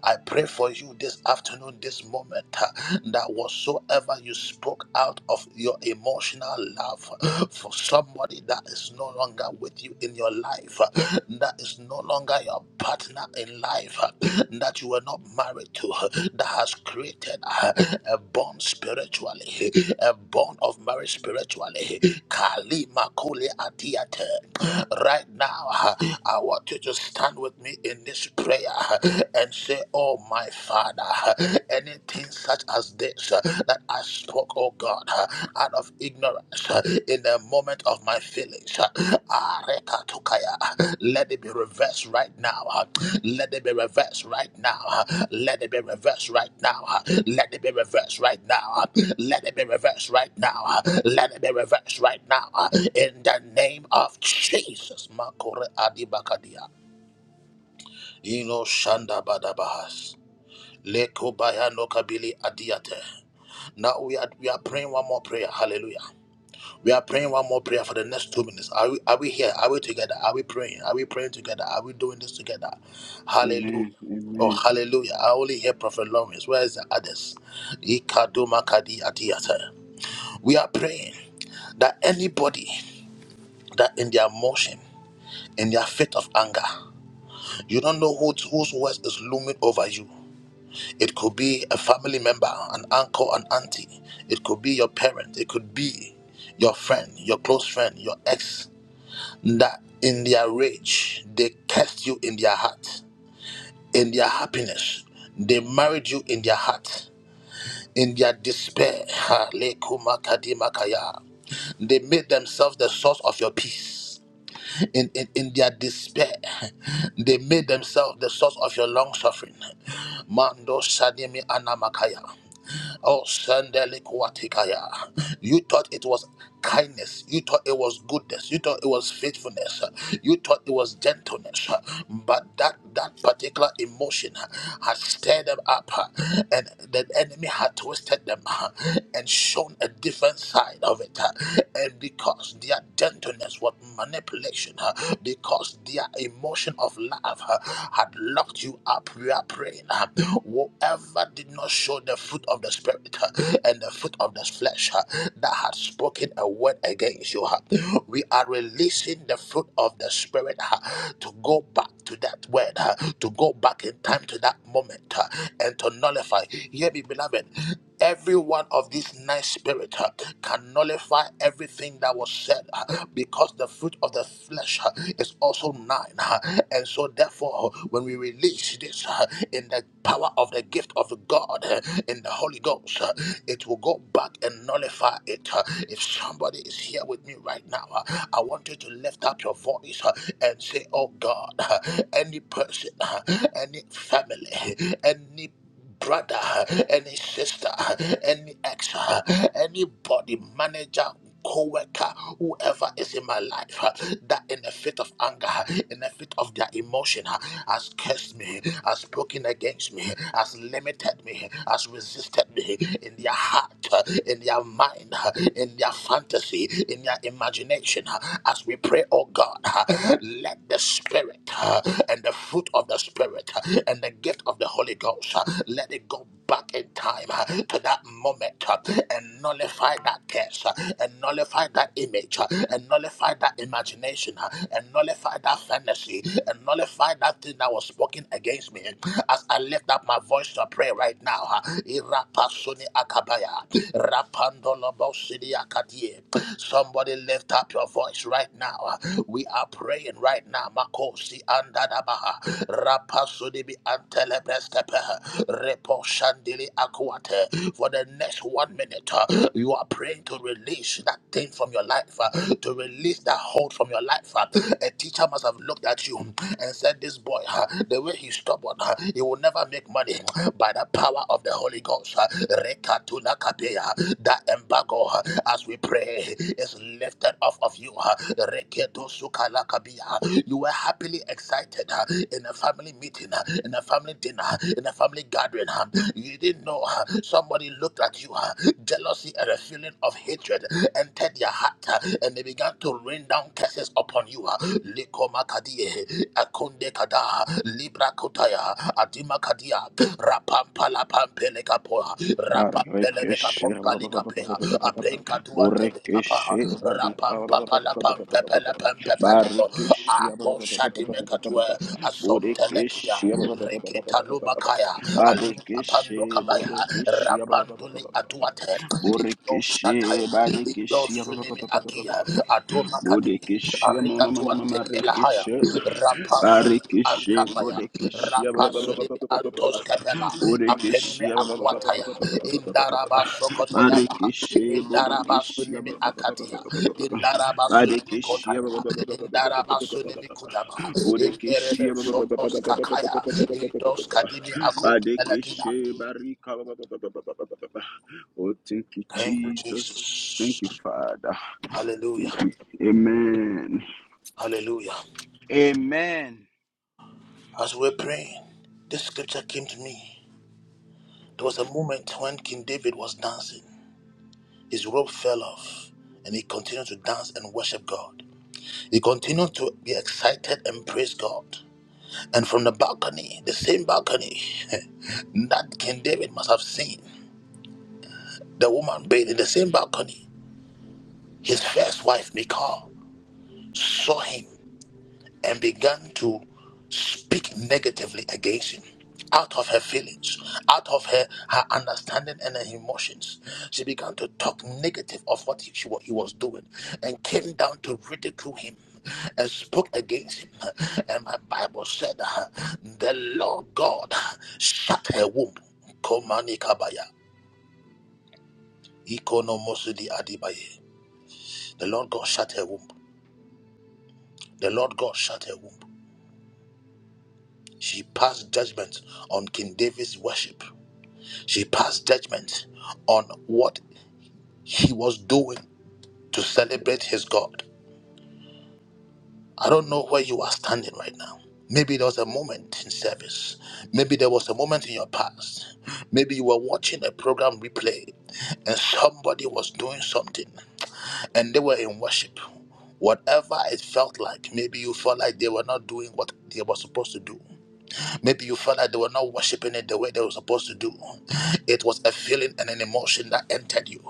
I pray for you this afternoon this moment uh, that whatsoever you spoke out of your emotional love for somebody that is no longer with you in your life uh, that is no longer your partner in life, that you were not married to, that has created a bond spiritually, a bond of marriage spiritually. Kali Makuli Atiate. Right now, I want you to stand with me in this prayer and say, Oh, my Father, anything such as this that I spoke, oh God, out of ignorance in the moment of my feelings. Ah, Rekatukaya. Let it be reversed right now. Let it be reversed right now. Let it be reversed right now. Let it be reversed right now. Let it be reversed right now. Let it be reversed right now. In the name of Jesus. Makore Adibakadia. Ino Shanda Badabahas. Leko Bayano Kabili Adiate. Now we are we are praying one more prayer. Hallelujah. We are praying one more prayer for the next two minutes. Are we, are we here? Are we together? Are we praying? Are we praying together? Are we doing this together? Hallelujah.
Amen.
Oh,
Amen.
hallelujah. I only hear Prophet Lawrence. Where is the others? Ikaduma kadi atiyata. We are praying that anybody that in their motion, in their fit of anger, you don't know who, whose words is looming over you. It could be a family member, an uncle, an auntie. It could be your parent. It could be your friend, your close friend, your ex. that in their rage they cursed you in their heart, in their happiness they married you in their heart, in their despair. ha, lekumakadimakaya, They made themselves the source of your peace. In, in, in their despair, they made themselves the source of your long suffering. Mando Sadimi Anamakaya. Oh, Sandelikuatikaya. You thought it was kindness. You thought it was goodness. You thought it was faithfulness. You thought it was gentleness. But that that particular emotion has stirred them up, and the enemy had twisted them and shown a different human side of it. uh, And because their gentleness was manipulation, uh, because their emotion of love uh, had locked you up, we are praying. uh, Whoever did not show the fruit of the Spirit uh, and the fruit of the flesh uh, that had spoken a word against you, huh, we are releasing the fruit of the Spirit ah, to go back to that word, ah, to go back in time to that moment, ah, and to nullify. Hear me, beloved. Every one of these nine spirits ah, can nullify everything that was said ah, because the fruit of the flesh ah, is also nine. ah. And so, therefore, uh, when we release this ah, in the power of the gift of God, ah, in the Holy Ghost, ah, it will go back and nullify it. uh, if somebody is here with me right now, uh, I want you to lift up your voice uh, and say, Oh God, uh, any person, uh, any family, any brother, uh, any sister, uh, any ex, uh, anybody, manager, co-worker whoever is in my life uh, that in a fit of anger uh, in a fit of their emotion uh, has cursed me has spoken against me has limited me has resisted me in their heart uh, in their mind uh, in their fantasy, in their imagination. uh, As we pray, oh God, uh, let the Spirit uh, and the fruit of the Spirit uh, and the gift of the Holy Ghost, uh, let it go back in time uh, to that moment uh, and nullify that curse. uh, and nullify that image uh, and nullify that imagination uh, and nullify that fantasy and nullify that thing that was spoken against me as I lift up my voice to pray right now. uh, Irapasuni akabaya, rapandolobo sidi akadie. Somebody lift up your voice right now now. We are praying right now. Makosi andadabaha. Rapasudibi antelebestepe. Repo shandili akwate. For the next one minute, uh, you are praying to release that thing from your life, uh, to release that hold from your life. uh. A teacher must have looked at you and said, This boy, huh, the way he's stubborn, huh, he will never make money by the power of the Holy Ghost. huh. Rekatuna kapea. That embargo, huh, as we pray, is lifted off of you. huh. Reketo sukala kabia. You were happily excited huh, in a family meeting, huh, in a family dinner, huh, in a family gathering. huh. You didn't know huh, somebody looked at you. huh. Jealousy and a feeling of hatred entered your heart, huh, and they began to rain down curses upon you. huh. Likoma kadie. Akonde kada libra kotaya adima kadia rapampa la pampele kapoa rapampele beka
Barikeshe.
pompali kapea apenka tuante beka pa
Borikeshe. Badika.
rapampa pa la pampe pele pampe pele po
Barikeshe.
apo shadi meka tuwe Asom Telekia,
Borikeshe.
Reketa Lubakaya, Alupapando
Badikeshe.
Kabaya,
Borikeshe.
Rapanduli Atuate, Ido
Borikeshe.
Shataya, Ido
Badikeshe.
Sunimi Akia, Atoma Kadi,
Borikeshe.
Arika
Mamma, mamma,
Tuante
mamma,
Kelahaya,
Rikeshe,
Rapas
Barikishe,
Antamaya,
bodekish, ba-
rapas.
ba- ba- ba- ba- ba- ba- ba- ba- ba.
Antos Capella, Ampenime
Bodekishe, ba- ba- ba- ba- ba- ba-
Aquataya,
ba- ba- ba- ba- ba- ba- ba- ba- ba- ba.
Indaraba Sokotoyama,
Barikishe,
Indaraba
Bodekishe,
Sunimi
ba- ba- ba- ba- ba-
Akatia,
ba- ba- ba- ba- ba- ba.
Indaraba Sunimi
Barikishe, ba- ba-
Kotaya,
ba- ba- ba- ba- ba- ba- ba-
Indaraba
ba- ba- ba-
Sunimi
ba- ba.
Kudama,
Bodekishe,
Interebe
ba- ba- ba- ba- ba-
Sotos
ba- ba- ba- ba- ba- ba-
Kakaya,
ba- ba- ba- ba-
Indos
ba- ba.
Kadimi Akum
Barikishe,
Elakia.
Barika, ba- ba- ba- ba- ba- ba- ba- ba- ba- ba- Oh, thank you,
Thank you,
Jesus.
Jesus.
Thank you, Father.
Hallelujah.
Thank you. Amen.
Hallelujah.
Amen.
As we're praying, this scripture came to me. There was a moment when King David was dancing. His robe fell off and he continued to dance and worship God. He continued to be excited and praise God. And from the balcony, the same balcony that King David must have seen, the woman bathed in the same balcony, his first wife, Michal, saw him and began to speak negatively against him out of her feelings, out of her, her understanding and her emotions. She began to talk negative of what he, what he was doing and came down to ridicule him and spoke against him. And my Bible said, uh, The Lord God shut her womb. Komani kabaya, ikonomosudi adibaye. The Lord God shut her womb. The Lord God shut her womb. She passed judgment on King David's worship. She passed judgment on what he was doing to celebrate his God. I don't know where you are standing right now. Maybe there was a moment in service. Maybe there was a moment in your past. Maybe you were watching a program replay and somebody was doing something and they were in worship. Whatever it felt like, maybe you felt like they were not doing what they were supposed to do. Maybe you felt like they were not worshiping it the way they were supposed to do. It was a feeling and an emotion that entered you.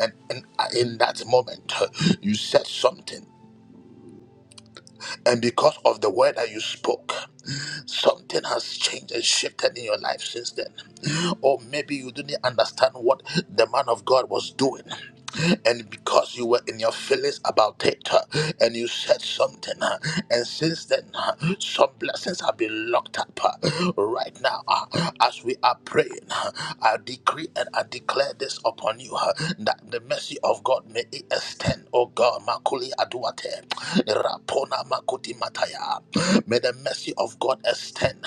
And, and uh, in that moment, you said something. And because of the word that you spoke, something has changed and shifted in your life since then. Or maybe you didn't understand what the man of God was doing and because you were in your feelings about it uh, and you said something uh, and since then uh, some blessings have been locked up uh, right now uh, as we are praying uh, i decree and i declare this upon you uh, that the mercy of god may it extend oh god makuli aduate rapona makuti mataya May the mercy of God extend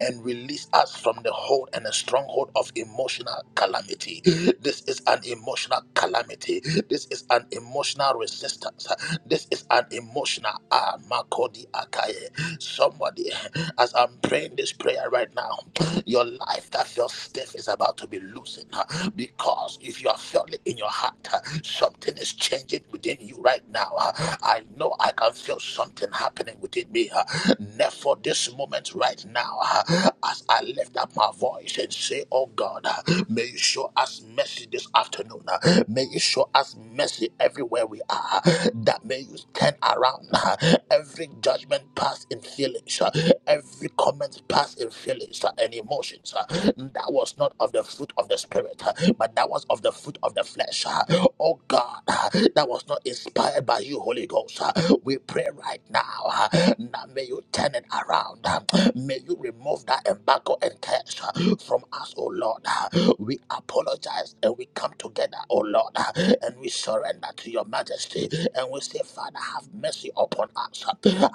and release us from the hold and the stronghold of emotional calamity. This is an emotional calamity. This is an emotional resistance. This is an emotional ah, Makodi Akaye. Somebody, as I'm praying this prayer right now, your life that feels stiff is about to be loosened because if you are feeling in your heart, uh, something is changing within you right now. uh, I know I can feel something happening within me. uh, Therefore, this moment right now, uh, as I lift up my voice and say, Oh God, uh, may you show us mercy this afternoon. uh, May you show us mercy everywhere we are. uh, That may you turn around uh, every judgment passed in feelings, uh, every comment passed in feelings uh, and emotions uh, that was was not of the fruit of the spirit, but that was of the fruit of the flesh. Oh God, that was not inspired by you, Holy Ghost. We pray right now. Now may you turn it around. May you remove that embargo and curse from us, oh Lord. We apologize and we come together, oh Lord, and we surrender to your majesty and we say, Father, have mercy upon us.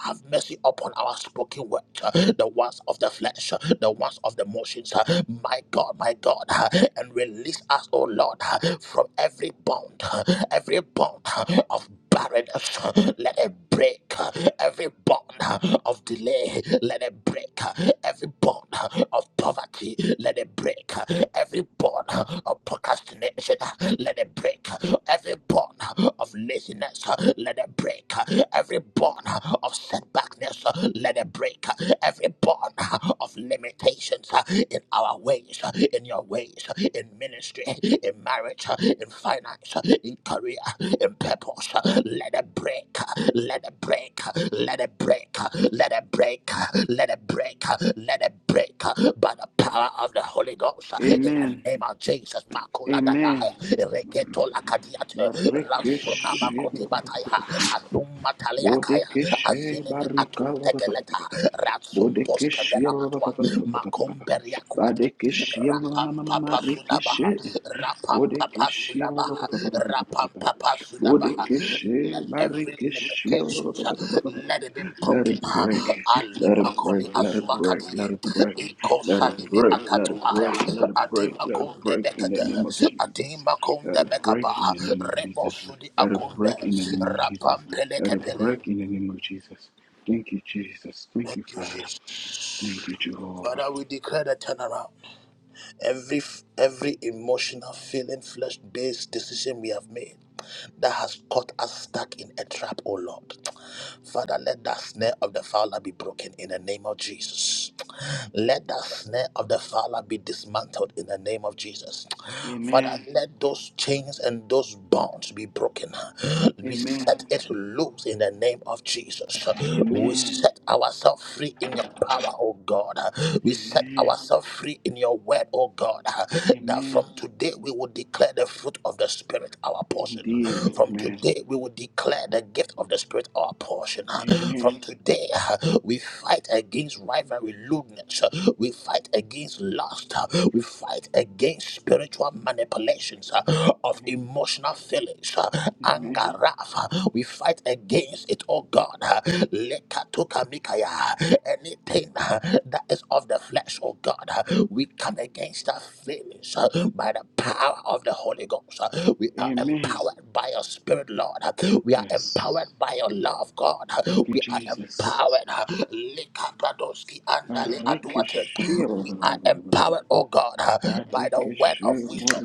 Have mercy upon our spoken word, the ones of the flesh, the ones ones of the motions, uh, my God, my God, uh, and release us, oh Lord, uh, from every bond, uh, every bond uh, of barrenness, uh, let it break, uh, every bond uh, of delay, let it break, uh, every bond uh, of poverty, let it break, uh, every bond uh, of procrastination, uh, let it break, uh, every bond uh, of laziness, uh, let it break, uh, every bond uh, of setbackness, uh, let it break, uh, every every bond of limitations uh, in our ways, uh, in your ways, uh, in ministry, in marriage, uh, in finance, uh, in career, in purpose. uh, Let it break, uh, let it break, uh, let it break, uh, let it break, uh, let it break, uh, let it break uh, by the power of the Holy Ghost uh, in
Amen.
the name of Jesus. Makuladadaya,
Amen.
Reketolakadiate,
Barikishe,
Ransonamakotibataya,
bodekishe,
Azumatalayakaya,
barika,
Tegeleta, Ratsun Posca
bodekishe,
Velamatua, Macomberia Quate,
badekishe,
Rapam Papa
marikishe,
Sudabaha, Rapam Papa
bodekishe,
Sudabaha, Rapam Papa Sudabaha. Let
Bodekeshi,
every
Marikeshi.
limitation, let it be
Let
broken.
it break,
Ali
let it break,
Makoli
let it break, let
Azuakadi,
it break,
Iko
let it
Sanime
break, let it break,
Akatuaya,
let it break,
Adima
let it
Konde
break in the name
Bekade,
of Jesus.
Adima
Let
Konde
it break in
Bekaba,
the name of
Rebo
Jesus.
Sudi
Let it break in the
Akonde,
name of Jesus.
Rapam
Let it
Pelekepele.
break in the name of Jesus. Thank you, Jesus. Thank
Thank
you,
you,
Father.
Jesus.
Thank you, Jehovah.
Father, we declare the turnaround. Every every emotional, feeling, flesh-based decision we have made that has caught us stuck in a trap, oh Lord. Father, let that snare of the fowler be broken in the name of Jesus. Let the snare of the father be dismantled in the name of Jesus. Father,
Amen.
let those chains and those bonds be broken. We
Amen.
set it loose in the name of Jesus. We
Amen.
set ourselves free in your power, O God. We set
Amen.
ourselves free in your word, O God. That
Amen.
from today, we will declare the fruit of the Spirit our portion.
Indeed.
From
Amen.
today, we will declare the gift of the Spirit our portion. From
Amen.
today, we fight against rivalry, lewdness. We fight against lust. We fight against spiritual manipulations of emotional feelings anger,
Amen.
wrath. We fight against it, oh God. Lekatukamikaya. Anything that is of the flesh, oh God, we come against our feelings by the power of the Holy Ghost. We are
Amen.
empowered by your Spirit, Lord. We are empowered
Yes.
by your love, God.
Thank you,
We are
Jesus.
empowered. Lekabradoski andale aduate.
Barikishia.
We are empowered, oh God, by the word
Barikishi.
of wisdom.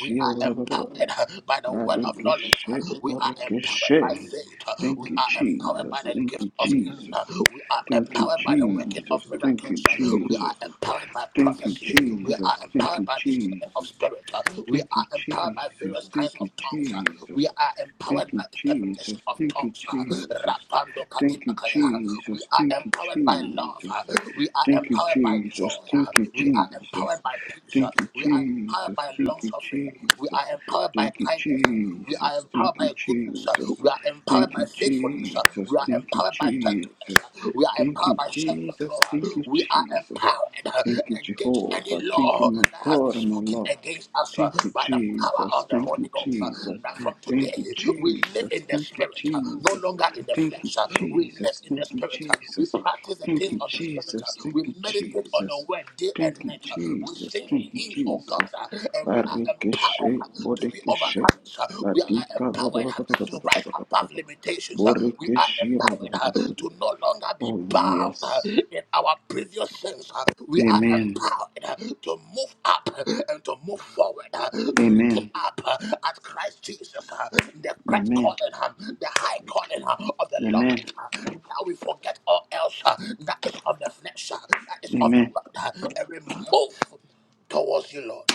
We are empowered by the word word of knowledge.
Barikishi.
We are empowered by
Borikishi.
faith. We
Thank you,
are empowered by
Jesus.
the
Thank
gift
you,
of healing.
Jesus.
We are
Thank you,
empowered by the working of
Jesus. Thank you,
miracles. We are
Jesus.
empowered by
Thank you,
prophecy. We are
Jesus. Thank
empowered
you,
by the spirit of
Jesus.
spirit. We
Thank you,
are empowered by
Jesus.
various kinds
Thank you,
of tongues.
Jesus.
We are empowered
Thank you,
by interpretation
Jesus.
of
Thank you,
tongues.
Jesus.
Rapando
Thank you,
kadibakaya. We
Jesus.
are
Thank you,
empowered by love.
Jesus.
We are
Thank you,
empowered by
Jesus.
joy.
Thank you,
We are
Jesus.
empowered by peace.
Thank you,
We are empowered
Jesus.
by long
Thank you,
suffering. We
Jesus.
are empowered by by
Thank you,
kindness. We are
Jesus.
empowered
Thank you,
by goodness.
Jesus.
We are empowered
Thank
by
you,
faithfulness.
Jesus.
We are
Thank you,
empowered by
Jesus.
gentleness. We are
Thank
empowered
you,
by
Jesus.
self-control.
Thank you,
We are
Jesus.
empowered
Thank you,
against any
Jehovah. Thank you,
law
my
that has been
God and
spoken
my Lord.
against us
Thank you,
by the power
Jesus.
of the
Thank
Holy
you,
Ghost.
Jesus.
That from today
Thank you,
we live
Jesus.
in the
Thank you,
spirit, no
Jesus.
longer in the flesh.
Thank you,
We live
Jesus.
in the
Thank you,
spirit. We
Jesus.
practice the
Thank
things
you,
of the spirit.
Jesus.
We
Thank you,
meditate on the
Jesus.
word day
Thank
and
you,
night. We
Jesus.
sing
Thank you,
hymns, oh God,
Jesus.
and we are empowered
Barikeshe,
to be
Bodekeshe,
overcomers. uh, We are
Badika,
empowered uh, to rise above limitations. uh, We are empowered uh,
Borekeshe.
to no longer be
Oh,
bound uh,
yes.
in our previous sins. uh, We are
Amen.
empowered uh, to move up uh, and to move forward, uh, looking
Amen.
up uh, at Christ Jesus, uh, the Christ calling,
Amen.
uh, the high calling uh, of the Lord.
Amen.
uh, Now we forget all else uh, that is of the flesh, uh, that is of the
Amen.
world, uh, and we move towards you, Lord.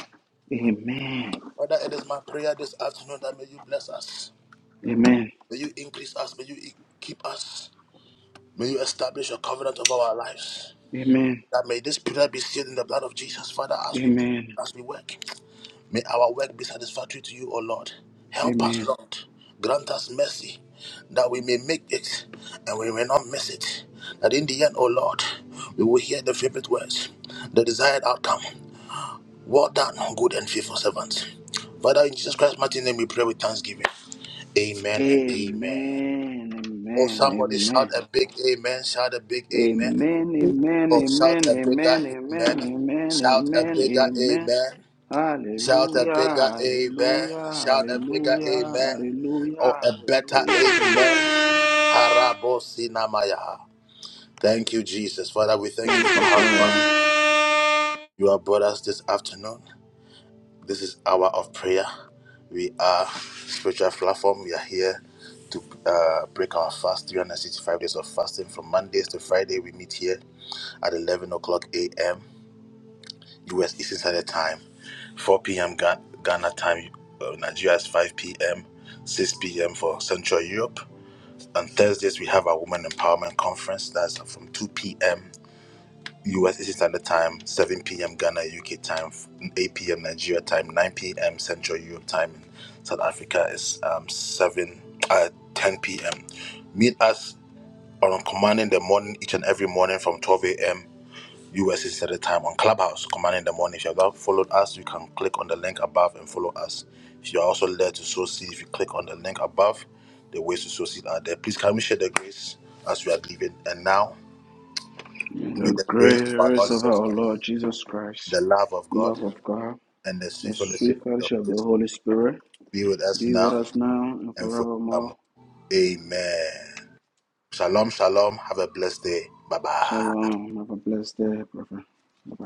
Amen.
Father, it is my prayer this afternoon that may you bless us.
Amen.
May you increase us. May you e- keep us. May you establish a covenant of our lives.
Amen.
That may this prayer be sealed in the blood of Jesus. Father, as we move,
Amen.
as we work, may our work be satisfactory to you, O Lord. Help us,
Amen.
Lord. Grant us mercy that we may make it and we may not miss it. That in the end, O Lord, we will hear the favorite words, the desired outcome. Well done, good and faithful servant. Father, in Jesus Christ's mighty name, we pray with thanksgiving. Amen and
Amen.
amen.
Amen.
Oh, somebody shout
Amen.
a big amen. Shout a big amen.
Amen. Amen. Amen.
Oh, shout
Amen.
a bigger amen.
Amen. Amen.
Shout a
Amen.
bigger
Amen.
amen. Shout a
Hallelujah.
bigger amen.
Hallelujah.
Shout a bigger
Hallelujah.
amen. Or
Hallelujah.
a better
Hallelujah.
amen. Parabosinamaya. Thank you, Jesus. Father, we thank
Thank
you
you,
for how far
Father.
you have brought us this afternoon. This is hour of prayer. We are spiritual platform. We are here to uh, break our fast, 365 days of fasting from Mondays to Friday. We meet here at 11 o'clock a.m. U.S. Eastern Standard Time, 4 p.m. Ga- Ghana time. Uh, Nigeria is 5 p.m. 6 p.m. for Central Europe. On Thursdays, we have our Women Empowerment Conference. That's from 2 p.m. US Eastern Standard Time, 7 p.m. Ghana, UK time, 8 p.m. Nigeria time, 9 p.m. Central Europe time. In South Africa is um, 7, uh, 10 p.m. Meet us on Command in the Morning each and every morning from 12 a.m. US Eastern Standard Time on Clubhouse, Command in the Morning. If you have not followed us, you can click on the link above and follow us. If you are also led to sow seed, if you click on the link above, the ways to sow seed are there. Please can we share the grace as we are leaving? And now,
May
may
the
the grace of our Lord
grace of
Jesus
our
Christ
Lord Jesus Christ,
the love of God,
love of God,
and the
the
sweet fellowship
sweet
of the
fellowship of
Holy
the
Spirit
Holy Spirit
be with us
be with
now
us now and
and
forevermore.
forevermore. Amen. Shalom, shalom. Have a blessed day. Bye bye.
Shalom. Have a blessed day, brother. Bye-bye.